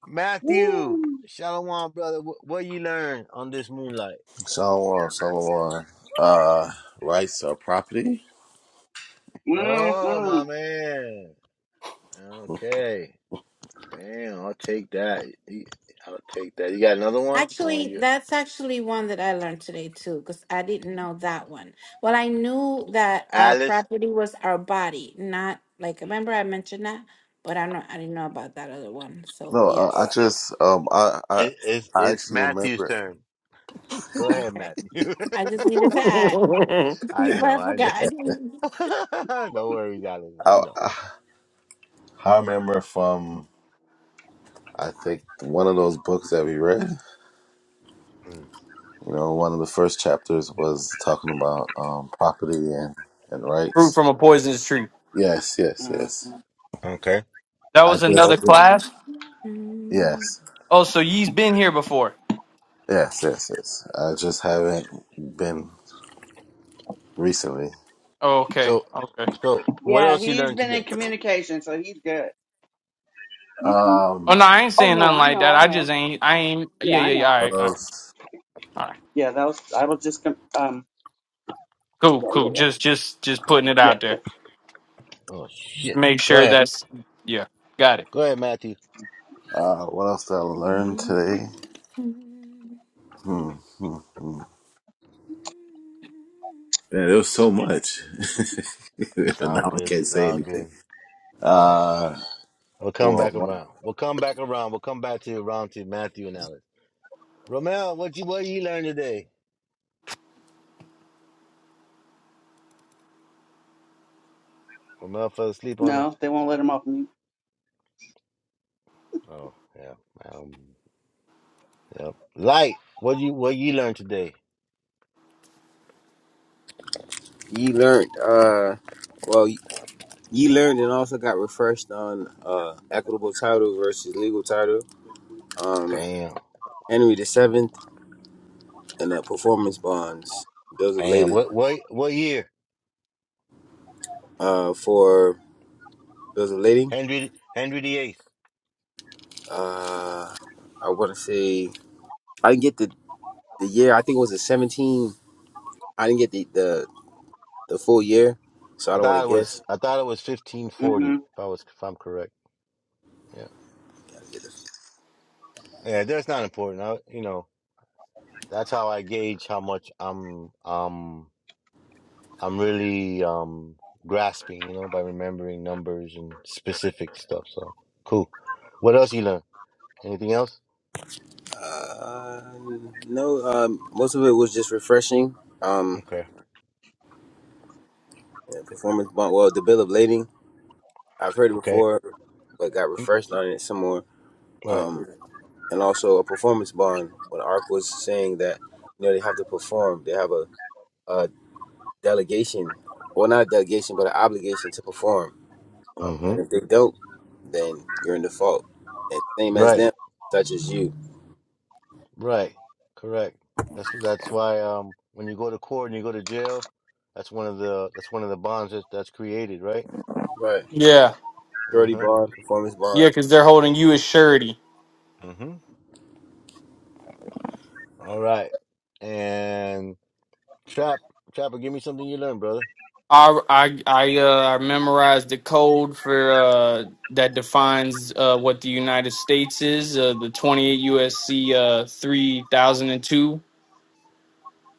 Matthew, Woo. Shalom, brother. What, what you learn on this moonlight? Shalom, shalom. Uh, rights or property. Mhm. Oh my man. Okay. Bam. I'll take that. Y- I'll take that. You got another one? You want Actually, you? that's actually one that I learned today too, because I didn't know that one. Well, I knew that our Alice. property was our body, not like remember I mentioned that, but I'm not. I didn't know about that other one. So No, uh, I yes, just um I I It, it's I it's actually Matthew's remember turn. Go ahead, okay. Matthew. I just needed to add I before know. I I know. forgot. no worries, Alex. I I know. I I remember from I think one of those books that we read. Mm, You know, one of the first chapters was talking about um, property and, and Fruit rights. from a poisonous tree. Yes, yes, yes. Mhm. Okay. That I was just another Oh, class. yes, Oh, so ye's been here before. yes, yes, yes. I just haven't been recently. Oh, okay, So, okay. so what Yeah, else you he's learned been in today? communication, so he's good. hmm Oh no, Um, I ain't Oh saying no, nothing I like know, that. I I know. just ain't. I ain't. Yeah, Yeah, I yeah, yeah. know. All what right, all right, else? all right. Yeah, that was. I was just. com- Um. Cool, Yeah, yeah, cool. yeah, Just, just, just putting it yeah, out there. yeah. Oh shit! make Go sure ahead, that's yeah got it go ahead, Matthew. Uh, what else did I learn today? Hmm, hmm, hmm. Man, there was so much, It's but all now I good. can't It's say all anything. good. All right, all Uh, right. We'll come well, back one, around. We'll come back around. We'll come back to around to Matthew and Alex. Romel, what you what you learned today? Romel fell asleep on us. No, they won't let him off mute. Oh yeah, um, yeah. Light, what you what you learned today? Ye learned, uh, well, ye learned and also got refreshed on uh, equitable title versus legal title. Um, Bam, Henry the Seventh and uh, performance bonds. Bills of bam. lading. What what what year? Uh, for bills of lading. Henry Henry VIII. Uh, I want to say I didn't get the the year. I think it was a seventeen. I didn't get the the, the full year, so I I don't want thought it to was guess. I thought it was fifteen forty. Mm-hmm. If I was if I'm correct, yeah, yeah. That's not important. I, you know, that's how I gauge how much I'm um I'm really um grasping. You know, by remembering numbers and specific stuff. So cool. What else you learn? Anything else? Uh, no, um, most of it was just refreshing. Um, Okay. and performance bond, well, the bill of lading I've heard it Okay. before, but got refreshed on it some more. Right. Um, and also a performance bond when Ark was saying that you know they have to perform, they have a, a delegation, well, not a delegation, but an obligation to perform. Um, Mm-hmm. and if they don't, then you're in default, and same as Right. them, such as you, Right. Correct. That's that's why um when you go to court and you go to jail, that's one of the that's one of the bonds that, that's created. Right. right? yeah Surety Uh bond, performance yeah bond because they're holding you as surety huh. All right. And Trap, Trapper, give me something you learned, brother. i i i uh I memorized the code for uh that defines uh what the united states is uh the 28 usc uh three thousand and two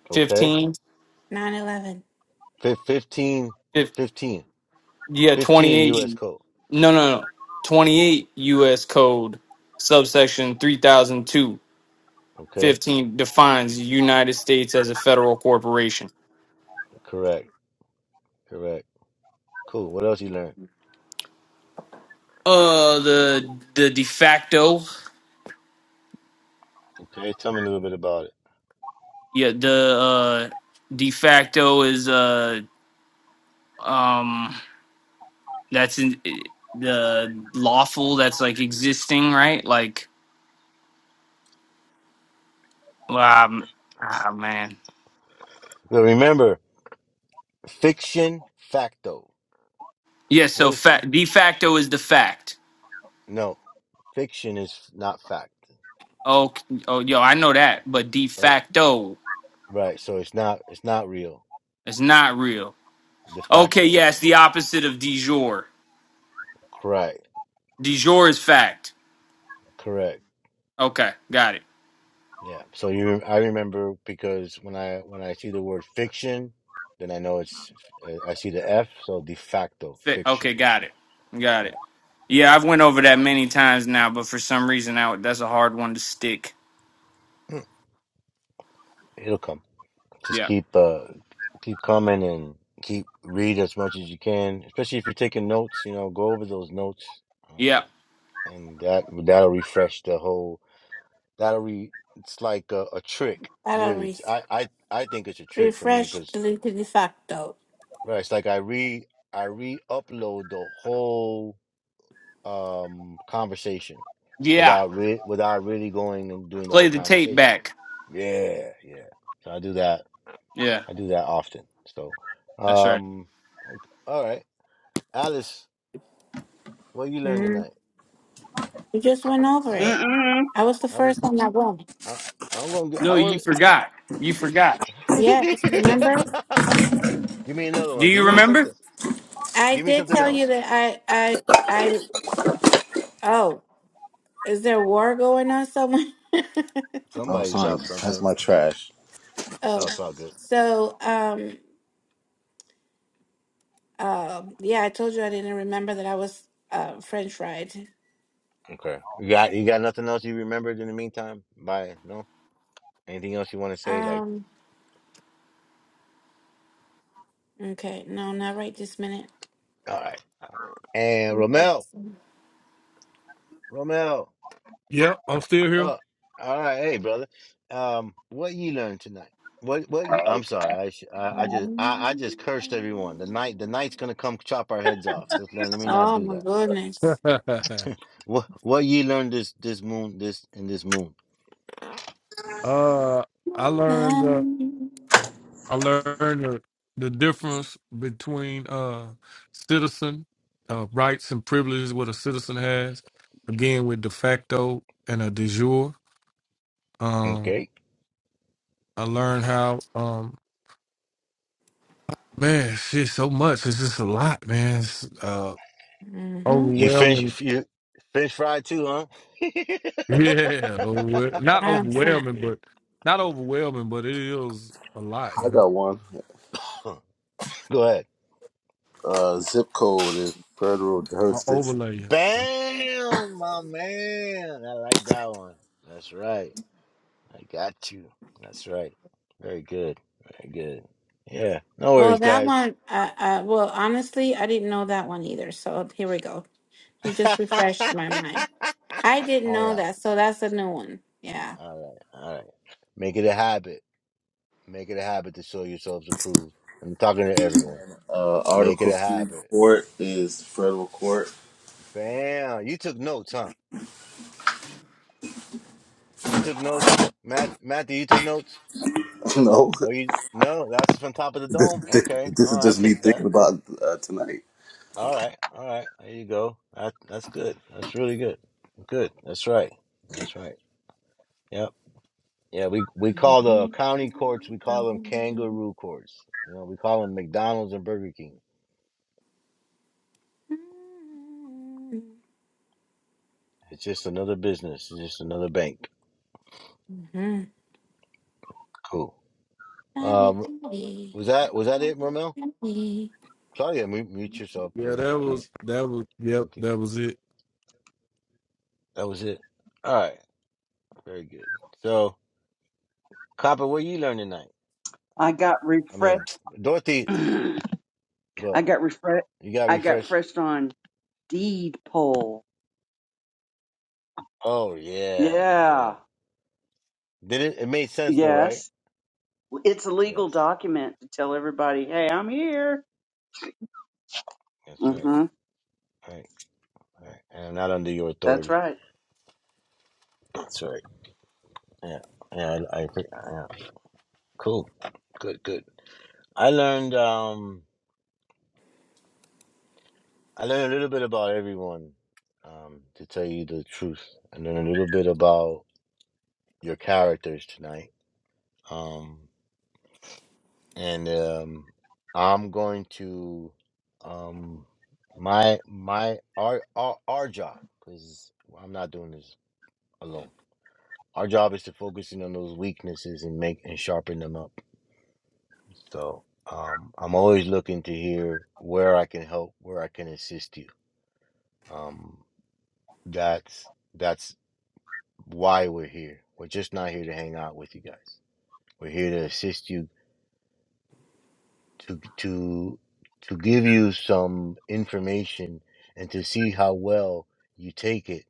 Okay. fifteen. Nine eleven. Fif- 15, if, yeah 28 U.S. code. no no no 28 us code subsection 3002 Okay. 15 defines the united states as a federal corporation Correct. Correct. Cool. What else you learned? uh the the de facto Okay. Tell me a little bit about it. Yeah, the uh, de facto is uh, um, that's in the lawful that's like existing, right? Like, um, ah, man. Now remember, fiction, facto. Yeah, What so is, f- fa- de facto is the fact. no, fiction is not fact. Oh, oh, yo, I know that, but de Oh, facto right. So it's not, it's not real. is not real. De Okay, facto. yeah, it's the opposite of de jure. Correct. De jure is fact. Correct. Okay, got it. Yeah. So you, I remember because when I when I see the word fiction, then I know it's uh, I see the F, so de facto Fa- fiction. Okay, got it. Got it. Yeah, Yeah, yeah. I've went over that many times now, but for some reason, now that's a hard one to stick. It'll come. Just Yeah. keep uh keep coming and keep read as much as you can, especially if you're taking notes. You know, go over those notes, um, Yeah. and that that'll refresh the whole. That'll re. It's like a, a trick, 11 That'll really. re- It's- I I I think it's a trick for me refresh because delete de facto. right. It's like I re I re upload the whole. um conversation Yeah. without re- without really going and doing the whole Play the tape conversation. back. Yeah, yeah. So I do that. Yeah, I do that often. So, that's right. um, okay. all right, Alice, what you learned Mm. tonight? We just went over it. Mm-mm. I was the I was first on that one. I I'm gonna get I No, you was. forgot. You forgot. Yes, remember? Give me another Do one. Give you me remember? something. I Give me did something tell you else. that I, I, I, oh, is there war going on somewhere? oh, Somebody's sorry, dropped that's something. my trash. Oh, oh, it's all good. so, um, um, yeah, I told you I didn't remember that I was, uh, French fried. Okay. You got you got nothing else you remembered in the meantime? Bye. No. Anything else you want to say? Like Um, okay, no, not right this minute. all right. And not right Romel. this minute. Romel. Yeah. I'm still here. uh, all right. Hey, brother. Um, what you learned tonight? What? What? You, I'm sorry. I, sh- I I just I, I just cursed everyone. The Oh night the night's gonna come chop our heads off. Just let, let me not do my that. goodness. What What you learned this this moon this in this moon? uh, I learned. uh, Mm-hmm. I learned the, the difference between uh, citizen uh, rights and privileges what a citizen has. Again, with de facto and a de jure. Um, Okay. I learned how um, man, shit, so much. It's just a lot, man. It's uh, You overwhelming. finish you finish fried too, huh? Yeah, overwhel- not I'm fine. overwhelming, but not overwhelming, but it is a lot, you I know. got one. Go ahead. Uh, zip code is federal An jurisdiction. overlay. Bam, my man. I like that one. That's right. I got you. That's right. Very good. Very good. Yeah. No Oh, worries, that guys. one. Uh, uh, well, honestly, I didn't know that one either. So here we go. He just all refreshed right. my mind. I didn't know that. So that's a new one. Yeah. All right. All right. Make it a habit. Make it a habit to show yourselves approved. I'm talking to everyone. Uh, Make it Article a three habit. court is federal court. Bam. You took notes, huh? You took notes? Matt Matthew, you took notes? no, Oh you no, that's just from top of the this, dome. this, Okay. this All is right, I'll just me take thinking that. about uh, tonight. All right. All right. There you go. That that's good. That's really good. Good. That's right. That's right. Yep. Yeah, we we call the Mhm. county courts, we call them Mhm. kangaroo courts. You know, we call them McDonald's and Burger King. It's just another business. It's just another bank. Mhm. Cool. Daddy, Um, daddy. was that was that it, Romel? Daddy. Claudia, mute, mute yourself, Yeah, please, that please. was that was. Yep, Thank you. that was it. That was it. All right. Very good. So, Copper, what you learn tonight? I got I mean, refreshed. Dorothy, go I ahead. got refresh. You got I got refreshed. fresh on deed poll. Oh yeah, yeah. Yeah. Did it? It made sense though, right? Yes. It's a legal Yes. Yes. document to tell everybody, "Hey, I'm here." That's right. Mm-hmm. Right. Right. And I'm not under your That's authority. right. That's right. Yeah, yeah, I, I agree. Yeah. Cool, good, good. I learned, um, I learned a little bit about everyone, um, to tell you the truth. I learned a little bit about your characters tonight, um, and um, I'm going to, um, my my our our, our job because I'm not doing this alone. Our job is to focus in on those weaknesses and make and sharpen them up. So um, I'm always looking to hear where I can help, where I can assist you. Um, that's that's why we're here. We're just not here to hang out with you guys. We're here to assist you to to to give you some information and to see how well you take it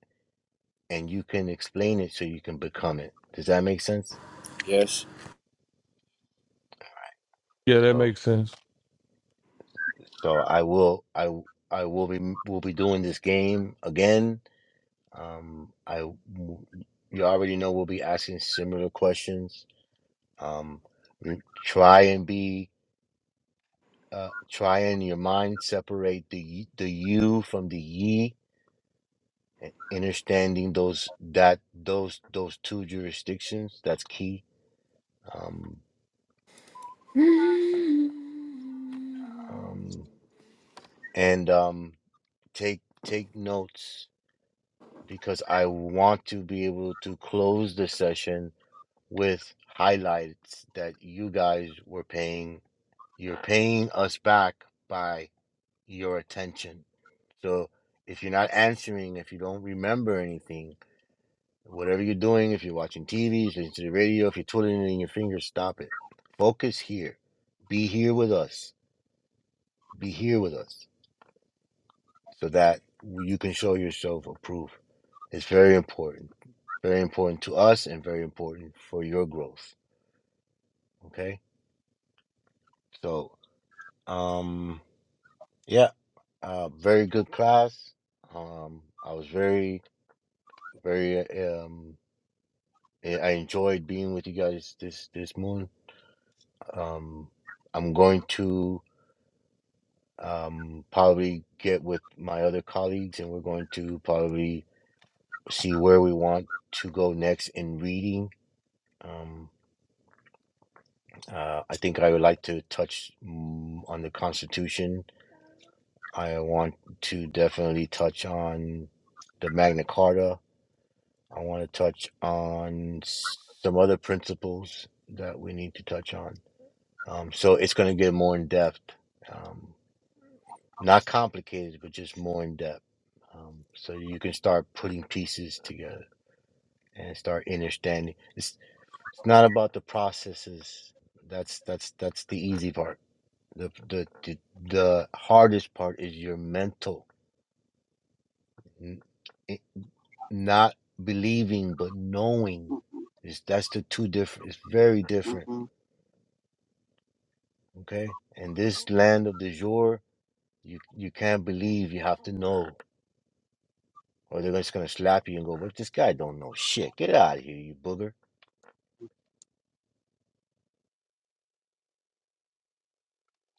and you can explain it so you can become it. Does that make sense? Yes. Yeah, that So makes sense. so I will I I will be will be doing this game again Um, I you already know we'll be asking similar questions. Um, we try and be uh, try and your mind separate the y- the you from the ye, and understanding those that those those two jurisdictions. That's key. Um, Mhm. um, and um, take take notes because I want to be able to close the session with highlights that you guys were paying You're paying us back by your attention. So if you're not answering, if you don't remember anything, whatever you're doing, if you're watching TV, if you're listening to the radio, if you're twiddling your fingers, stop it. Focus here. Be here with us. Be here with us so that you can show yourself approved. It's very important. Very important to us and very important for your growth. Okay? So, um, yeah, uh, very good class. Um, I was very very um I I enjoyed being with you guys this this moon. Um I'm going to um probably get with my other colleagues and we're going to probably see where we want to go next in reading. Um uh, I think I would like to touch mm, on the Constitution. I want to definitely touch on the Magna Carta. I want to touch on s- some other principles that we need to touch on Um, so it's going to get more in depth, um, not complicated, but just more in depth. Um, so you can start putting pieces together and start understanding. It's it's not about the processes. That's that's that's the easy part. The the the, the hardest part is your mental, n- it- not believing but knowing. Is that's the two different. It's very different. Mm-hmm. Okay, in this land of the jour, you you can't believe. You have to know. or they're just gonna slap you and go, "What this guy don't know shit? Get out of here, you booger!"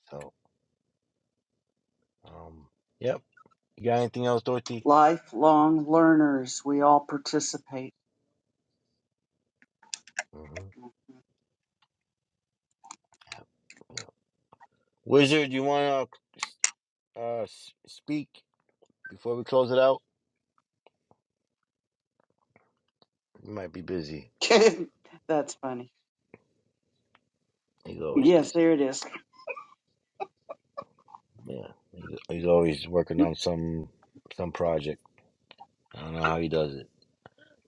So, um, yep. You got anything else, Dorothy? Lifelong learners. We all participate. hmm Yeah. Wizard, you wanna uh s- speak before we close it out? He might be busy. That's funny. He's always Yes, busy. there it is. Yeah, he's, he's always working on some some project. I don't know how he does it,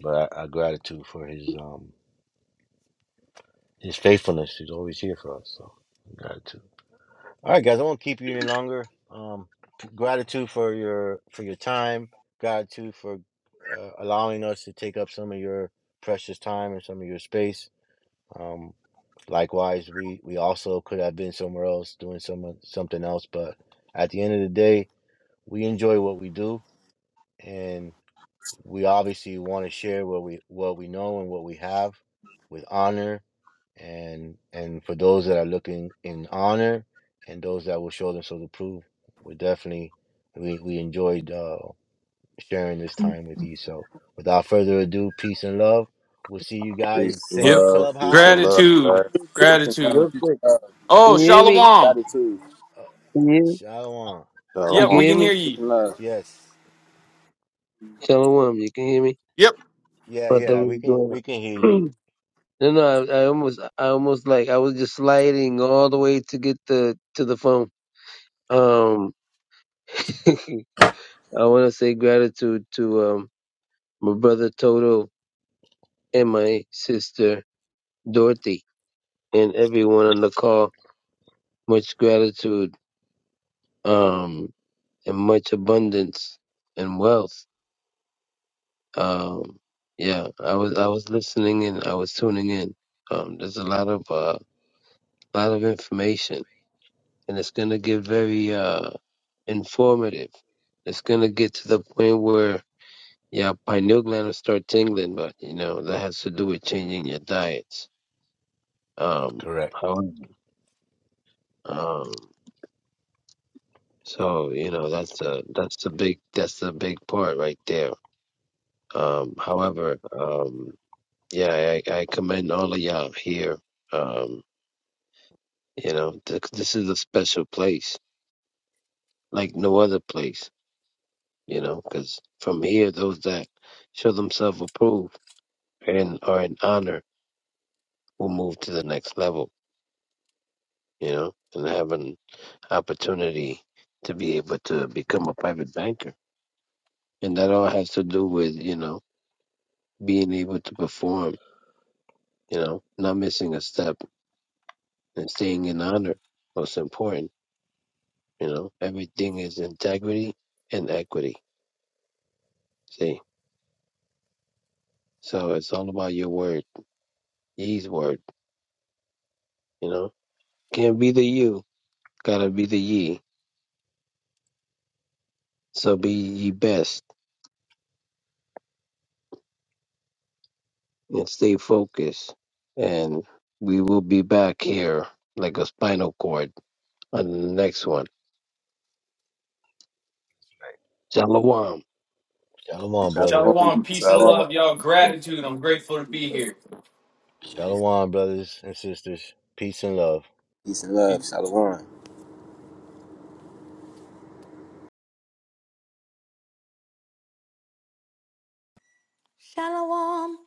but I, I gratitude for his um his faithfulness. He's always here for us. So gratitude. All right, guys, I won't keep you any longer. Um, p- gratitude for your for your time. Gratitude for uh, allowing us to take up some of your precious time and some of your space. Um, likewise, we we also could have been somewhere else doing some something else, but at the end of the day, we enjoy what we do, and we obviously want to share what we what we know and what we have with honor and and for those that are looking in honor and those that will show themselves approved we definitely we we enjoyed uh sharing this time with you so without further ado peace and love we'll see you Peace guys and same Yep. love. Peace and love. clubhouse Gratitude. Right? quick, Peace and love. real Gratitude. Peace quick. and love. Can Oh, you hear me? Shalom. Gratitude. uh, Can you hear me? shalom Shalom. You Yep, can Shalom. we hear can hear me? Peace you. and love. yes Shalom, you can hear me? Yep. yeah I thought yeah we we was can going we can hear you on. No, no, I, I almost, I almost like I was just sliding all the way to get the to the phone. Um, I want to say gratitude to um my brother Toto and my sister Dorothy and everyone on the call. Much gratitude, um, and much abundance and wealth. Um, yeah, I was I was listening and I was tuning in. Um, there's a lot of uh, lot of information, and it's gonna get very uh informative. It's gonna get to the point where your pineal gland will start tingling, but you know that has to do with changing your diets. Um, correct however, um, so you know that's a that's a big that's a big part right there. Um, however, um, yeah, I, I commend all of y'all here. Um, You know, th- this is a special place, like no other place. You know, because from here, those that show themselves approved and are in honor will move to the next level. You know, and have an opportunity to be able to become a private banker, and that all has to do with you know being able to perform. You know, not missing a step and staying in honor. Most important. You know, everything is integrity and equity. See, so it's all about your word Ye's word, you know. Can't be the you, gotta be the ye. So be ye best and stay focused. And we will be back here like a spinal cord on the next one. Shalom. shalom brother Shalom. Shalom. Peace Peace and and love. Shalom. love, y'all. Gratitude. I'm grateful to be here. shalom brothers and sisters peace and love Peace and love. Peace. Shalom. Shalom.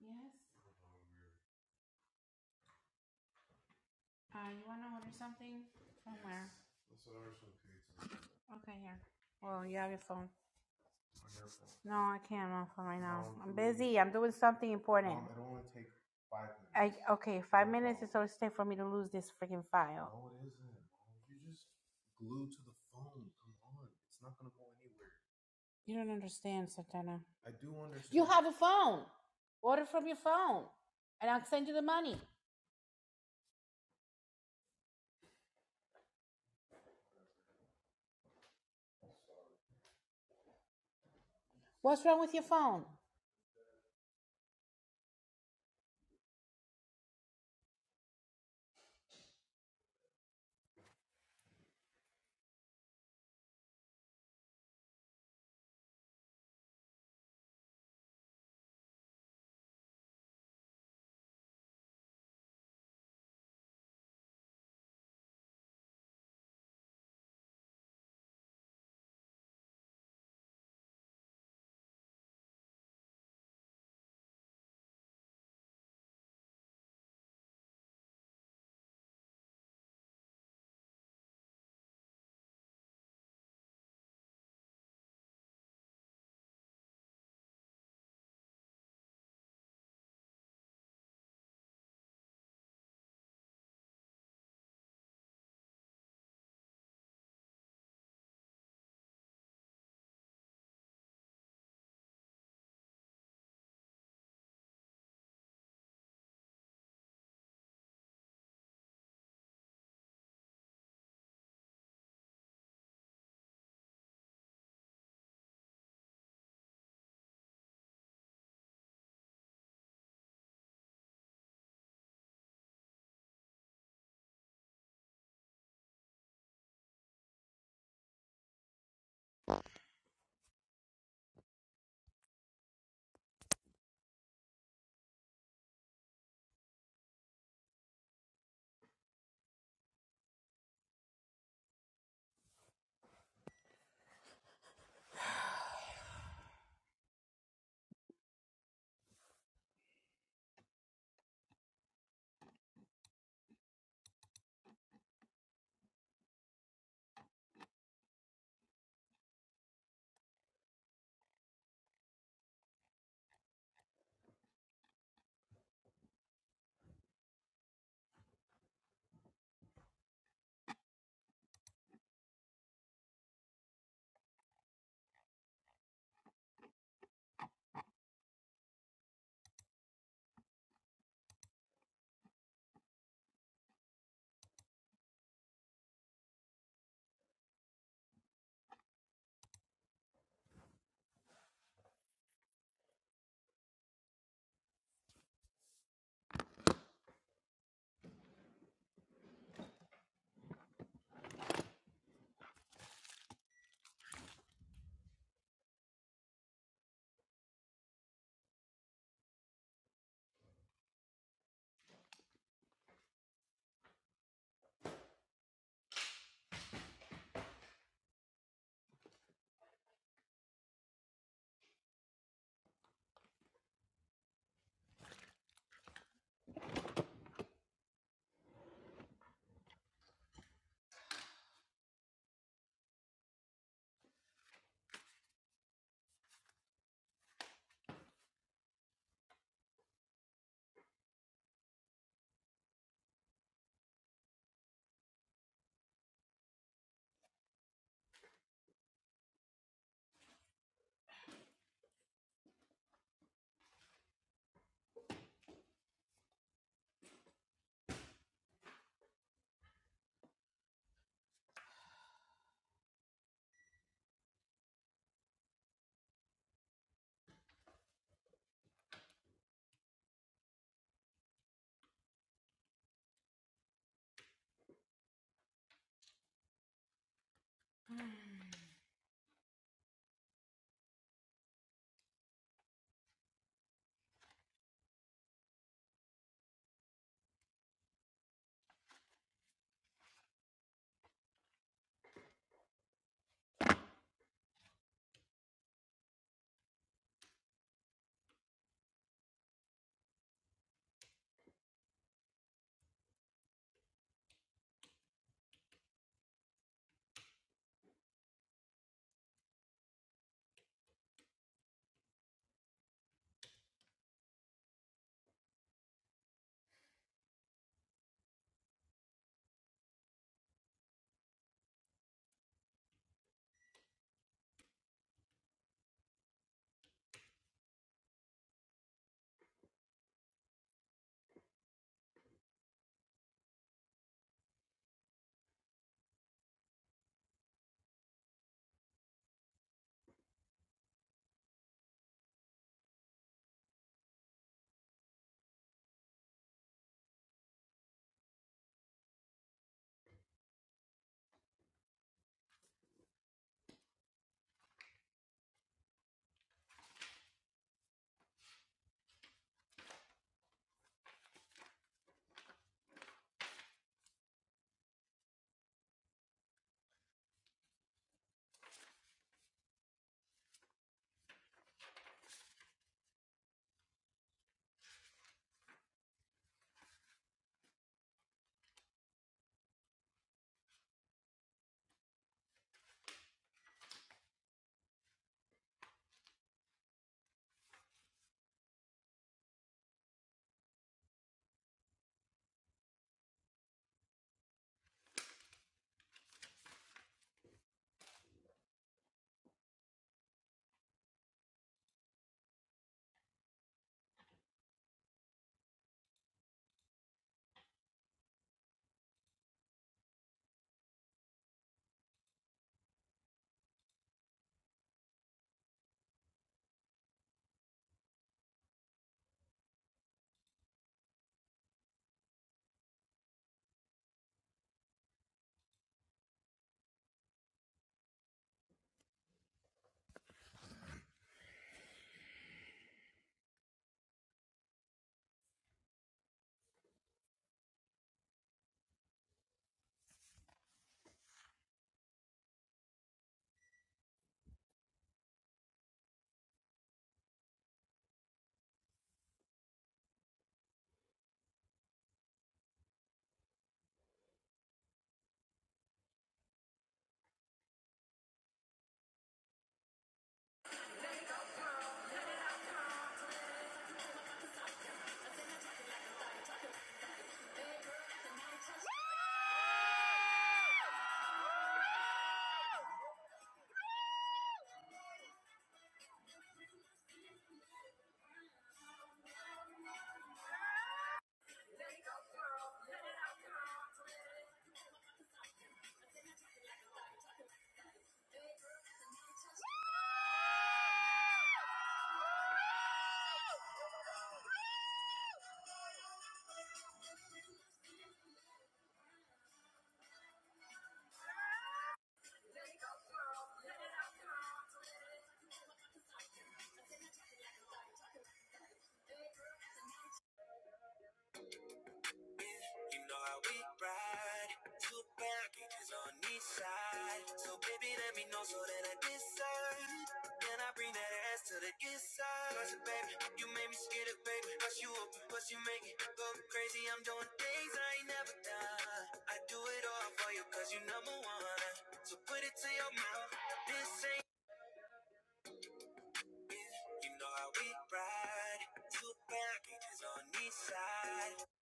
Yes. Uh, you want to order something from where? Okay, here. Well, you have your phone. No, I can't. I'm on phone right now. I'm busy. I'm doing something important. Um, I don't want to take five minutes. I, okay. Five minutes is all it's take for me to lose this freaking file. No, it isn't. You just glued to gonna the phone. Come on, it's not going to go anywhere. You don't understand, Santana. I do understand. You have a phone. Order from your phone, and I'll send you the money. What's wrong with your phone?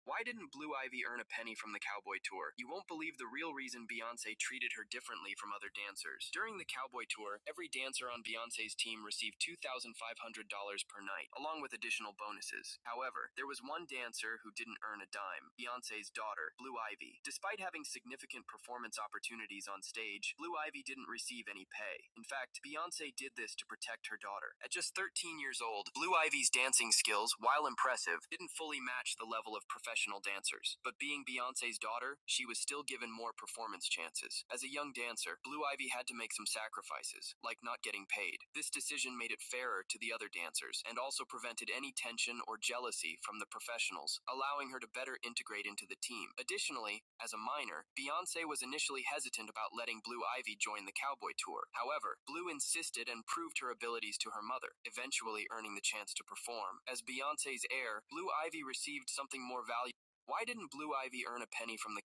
Why didn't Blue Ivy earn a penny from the Cowboy Tour? You won't believe the real reason Beyonce treated her differently from other dancers. During the Cowboy Tour, every dancer on Beyonce's team received $2,500 per night, along with additional bonuses. However, there was one dancer who didn't earn a dime Beyonce's daughter, Blue Ivy. Despite having significant performance opportunities on stage, stage, Blue Ivy didn't receive any pay. In fact, Beyonce did this to protect her daughter. At just 13 years old, Blue Ivy's dancing skills, while impressive, didn't fully match the level of professional dancers. But being Beyonce's daughter, she was still given more performance chances. As a young dancer, Blue Ivy had to make some sacrifices, like not getting paid. This decision made it fairer to to the other dancers and also prevented any tension or jealousy from the professionals, allowing her to better integrate into the team. Additionally, as a minor, Beyonce was initially hesitant about letting Blue Ivy join the Cowboy Tour. However, Blue insisted and proved her abilities to her mother, eventually earning the chance to perform. As Beyonce's heir, Blue Ivy received something more valuable. Why didn't Blue Ivy earn a penny from the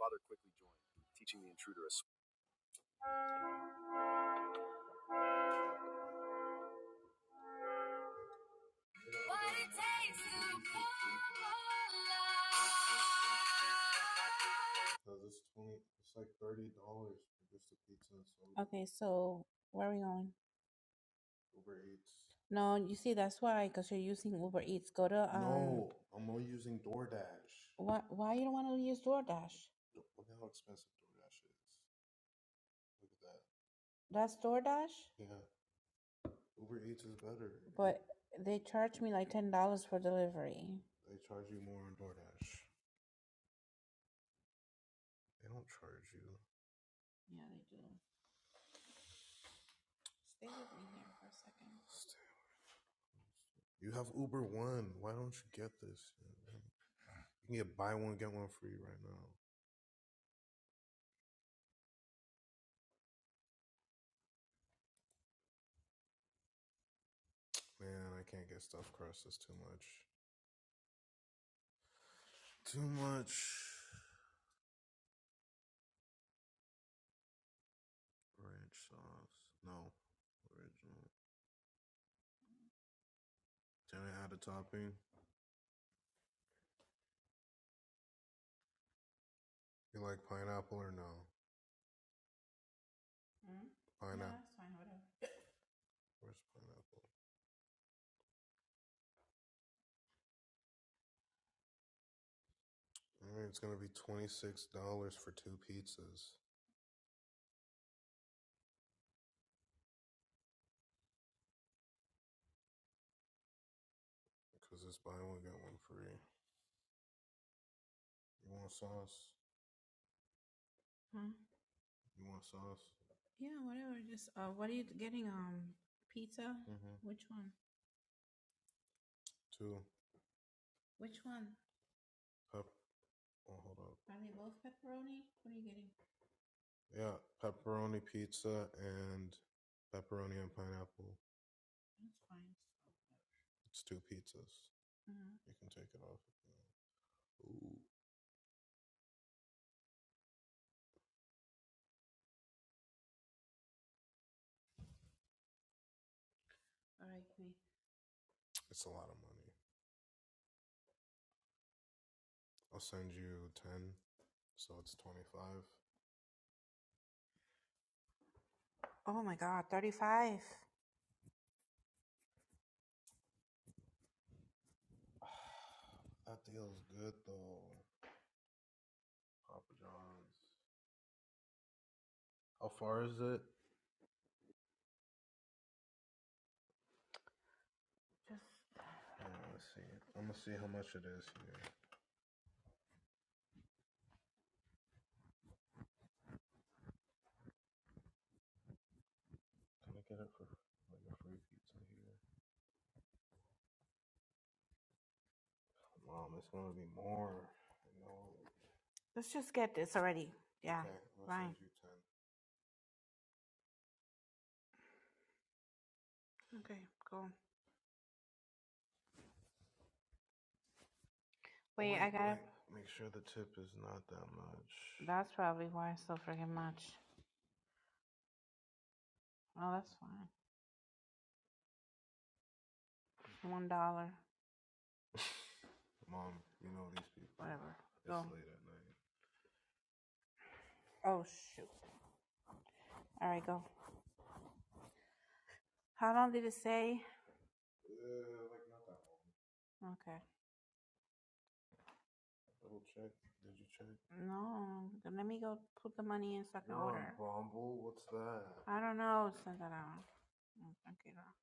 father quickly joined, teaching the intruder a Okay, so where are we going? No, you see, that's why, because you're using Uber Eats. Go to um, why why you don't want to use DoorDash? That's DoorDash, but they charge me like ten dollars for delivery. Yeah, whatever. Just uh, what are you getting? Um, pizza. Which one? Which one? Are they both pepperoni? What are you getting? That's fine. Mhm. Let's just get this already. Yeah, fine. you ten. Okay, cool. Wait, I gotta. That's probably why it's so freaking much. Oh, that's fine. One dollar, whatever. Go. Oh shoot. All right, go. How long did it say? Okay. No, let me go put the money in so I can order. I don't know. Santana. Mm, Okay, girl.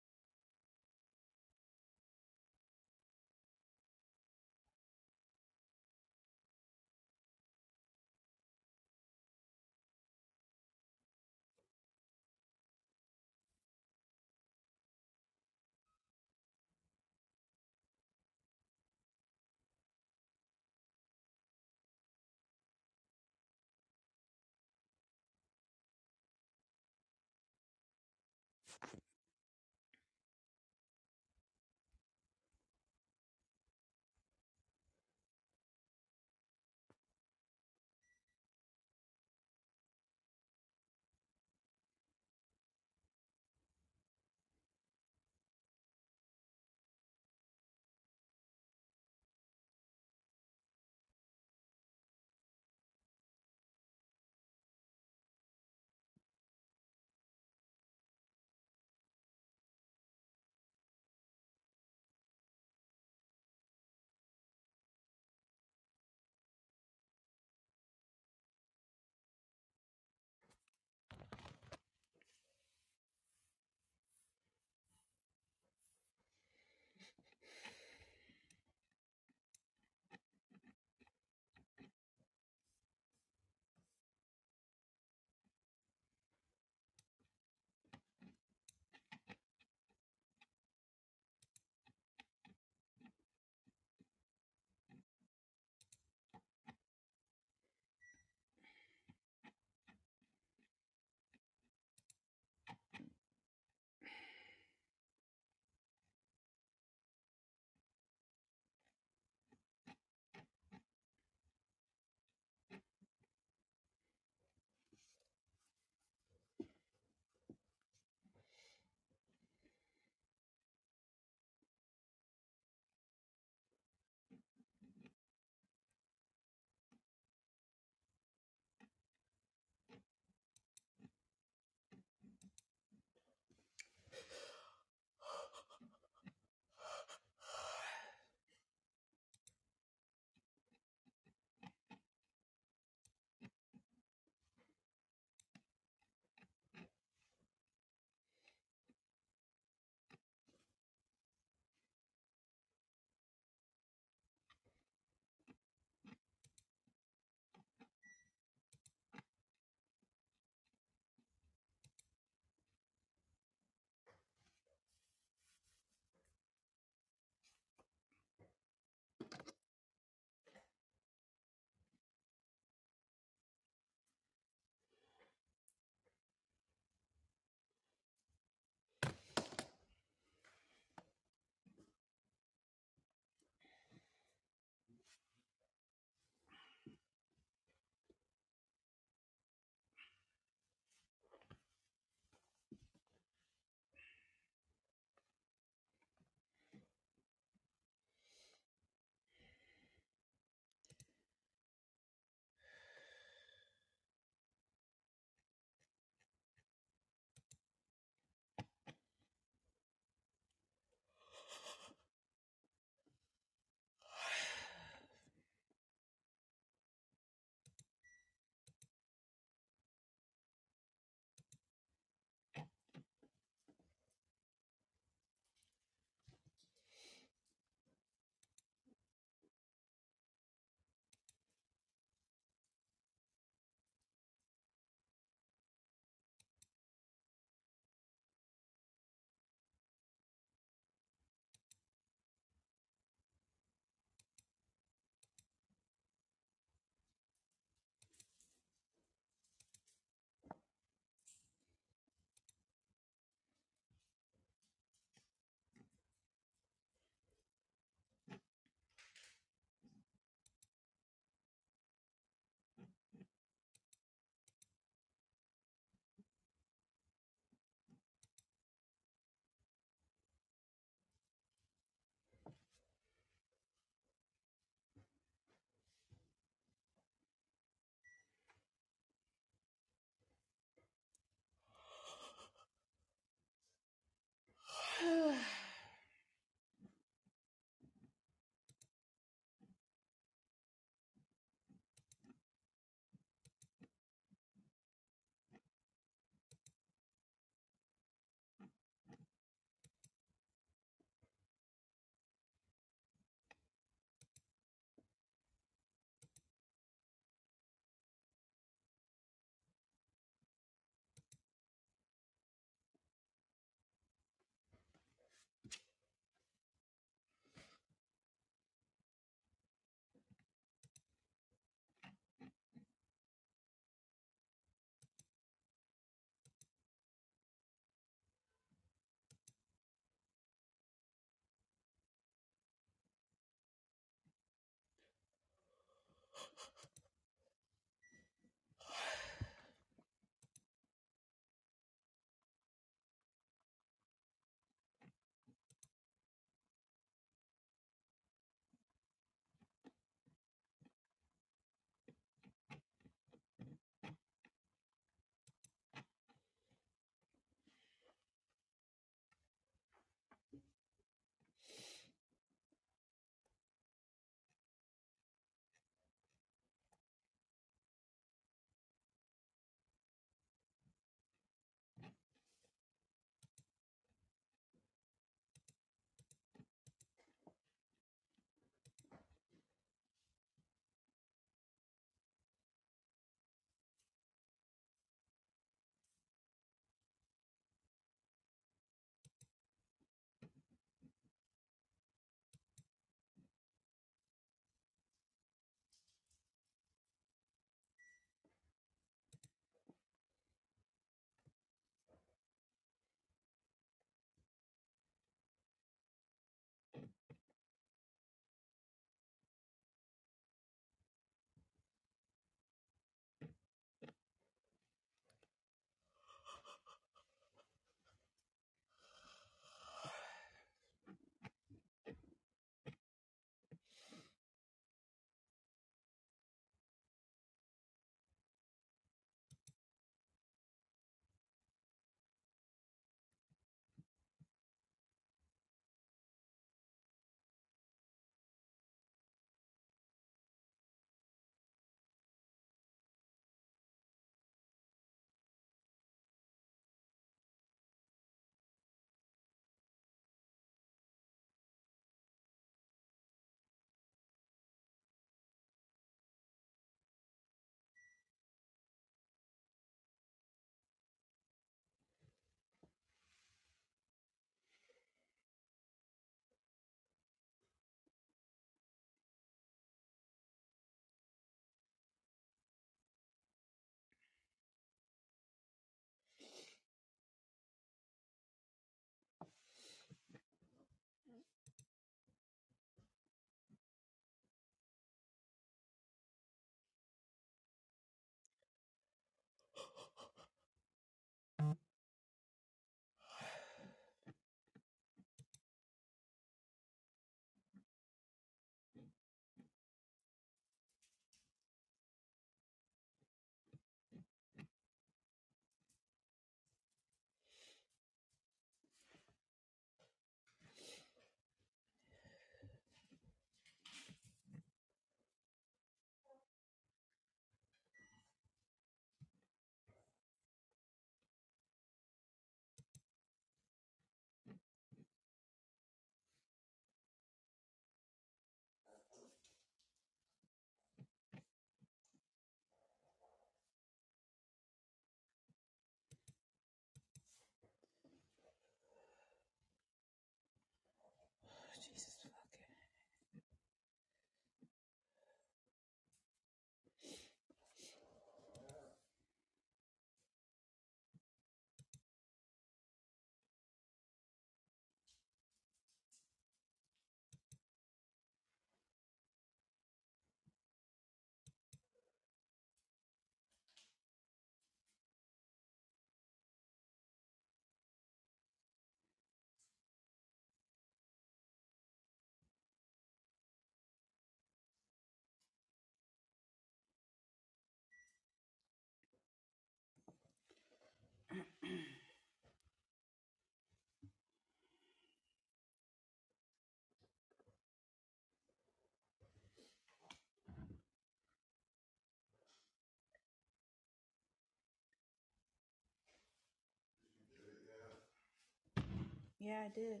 Yeah, I did.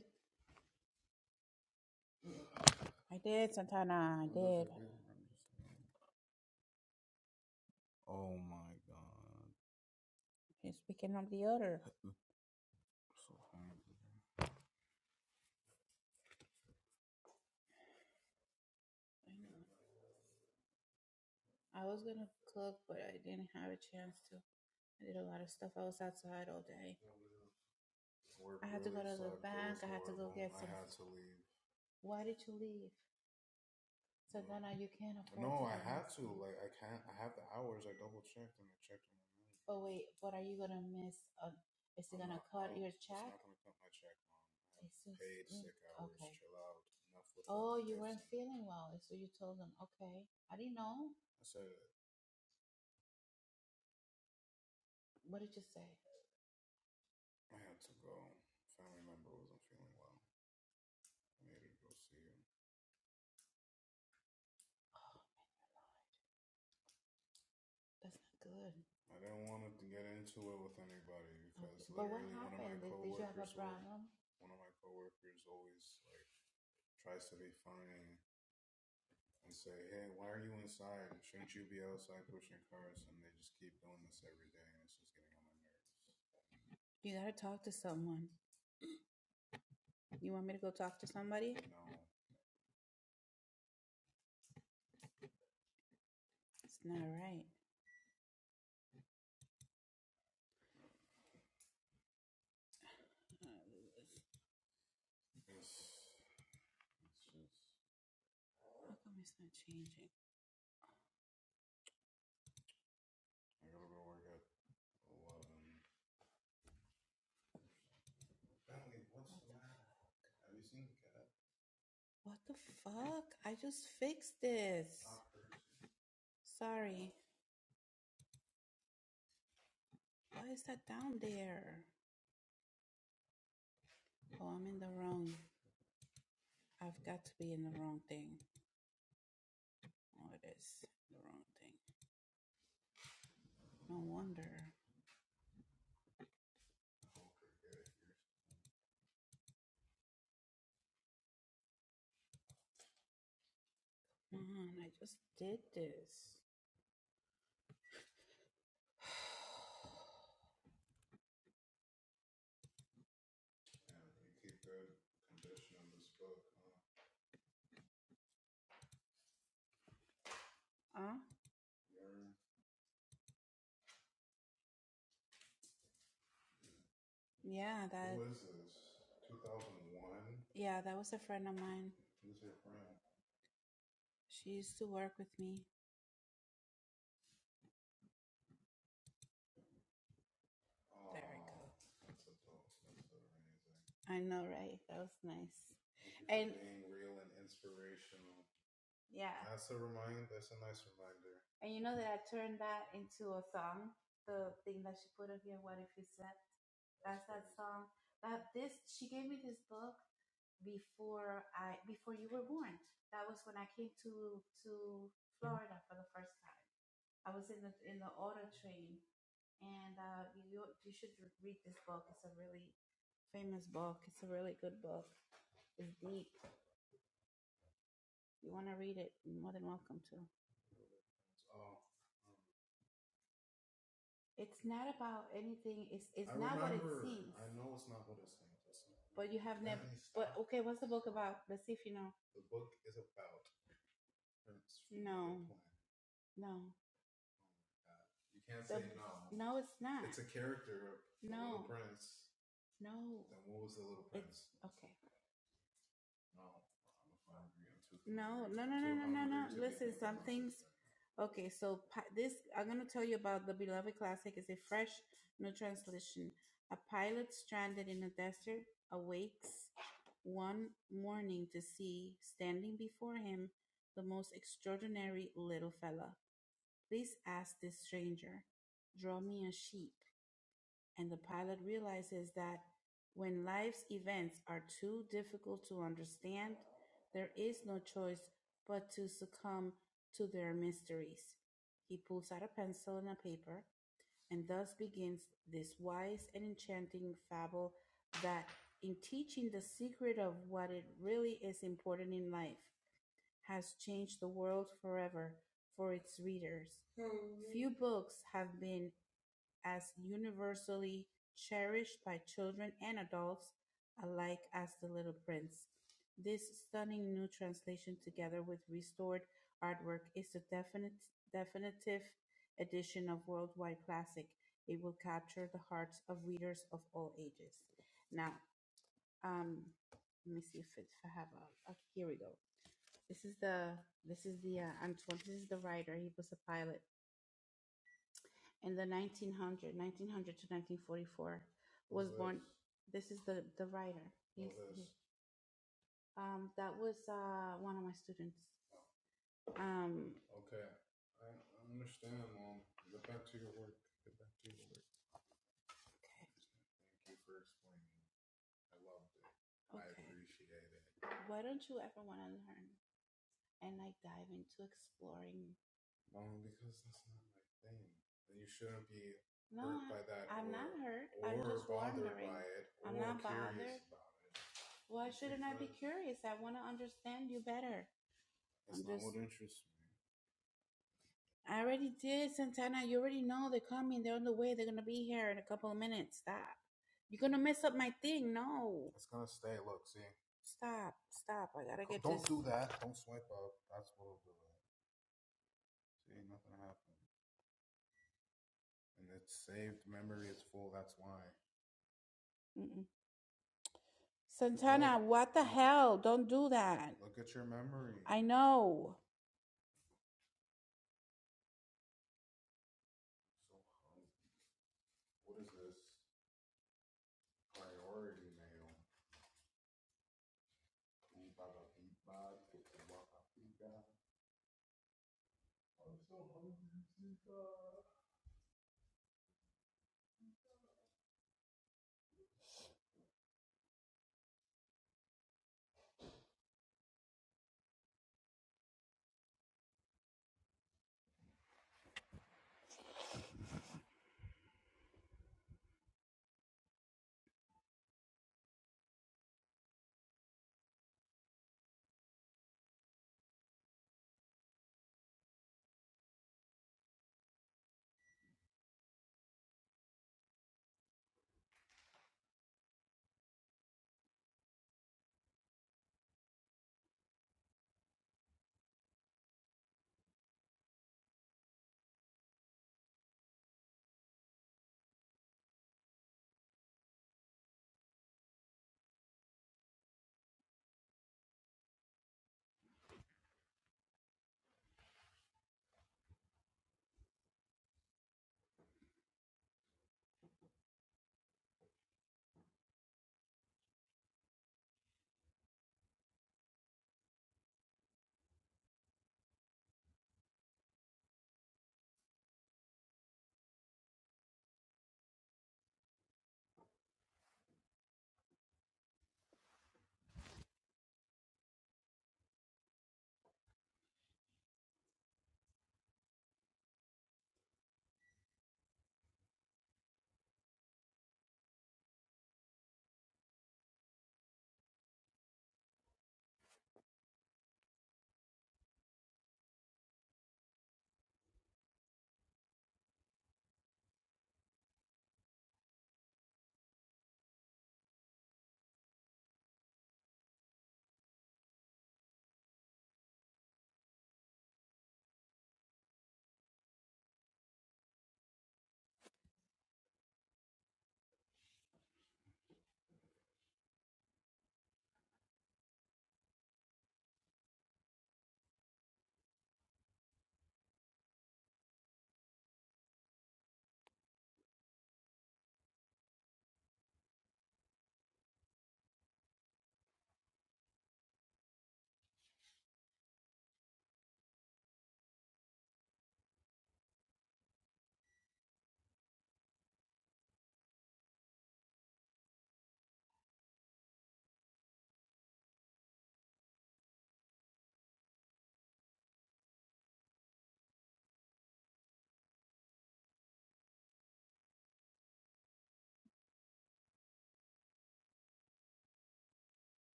I did, Santana. I What is did. it? You're speaking of the order. I know. I was gonna cook, but I didn't have a chance to. I did a lot of stuff. I was outside all day. Work I had really to go to the bank. I had to go get some. I had to leave. Why did you gotta talk to someone? You want me to go talk to somebody? It's not right. How come it's not changing? Huh? Yeah, that. What is this? 2001. Yeah, that was a friend of mine. She used to work with me. Oh. There we go. I know, right? That was nice. And being real and inspirational. Yeah. And you know that I turned that into a song, the thing that she put up here, What If You Slept? That's that song. That this she gave me this book before I before you were born. That was when I came to to Florida for the first time. I was in the in the auto train, and uh, you you should read this book. It's a really famous book. It's a really good book. It's deep. You want to read it? You're more than welcome to. It's not about anything. It's I about? Let's see if you know. no. it's not. No, no. okay. No, no, no, no, no, no, no. Listen, some things. Okay, so this I'm gonna tell you about the beloved classic. It's a fresh new translation. A pilot stranded in a desert awakes one morning to see standing before him the most extraordinary little fella. Please, okay, here we go. This is the this is the uh, Antoine. This is the writer. He was a pilot. in the 1900, 1900 to 1944, was Who born. Is? This is the the writer. He's, he- um, that was uh, one of my students. Um, okay. I appreciate it. Why don't you ever want to learn and like dive into exploring? No, I- I'm or, not hurt. I'm just wondering. By it, I'm not bothered. Why shouldn't I be curious? I want to understand you better. That's I'm not just what interests me. I already did, Santana. You already know they're coming. They're on the way. They're gonna be here in a couple of minutes. Stop. You're gonna mess up my thing. No. Stop. Stop. I gotta get this. Don't Mm-mm. Don't Santana, oh. what the hell? Don't do that. I know.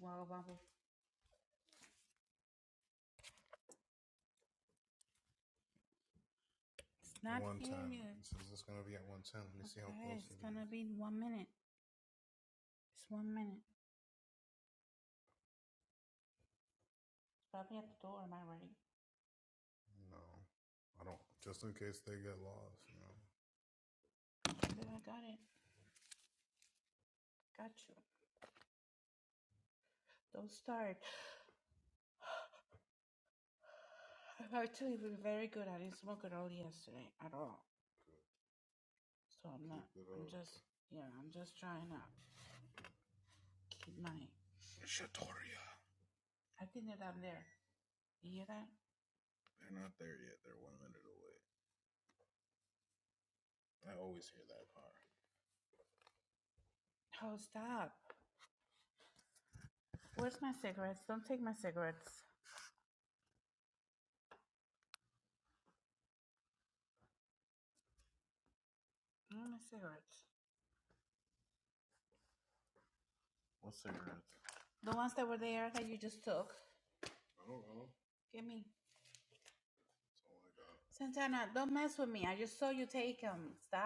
Well, I'm not hearing you. okay, Okay, it's gonna is. be in one minute. It's one minute. It's probably at the door. Am I ready? I got it. Got you. Don't start. Actually, we're very good. I didn't smoke at all yesterday at all. Not my cigarettes. The ones that were there that you just took. Give me. Santana, don't mess with me. I just saw you take them. Stop.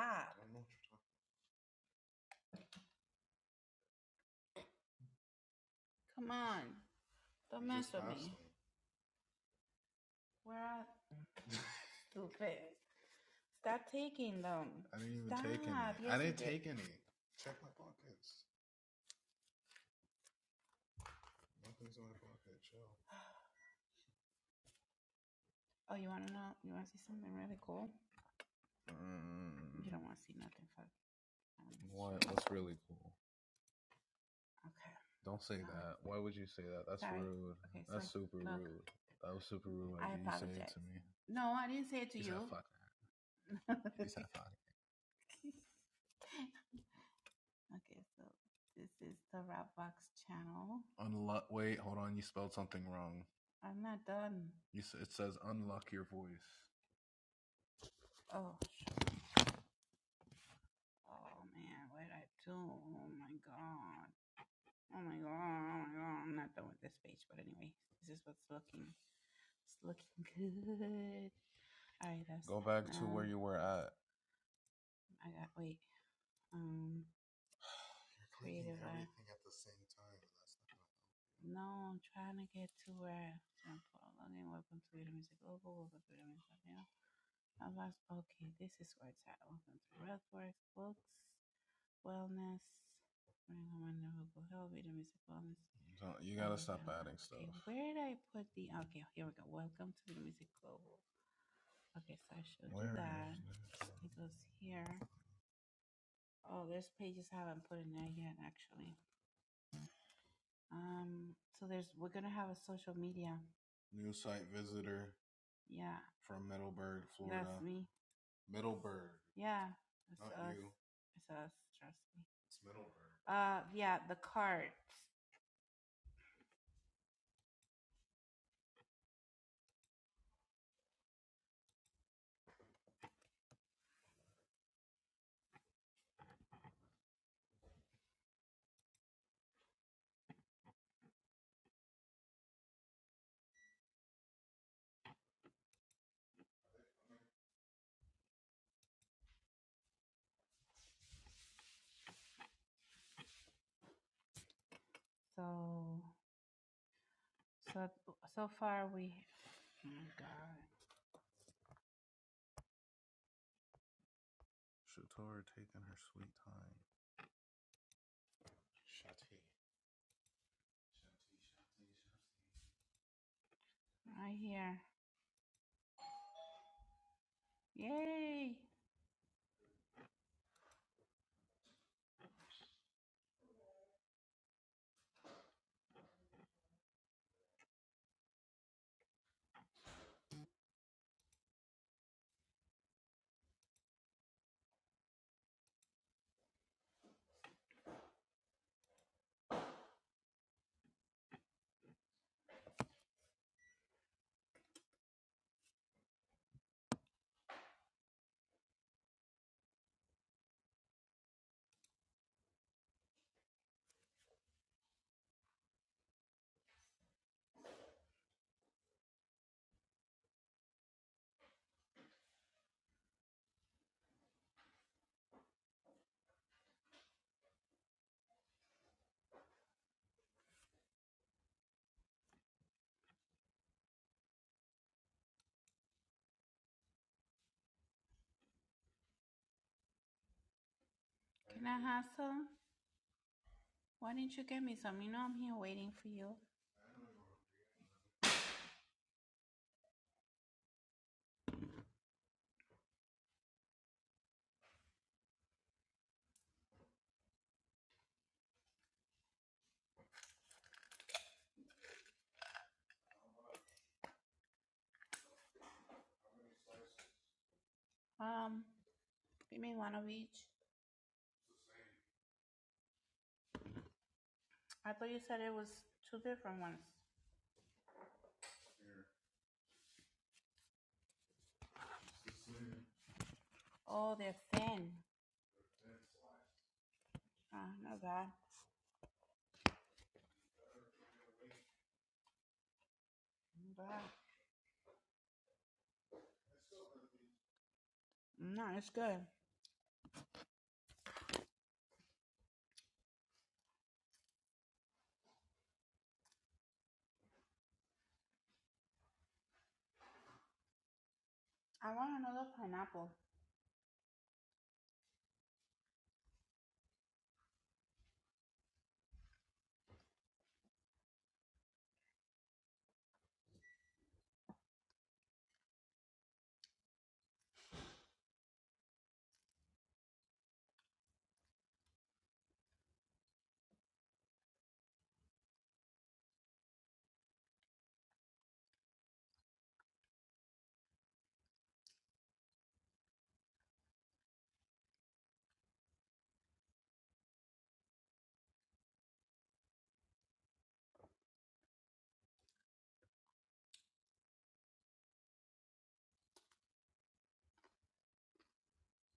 don't talking about. Come on. Don't mess with me. Where? Stop taking them. Stop. Stop. Yes, you did. Oh, you want to know? You want to see something really cool? Mm. You don't want. Sorry. Sorry. Okay, sorry. Look, I No, I didn't say it to you. okay, so this is the Rapbox channel. I'm not done. Oh, oh man, what did I do? Can I have some? Why didn't you get me some? You know I'm here waiting for you. Oh, they're thin. Oh, not bad. Not bad. No, it's good.